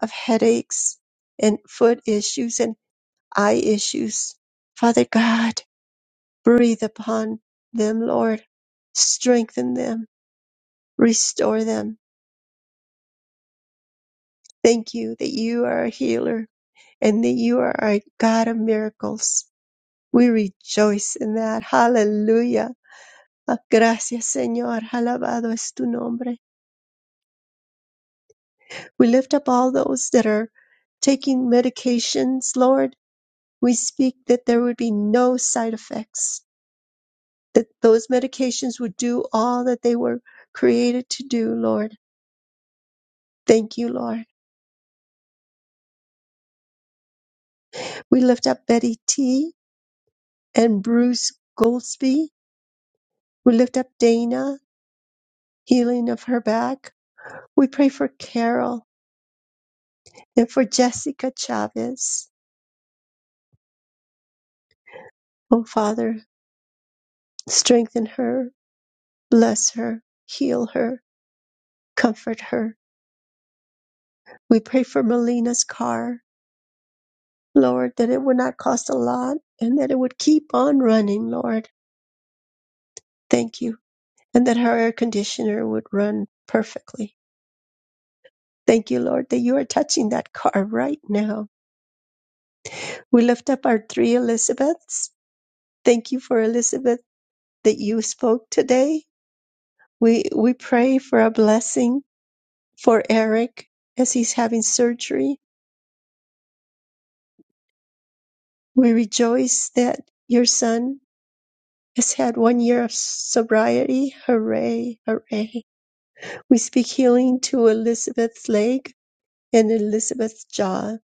B: of headaches, and foot issues and eye issues. Father God, breathe upon them, Lord. Strengthen them, restore them, Thank you that you are a healer and that you are a God of miracles. We rejoice in that. Hallelujah. Ah, Gracias, Señor. Alabado es tu nombre. We lift up all those that are taking medications, Lord. We speak that there would be no side effects, that those medications would do all that they were created to do, Lord. Thank you, Lord. We lift up Betty T and Bruce Goldsby. We lift up Dana healing of her back. We pray for Carol and for Jessica Chavez. Oh, Father, strengthen her, bless her, heal her, comfort her. We pray for Melina's car, Lord, that it would not cost a lot and that it would keep on running, Lord. Thank you. And that her air conditioner would run perfectly. Thank you, Lord, that you are touching that car right now. We lift up our three Elizabeths. Thank you for Elizabeth that you spoke today We we pray for a blessing for Eric as he's having surgery. We rejoice that your son has had one year of sobriety. Hooray, hooray. We speak healing to Elizabeth's leg and Elizabeth's jaw.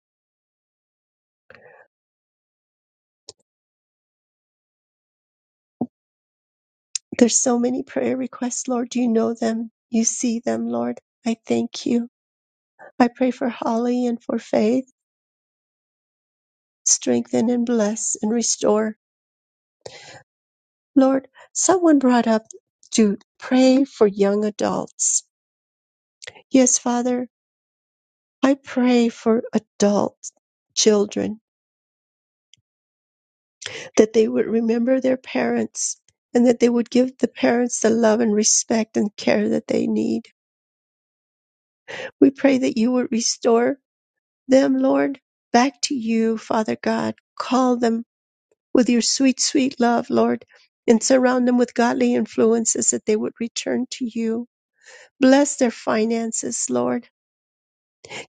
B: There's so many prayer requests, Lord. You know them. You see them, Lord. I thank you. I pray for Holly and for Faith. Strengthen and bless and restore Lord, someone brought up to pray for young adults. Yes, Father, I pray for adult children that they would remember their parents and that they would give the parents the love and respect and care that they need. We pray that you would restore them, Lord, back to you, Father God. Call them with your sweet, sweet love, Lord, and surround them with godly influences that they would return to you. Bless their finances, Lord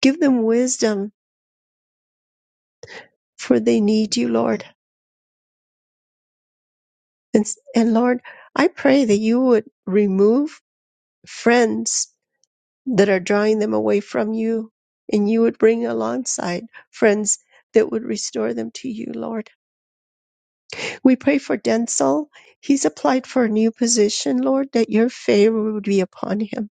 B: Give them wisdom, for they need you, Lord. And, and Lord, I pray that you would remove friends that are drawing them away from you, and you would bring alongside friends that would restore them to you, Lord. We pray for Denzel. He's applied for a new position, Lord, that your favor would be upon him,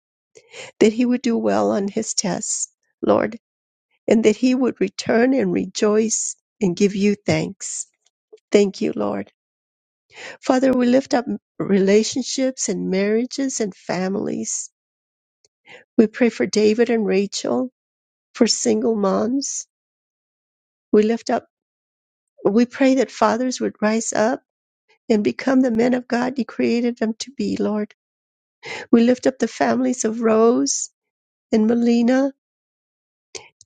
B: that he would do well on his tests, Lord, and that he would return and rejoice and give you thanks. Thank you, Lord. Father, we lift up relationships and marriages and families. We pray for David and Rachel, for single moms. We lift up, we pray that fathers would rise up and become the men of God you created them to be, Lord. We lift up the families of Rose and Melina,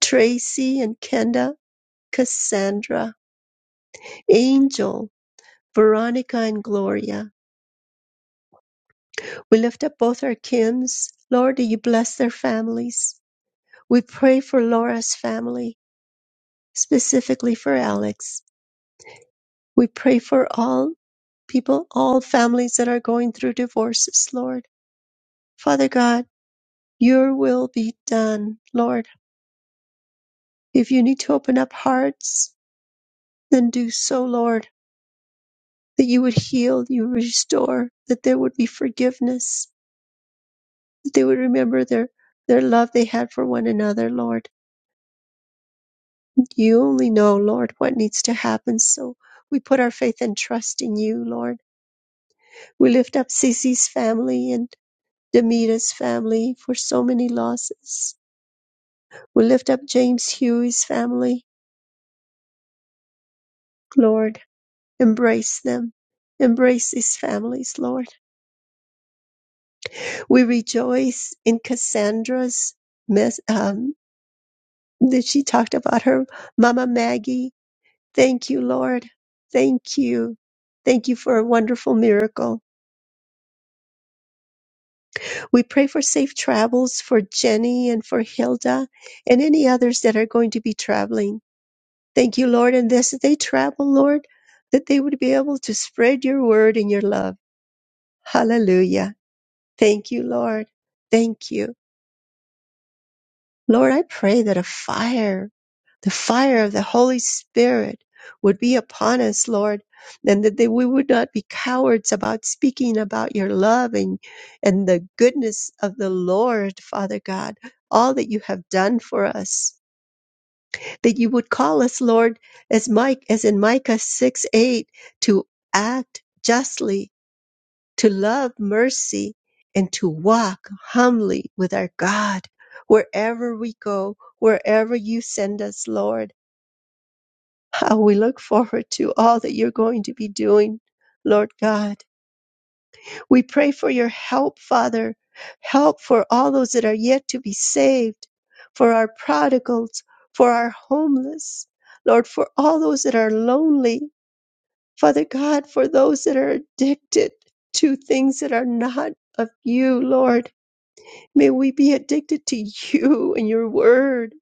B: Tracy and Kenda, Cassandra, Angel, Veronica and Gloria. We lift up both our Kims. Lord, do you bless their families? We pray for Laura's family. specifically for Alex. We pray for all people, all families that are going through divorces, Lord. Father God, your will be done, Lord. If you need to open up hearts, then do so, Lord, that you would heal, you restore, that there would be forgiveness, that they would remember their, their love they had for one another, Lord. You only know, Lord, what needs to happen. So we put our faith and trust in you, Lord. We lift up Cece's family and Demeta's family for so many losses. We lift up James Huey's family, Lord. Embrace them. Embrace these families, Lord. We rejoice in Cassandra's mess, um, that she talked about her Mama Maggie. Thank you, Lord. Thank you. Thank you for a wonderful miracle. We pray for safe travels for Jenny and for Hilda and any others that are going to be traveling. Thank you, Lord. And as they travel, Lord, that they would be able to spread your word and your love. Hallelujah. Thank you, Lord. Thank you. Lord, I pray that a fire, the fire of the Holy Spirit would be upon us, Lord, and that they, we would not be cowards about speaking about your love and, and the goodness of the Lord, Father God, all that you have done for us. that you would call us, Lord, as Mike, as in Micah 6 8, to act justly, to love mercy, and to walk humbly with our God wherever we go, wherever you send us, Lord. How we look forward to all that you're going to be doing, Lord God. We pray for your help, Father, help for all those that are yet to be saved, for our prodigals, for our homeless, Lord, for all those that are lonely, Father God, for those that are addicted to things that are not of you, Lord. May we be addicted to you and your word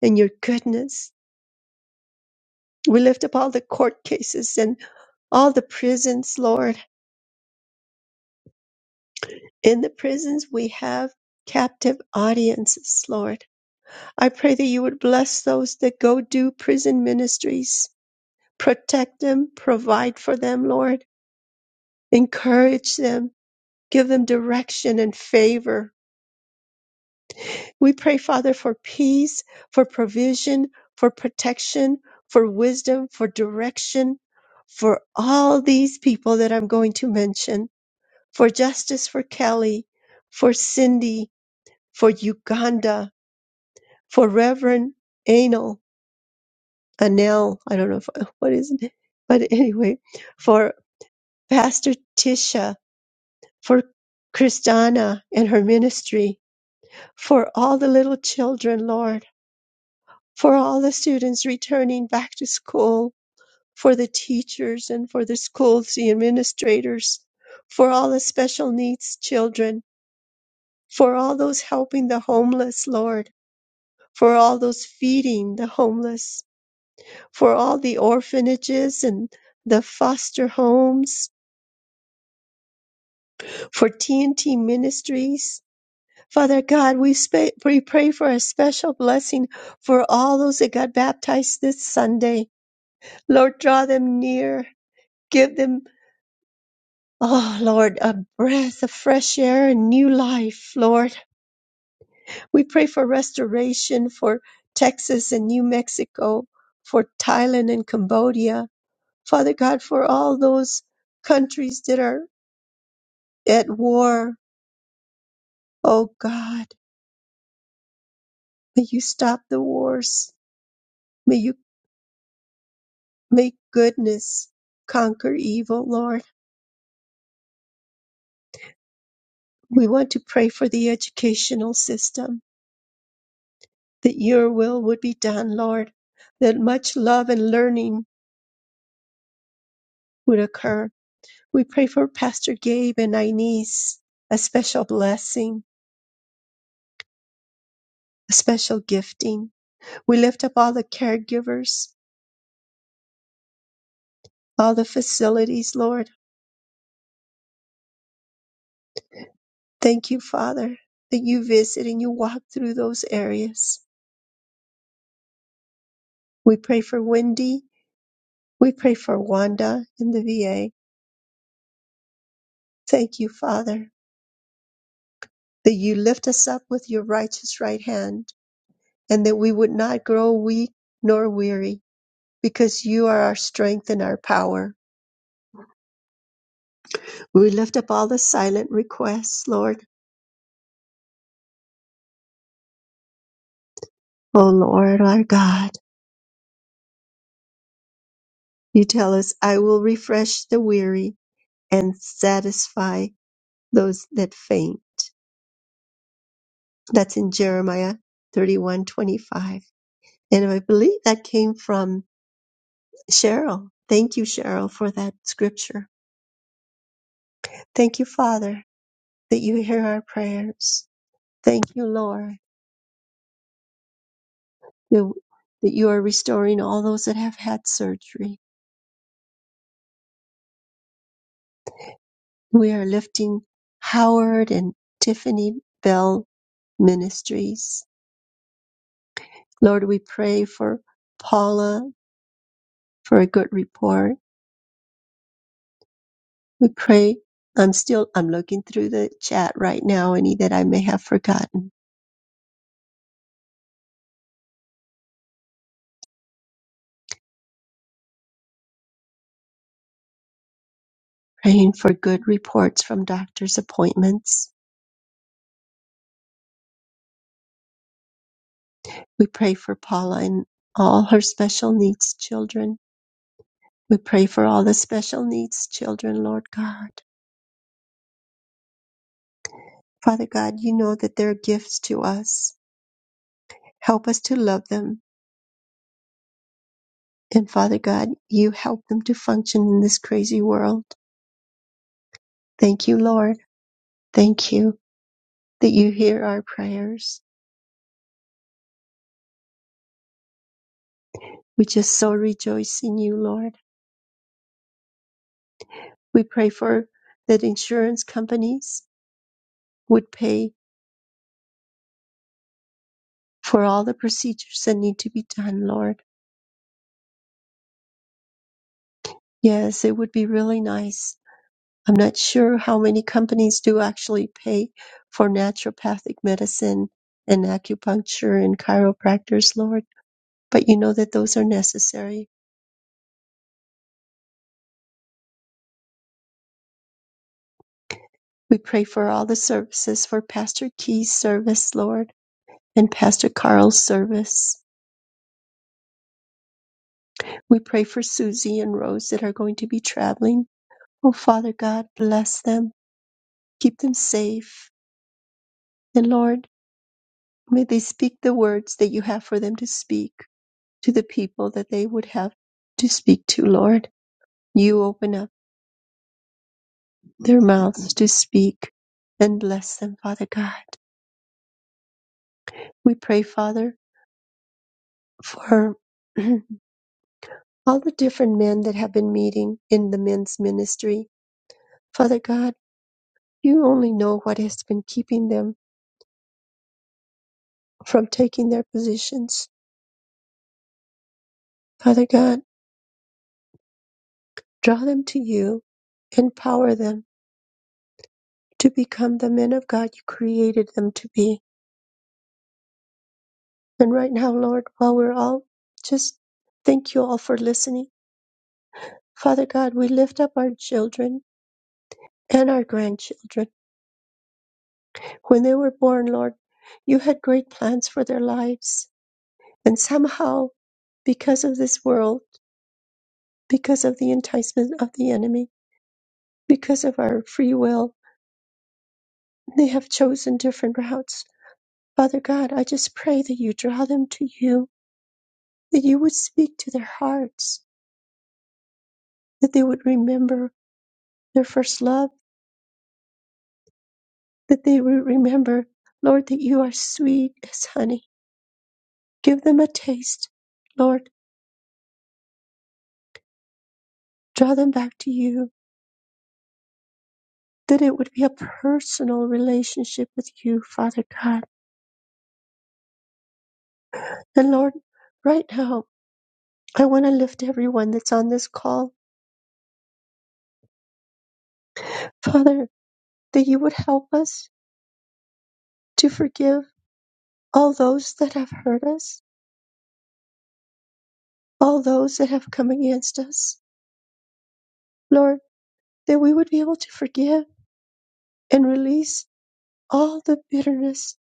B: and your goodness. We lift up all the court cases and all the prisons, Lord. In the prisons, we have captive audiences, Lord. I pray that you would bless those that go do prison ministries. Protect them, provide for them, Lord. Encourage them, give them direction and favor. We pray, Father, for peace, for provision, for protection, for wisdom, for direction, for all these people that I'm going to mention, for justice for Kelly, for Cindy, for Uganda, for Reverend Anal, Anil, I don't know if, what is it, but anyway, for Pastor Tisha, for Kristana and her ministry, for all the little children, Lord, for all the students returning back to school, for the teachers and for the schools, the administrators, for all the special needs children, for all those helping the homeless, Lord, for all those feeding the homeless, for all the orphanages and the foster homes, for TNT Ministries. Father God, we, sp- we pray for a special blessing for all those that got baptized this Sunday. Lord, draw them near. Give them, oh Lord, a breath of fresh air and new life, Lord. We pray for restoration for Texas and New Mexico, for Thailand and Cambodia. Father God, for all those countries that are at war, oh God, may you stop the wars. May you May goodness conquer evil, Lord. We want to pray for the educational system, that your will would be done, Lord, that much love and learning would occur. We pray for Pastor Gabe and Inez, a special blessing, a special gifting. We lift up all the caregivers, all the facilities, Lord. Thank you, Father, that you visit and you walk through those areas. We pray for Wendy. We pray for Wanda in the VA. Thank you, Father, that you lift us up with your righteous right hand, and that we would not grow weak nor weary, because you are our strength and our power. We lift up all the silent requests, Lord. O Lord our God, you tell us, I will refresh the weary and satisfy those that faint. That's in Jeremiah 31:25. And I believe that came from Cheryl. Thank you, Cheryl, for that scripture. Thank you, Father, that you hear our prayers. Thank you, Lord, that, that you are restoring all those that have had surgery. We are lifting Howard and Tiffany Bell Ministries. Lord, we pray for Paula for a good report. We pray. I'm still, I'm looking through the chat right now, any that I may have forgotten. Praying for good reports from doctor's appointments. We pray for Paula and all her special needs children We pray for all the special needs children, Lord God. Father God, you know that they're gifts to us. Help us to love them. And Father God, you help them to function in this crazy world. Thank you, Lord. Thank you that you hear our prayers. We just so rejoice in you, Lord. We pray for that insurance companies would pay for all the procedures that need to be done, Lord. Yes, it would be really nice I'm not sure how many companies do actually pay for naturopathic medicine and acupuncture and chiropractors, Lord, but you know that those are necessary. We pray for all the services for Pastor Key's service, Lord, and Pastor Carl's service. We pray for Susie and Rose that are going to be traveling. Oh, Father God, bless them, keep them safe. And Lord, may they speak the words that you have for them to speak to the people that they would have to speak to, Lord. You open up their mouths to speak and bless them, Father God. We pray, Father, for all the different men that have been meeting in the men's ministry. Father God, you only know what has been keeping them from taking their positions. Father God, draw them to you, empower them to become the men of God you created them to be. And right now, Lord, while we're all just thank you all for listening. Father God, we lift up our children and our grandchildren. When they were born, Lord, you had great plans for their lives. And somehow, because of this world, because of the enticement of the enemy, because of our free will, they have chosen different routes. Father God, I just pray that you draw them to you, that you would speak to their hearts, that they would remember their first love, that they would remember, Lord, that you are sweet as honey. Give them a taste, Lord, draw them back to you That it would be a personal relationship with you, Father God. And Lord, right now, I want to lift everyone that's on this call. Father, that you would help us to forgive all those that have hurt us, all those that have come against us. Lord, that we would be able to forgive and release all the bitterness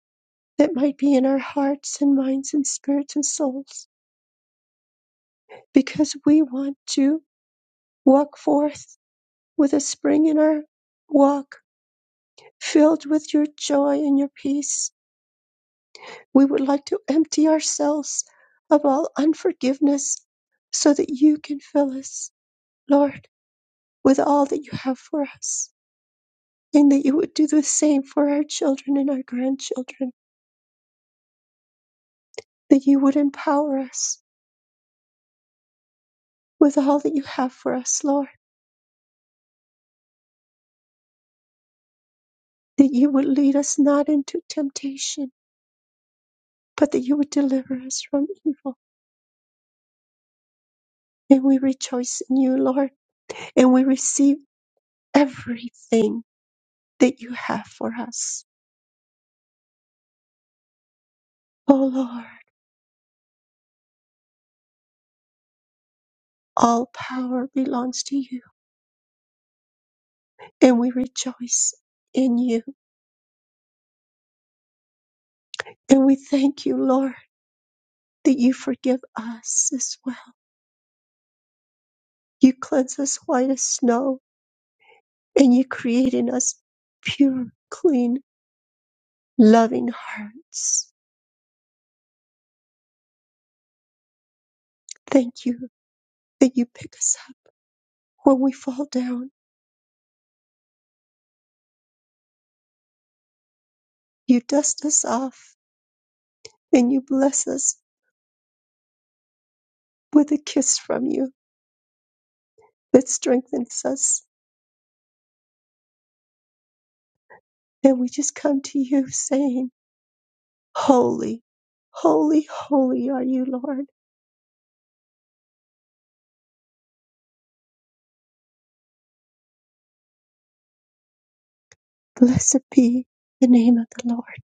B: that might be in our hearts and minds and spirits and souls, because we want to walk forth with a spring in our walk Filled with your joy and your peace, we would like to empty ourselves of all unforgiveness so that you can fill us, Lord, with all that you have for us. And that you would do the same for our children and our grandchildren. That you would empower us with all that you have for us, Lord. That you would lead us not into temptation, but that you would deliver us from evil. And we rejoice in you, Lord. And we receive everything that you have for us. O Lord, all power belongs to you, and we rejoice in you. And we thank you, Lord, that you forgive us as well. You cleanse us white as snow, and you create in us pure, clean, loving hearts. Thank you that you pick us up when we fall down. You dust us off, and you bless us with a kiss from you that strengthens us. And we just come to you saying, Holy, holy, holy are you, Lord. Blessed be the name of the Lord.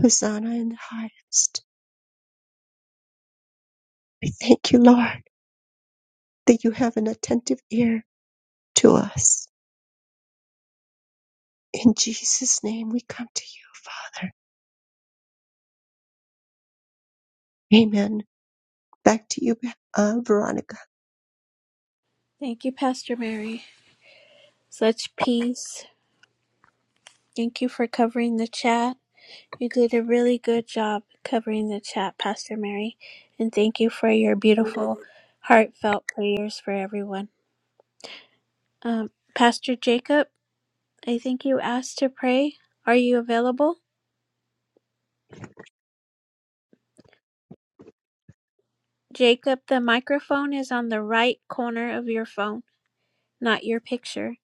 B: Hosanna in the highest. We thank you, Lord, that you have an attentive ear to us. In Jesus' name we come to you, Father. Amen. Back to you, uh, Veronica.
D: Thank you, Pastor Mary. Such peace. Thank you for covering the chat. You did a really good job covering the chat, Pastor Mary. And thank you for your beautiful, heartfelt prayers for everyone. Um, Pastor Jacob, I think you asked to pray. Are you available? Jacob, the microphone is on the right corner of your phone. Not your picture.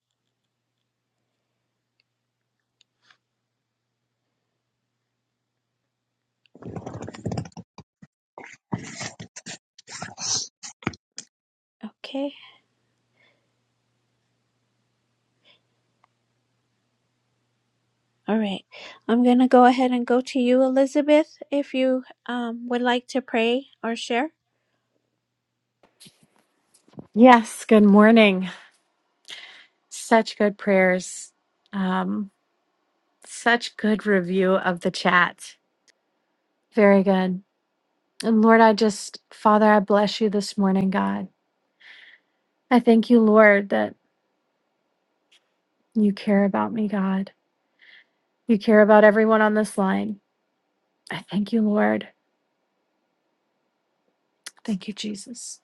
D: Okay. All right. I'm going to go ahead and go to you, Elizabeth, if you um, would like to pray or share.
N: Yes, good morning. Such good prayers. Um, such good review of the chat. Very good. And Lord, I just, Father, I bless you this morning, God. I thank you, Lord, that you care about me, God. You care about everyone on this line. I thank you, Lord. Thank you, Jesus.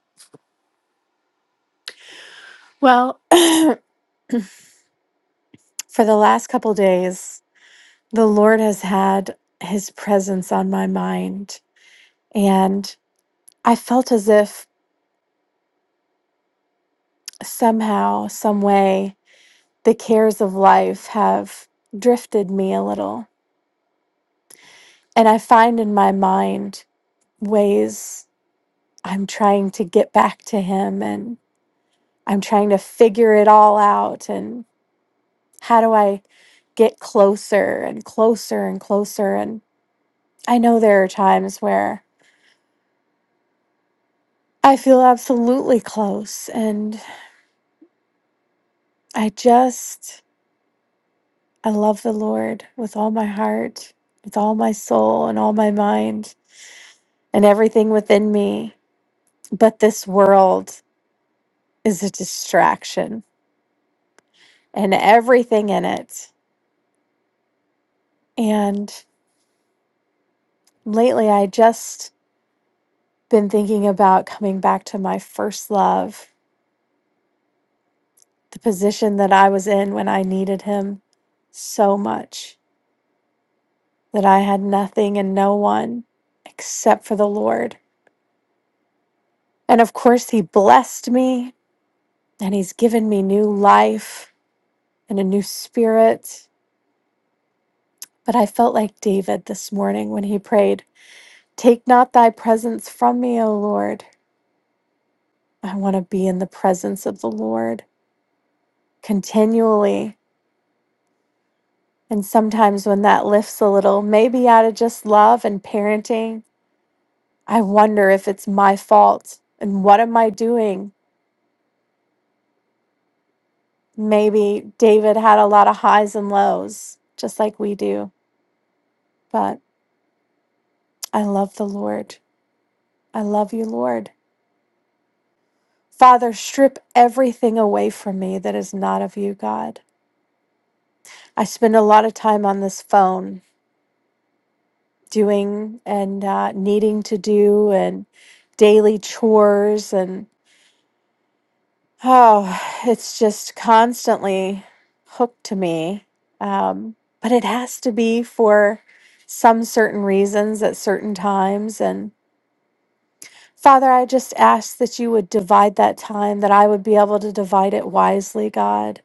N: Well, for the last couple days, the Lord has had his presence on my mind. And I felt as if somehow, some way, the cares of life have drifted me a little. And I find in my mind ways I'm trying to get back to him and I'm trying to figure it all out. And how do I get closer and closer and closer? And I know there are times where I feel absolutely close. And I just, I love the Lord with all my heart, with all my soul, and all my mind, and everything within me. but this world is a distraction and everything in it. And lately, I just been thinking about coming back to my first love, the position that I was in when I needed him so much that I had nothing and no one except for the Lord. And of course, he blessed me and he's given me new life and a new spirit. But I felt like David this morning when he prayed. Take not thy presence from me, O Lord. I want to be in the presence of the Lord continually. And sometimes when that lifts a little, maybe out of just love and parenting, I wonder if it's my fault and what am I doing? Maybe David had a lot of highs and lows, just like we do. But I love the Lord. I love you, Lord. Father, strip everything away from me that is not of you, God. I spend a lot of time on this phone doing and uh, needing to do and daily chores and oh it's just constantly hooked to me um, but it has to be for some certain reasons at certain times and father i just ask that you would divide that time that i would be able to divide it wisely god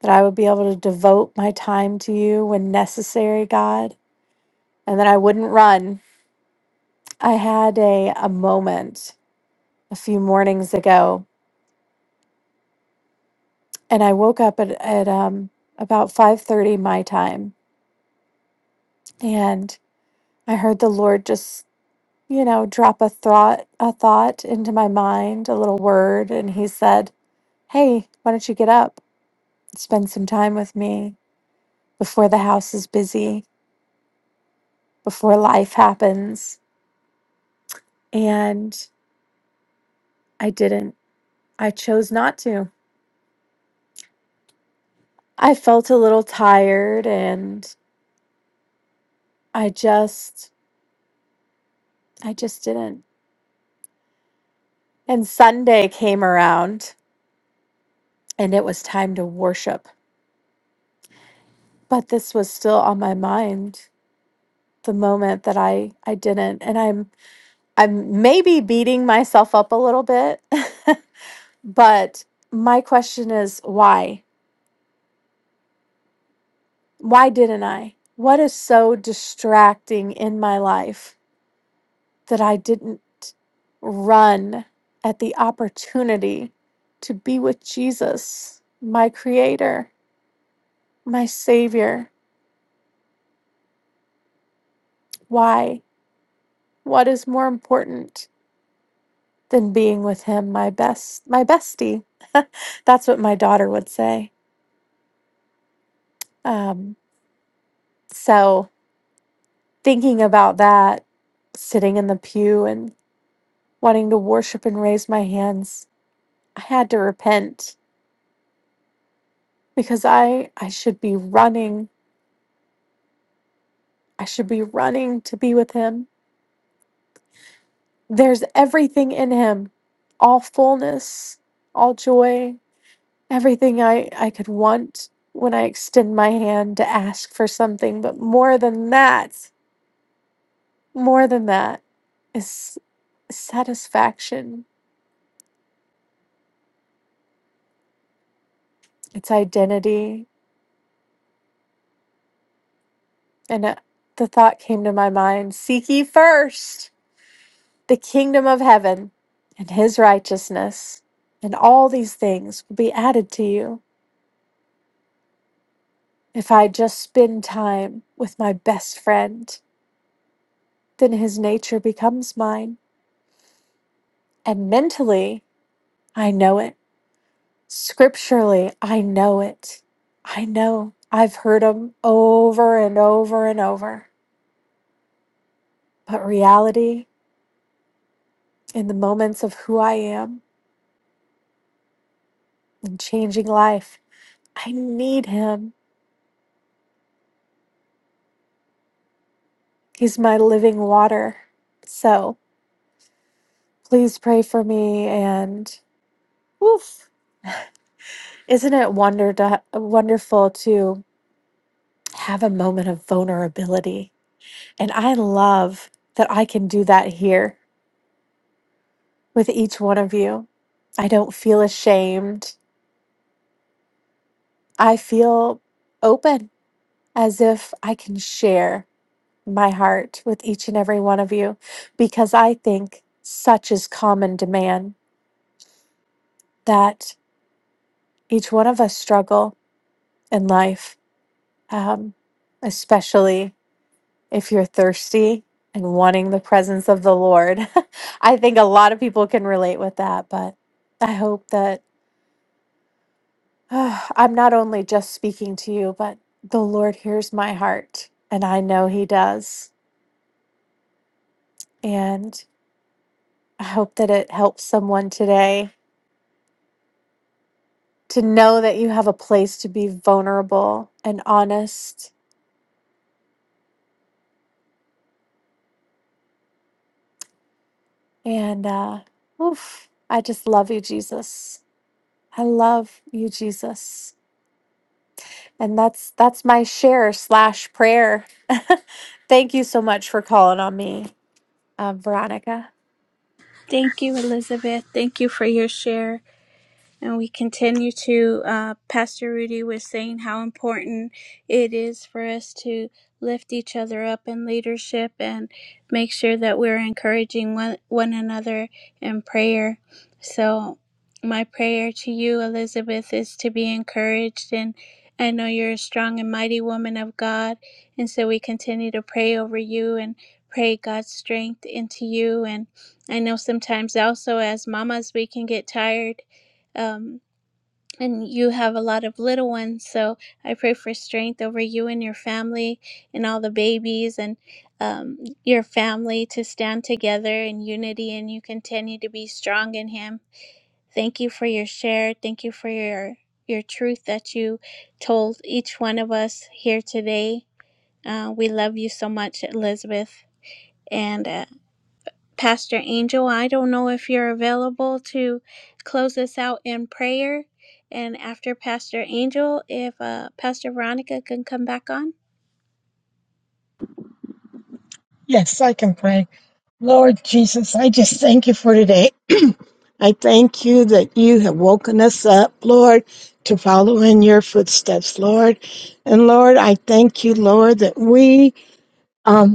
N: that i would be able to devote my time to you when necessary god and that i wouldn't run i had a, a moment a few mornings ago, and I woke up at, at um, about 5:30 my time, and I heard the Lord just, you know, drop a thought a thought into my mind, a little word, and He said, "Hey, why don't you get up, spend some time with me before the house is busy, before life happens?" And I didn't. I chose not to. I felt a little tired, and I just, I just didn't. And Sunday came around and it was time to worship. But this was still on my mind the moment that I I didn't and I'm I'm maybe beating myself up a little bit. but my question is why? Why didn't I? What is so distracting in my life that I didn't run at the opportunity to be with Jesus, my creator, my savior? Why? What is more important than being with him, my best, my bestie? That's what my daughter would say. Um, so thinking about that, sitting in the pew and wanting to worship and raise my hands, I had to repent because I I should be running. I should be running to be with him. There's everything in him, all fullness, all joy, everything I, I could want when I extend my hand to ask for something. But more than that, more than that is satisfaction, it's identity. And uh, the thought came to my mind seek ye first the kingdom of heaven and his righteousness, and all these things will be added to you. If I just spend time with my best friend, then his nature becomes mine. And mentally, I know it. Scripturally, I know it. I know. I've heard them over and over and over. But reality, in the moments of who I am and changing life, I need him. He's my living water. So please pray for me. And woof, isn't it wonder to, wonderful to have a moment of vulnerability? And I love that I can do that here. with each one of you. I don't feel ashamed. I feel open as if I can share my heart with each and every one of you because I think such is common demand that each one of us struggle in life, um, especially if you're thirsty and wanting the presence of the Lord. I think a lot of people can relate with that, but I hope that. I'm not only just speaking to you, but the Lord hears my heart, and I know He does. And I hope that it helps someone today to know that you have a place to be vulnerable and honest. And uh, oof, I just love you, Jesus. I love you, Jesus. And that's that's my share slash prayer. Thank you so much for calling on me, uh, Veronica.
D: Thank you, Elizabeth. Thank you for your share. And we continue to, uh, Pastor Rudy was saying how important it is for us to lift each other up in leadership and make sure that we're encouraging one, one another in prayer. So, my prayer to you, Elizabeth, is to be encouraged. And I know you're a strong and mighty woman of God. And so, we continue to pray over you and pray God's strength into you. And I know sometimes also as mamas, we can get tired um, and you have a lot of little ones. So I pray for strength over you and your family and all the babies and um, your family to stand together in unity and you continue to be strong in Him. Thank you for your share. Thank you for your your truth that you told each one of us here today. Uh, we love you so much, Elizabeth. And uh, Pastor Angel, I don't know if you're available to close us out in prayer. And after Pastor Angel, if uh, Pastor Veronica can come back on.
O: Yes, I can pray. Lord Jesus, I just thank you for today. I thank you that you have woken us up, Lord, to follow in your footsteps, Lord. And Lord, I thank you, Lord, that we um,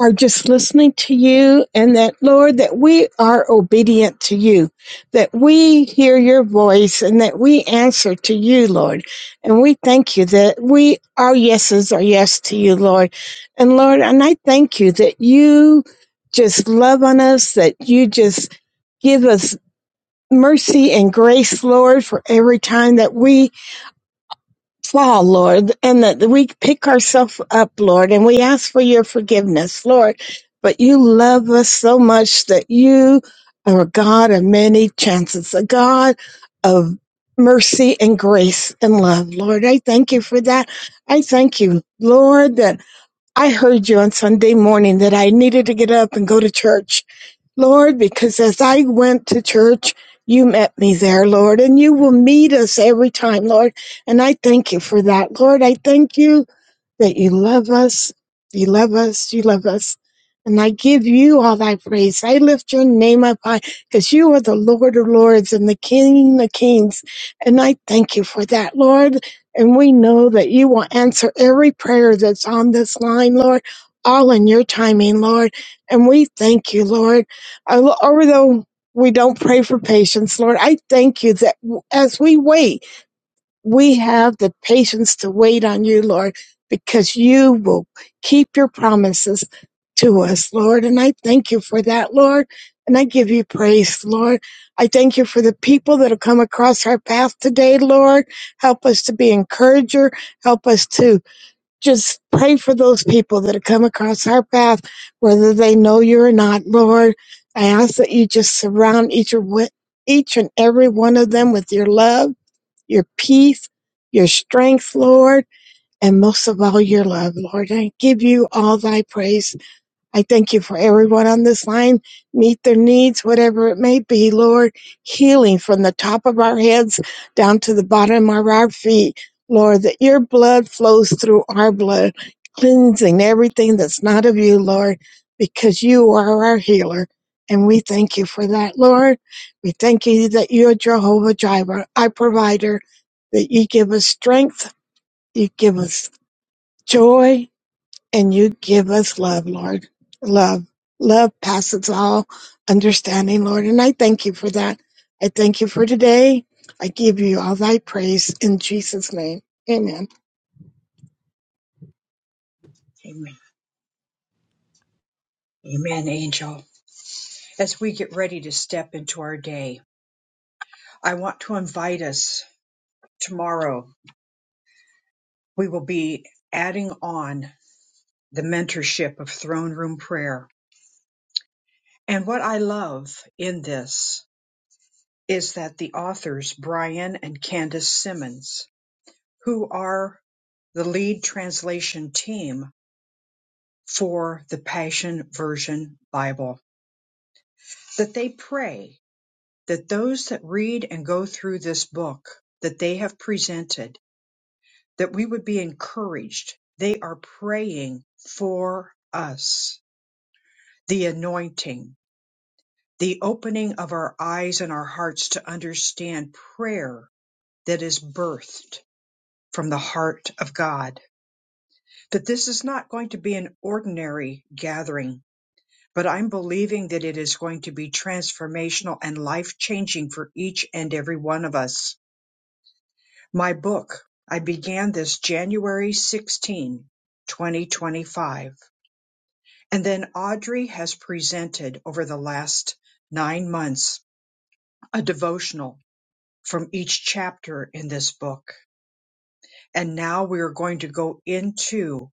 O: are just listening to you and that, Lord, that we are obedient to you, that we hear your voice and that we answer to you, Lord. And we thank you that we, our yeses are yes to you, Lord. And Lord, and I thank you that you just love on us, that you just give us mercy and grace, Lord, for every time that we fall, Lord, and that we pick ourselves up, Lord, and we ask for your forgiveness, Lord. But you love us so much that you are a God of many chances, a God of mercy and grace and love, Lord. I thank you for that. I thank you, Lord, that I heard you on Sunday morning that I needed to get up and go to church Lord, because as I went to church, you met me there, Lord, and you will meet us every time, Lord. And I thank you for that, Lord. I thank you that you love us, you love us, you love us. And I give you all thy praise. I lift your name up high because you are the Lord of Lords and the King of Kings. And I thank you for that, Lord. And we know that you will answer every prayer that's on this line, Lord, all in your timing, Lord. And we thank you, Lord. I- Although we don't pray for patience, Lord, I thank you that as we wait, we have the patience to wait on you, Lord, because you will keep your promises to us, Lord. And I thank you for that, Lord. And I give you praise, Lord. I thank you for the people that have come across our path today, Lord. Help us to be encourager. Help us to just pray for those people that have come across our path, whether they know you or not, Lord. I ask that you just surround each, and each and every one of them with your love your peace, your strength, Lord, and most of all, your love, Lord. I give you all thy praise I thank you for everyone on this line. Meet their needs, whatever it may be, Lord. Healing from the top of our heads down to the bottom of our feet, Lord, that your blood flows through our blood, cleansing everything that's not of you, Lord, because you are our healer. And we thank you for that, Lord. We thank you that you're Jehovah Jireh, our provider, that you give us strength, you give us joy, and you give us love, Lord. Love. Love passes all understanding, Lord. And I thank you for that. I thank you for today. I give you all thy praise in Jesus' name. Amen.
A: Amen. Amen, Angel. As we get ready to step into our day, I want to invite us tomorrow. We will be adding on the mentorship of throne room prayer And what I love in this is that the authors, Brian and Candace Simmons, who are the lead translation team for the Passion Version Bible, that they pray that those that read and go through this book that they have presented, that we would be encouraged. They are praying for us, the anointing, the opening of our eyes and our hearts to understand prayer that is birthed from the heart of God. That this is not going to be an ordinary gathering, but I'm believing that it is going to be transformational and life changing for each and every one of us. My book, I began this January 16, 2025. And then Audrey has presented over the last nine months a devotional from each chapter in this book. And now we are going to go into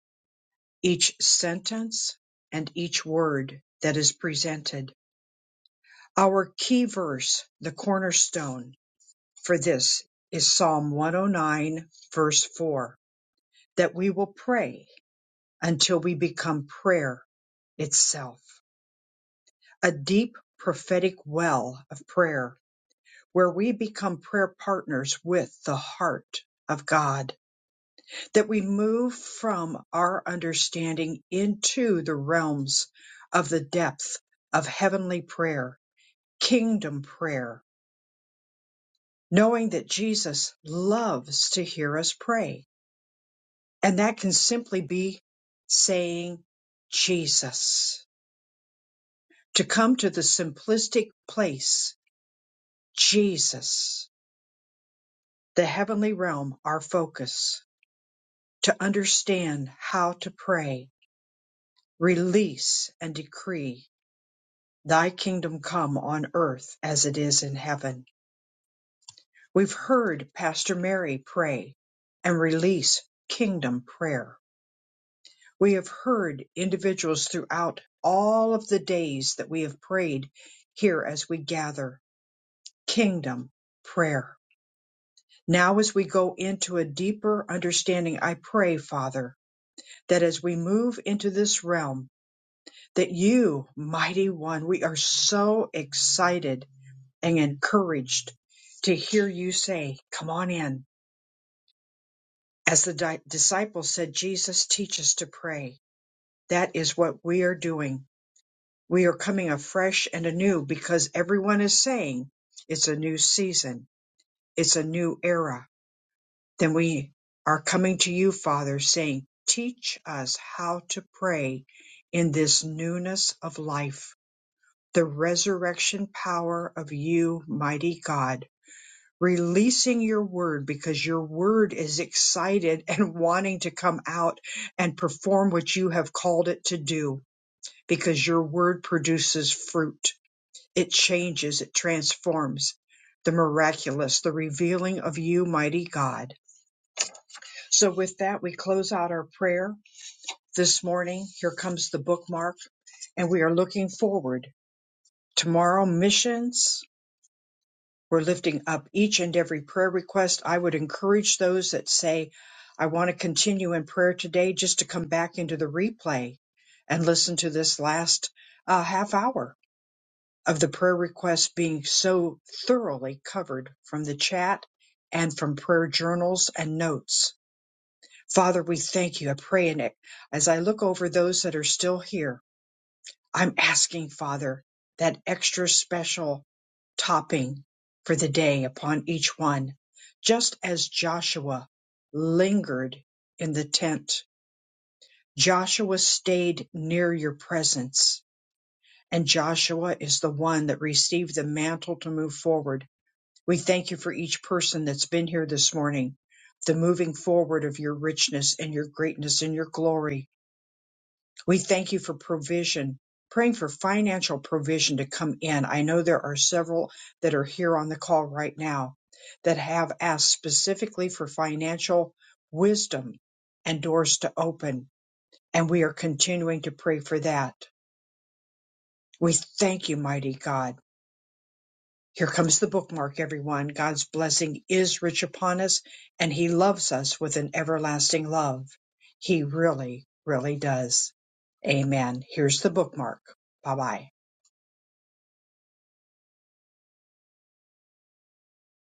A: each sentence and each word that is presented. Our key verse, the cornerstone for this is Psalm 109 verse 4, that we will pray until we become prayer itself, a deep prophetic well of prayer where we become prayer partners with the heart of God. that we move from our understanding into the realms of the depth of heavenly prayer, kingdom prayer, knowing that Jesus loves to hear us pray. And that can simply be saying, Jesus, to come to the simplistic place, Jesus, the heavenly realm, our focus, to understand how to pray, release, and decree Thy kingdom come on earth as it is in heaven. We've heard Pastor Mary pray and release kingdom prayer. We have heard individuals throughout all of the days that we have prayed here as we gather kingdom prayer. Now, as we go into a deeper understanding, I pray, Father, that as we move into this realm, that you, mighty one, we are so excited and encouraged to hear you say, Come on in. As the di- disciples said, Jesus, teach us to pray. That is what we are doing. We are coming afresh and anew because everyone is saying it's a new season, it's a new era. Then we are coming to you, Father, saying, Teach us how to pray in this newness of life, the resurrection power of you, mighty God releasing your word because your word is excited and wanting to come out and perform what you have called it to do because your word produces fruit. It changes, it transforms the miraculous, the revealing of you, mighty God. So with that, we close out our prayer this morning. Here comes the bookmark and we are looking forward tomorrow missions We're lifting up each and every prayer request. I would encourage those that say, I want to continue in prayer today just to come back into the replay and listen to this last uh, half hour of the prayer requests being so thoroughly covered from the chat and from prayer journals and notes. Father, we thank you. I pray in it as I look over those that are still here. I'm asking, Father, that extra special topping for the day upon each one, just as Joshua lingered in the tent. Joshua stayed near your presence, and Joshua is the one that received the mantle to move forward. We thank you for each person that's been here this morning, the moving forward of your richness and your greatness and your glory we thank you for provision, praying for financial provision to come in. I know there are several that are here on the call right now that have asked specifically for financial wisdom and doors to open, and we are continuing to pray for that. We thank you, mighty God. Here comes the bookmark, everyone. God's blessing is rich upon us, and He loves us with an everlasting love. He really, really does. Amen. Here's the bookmark. Bye bye.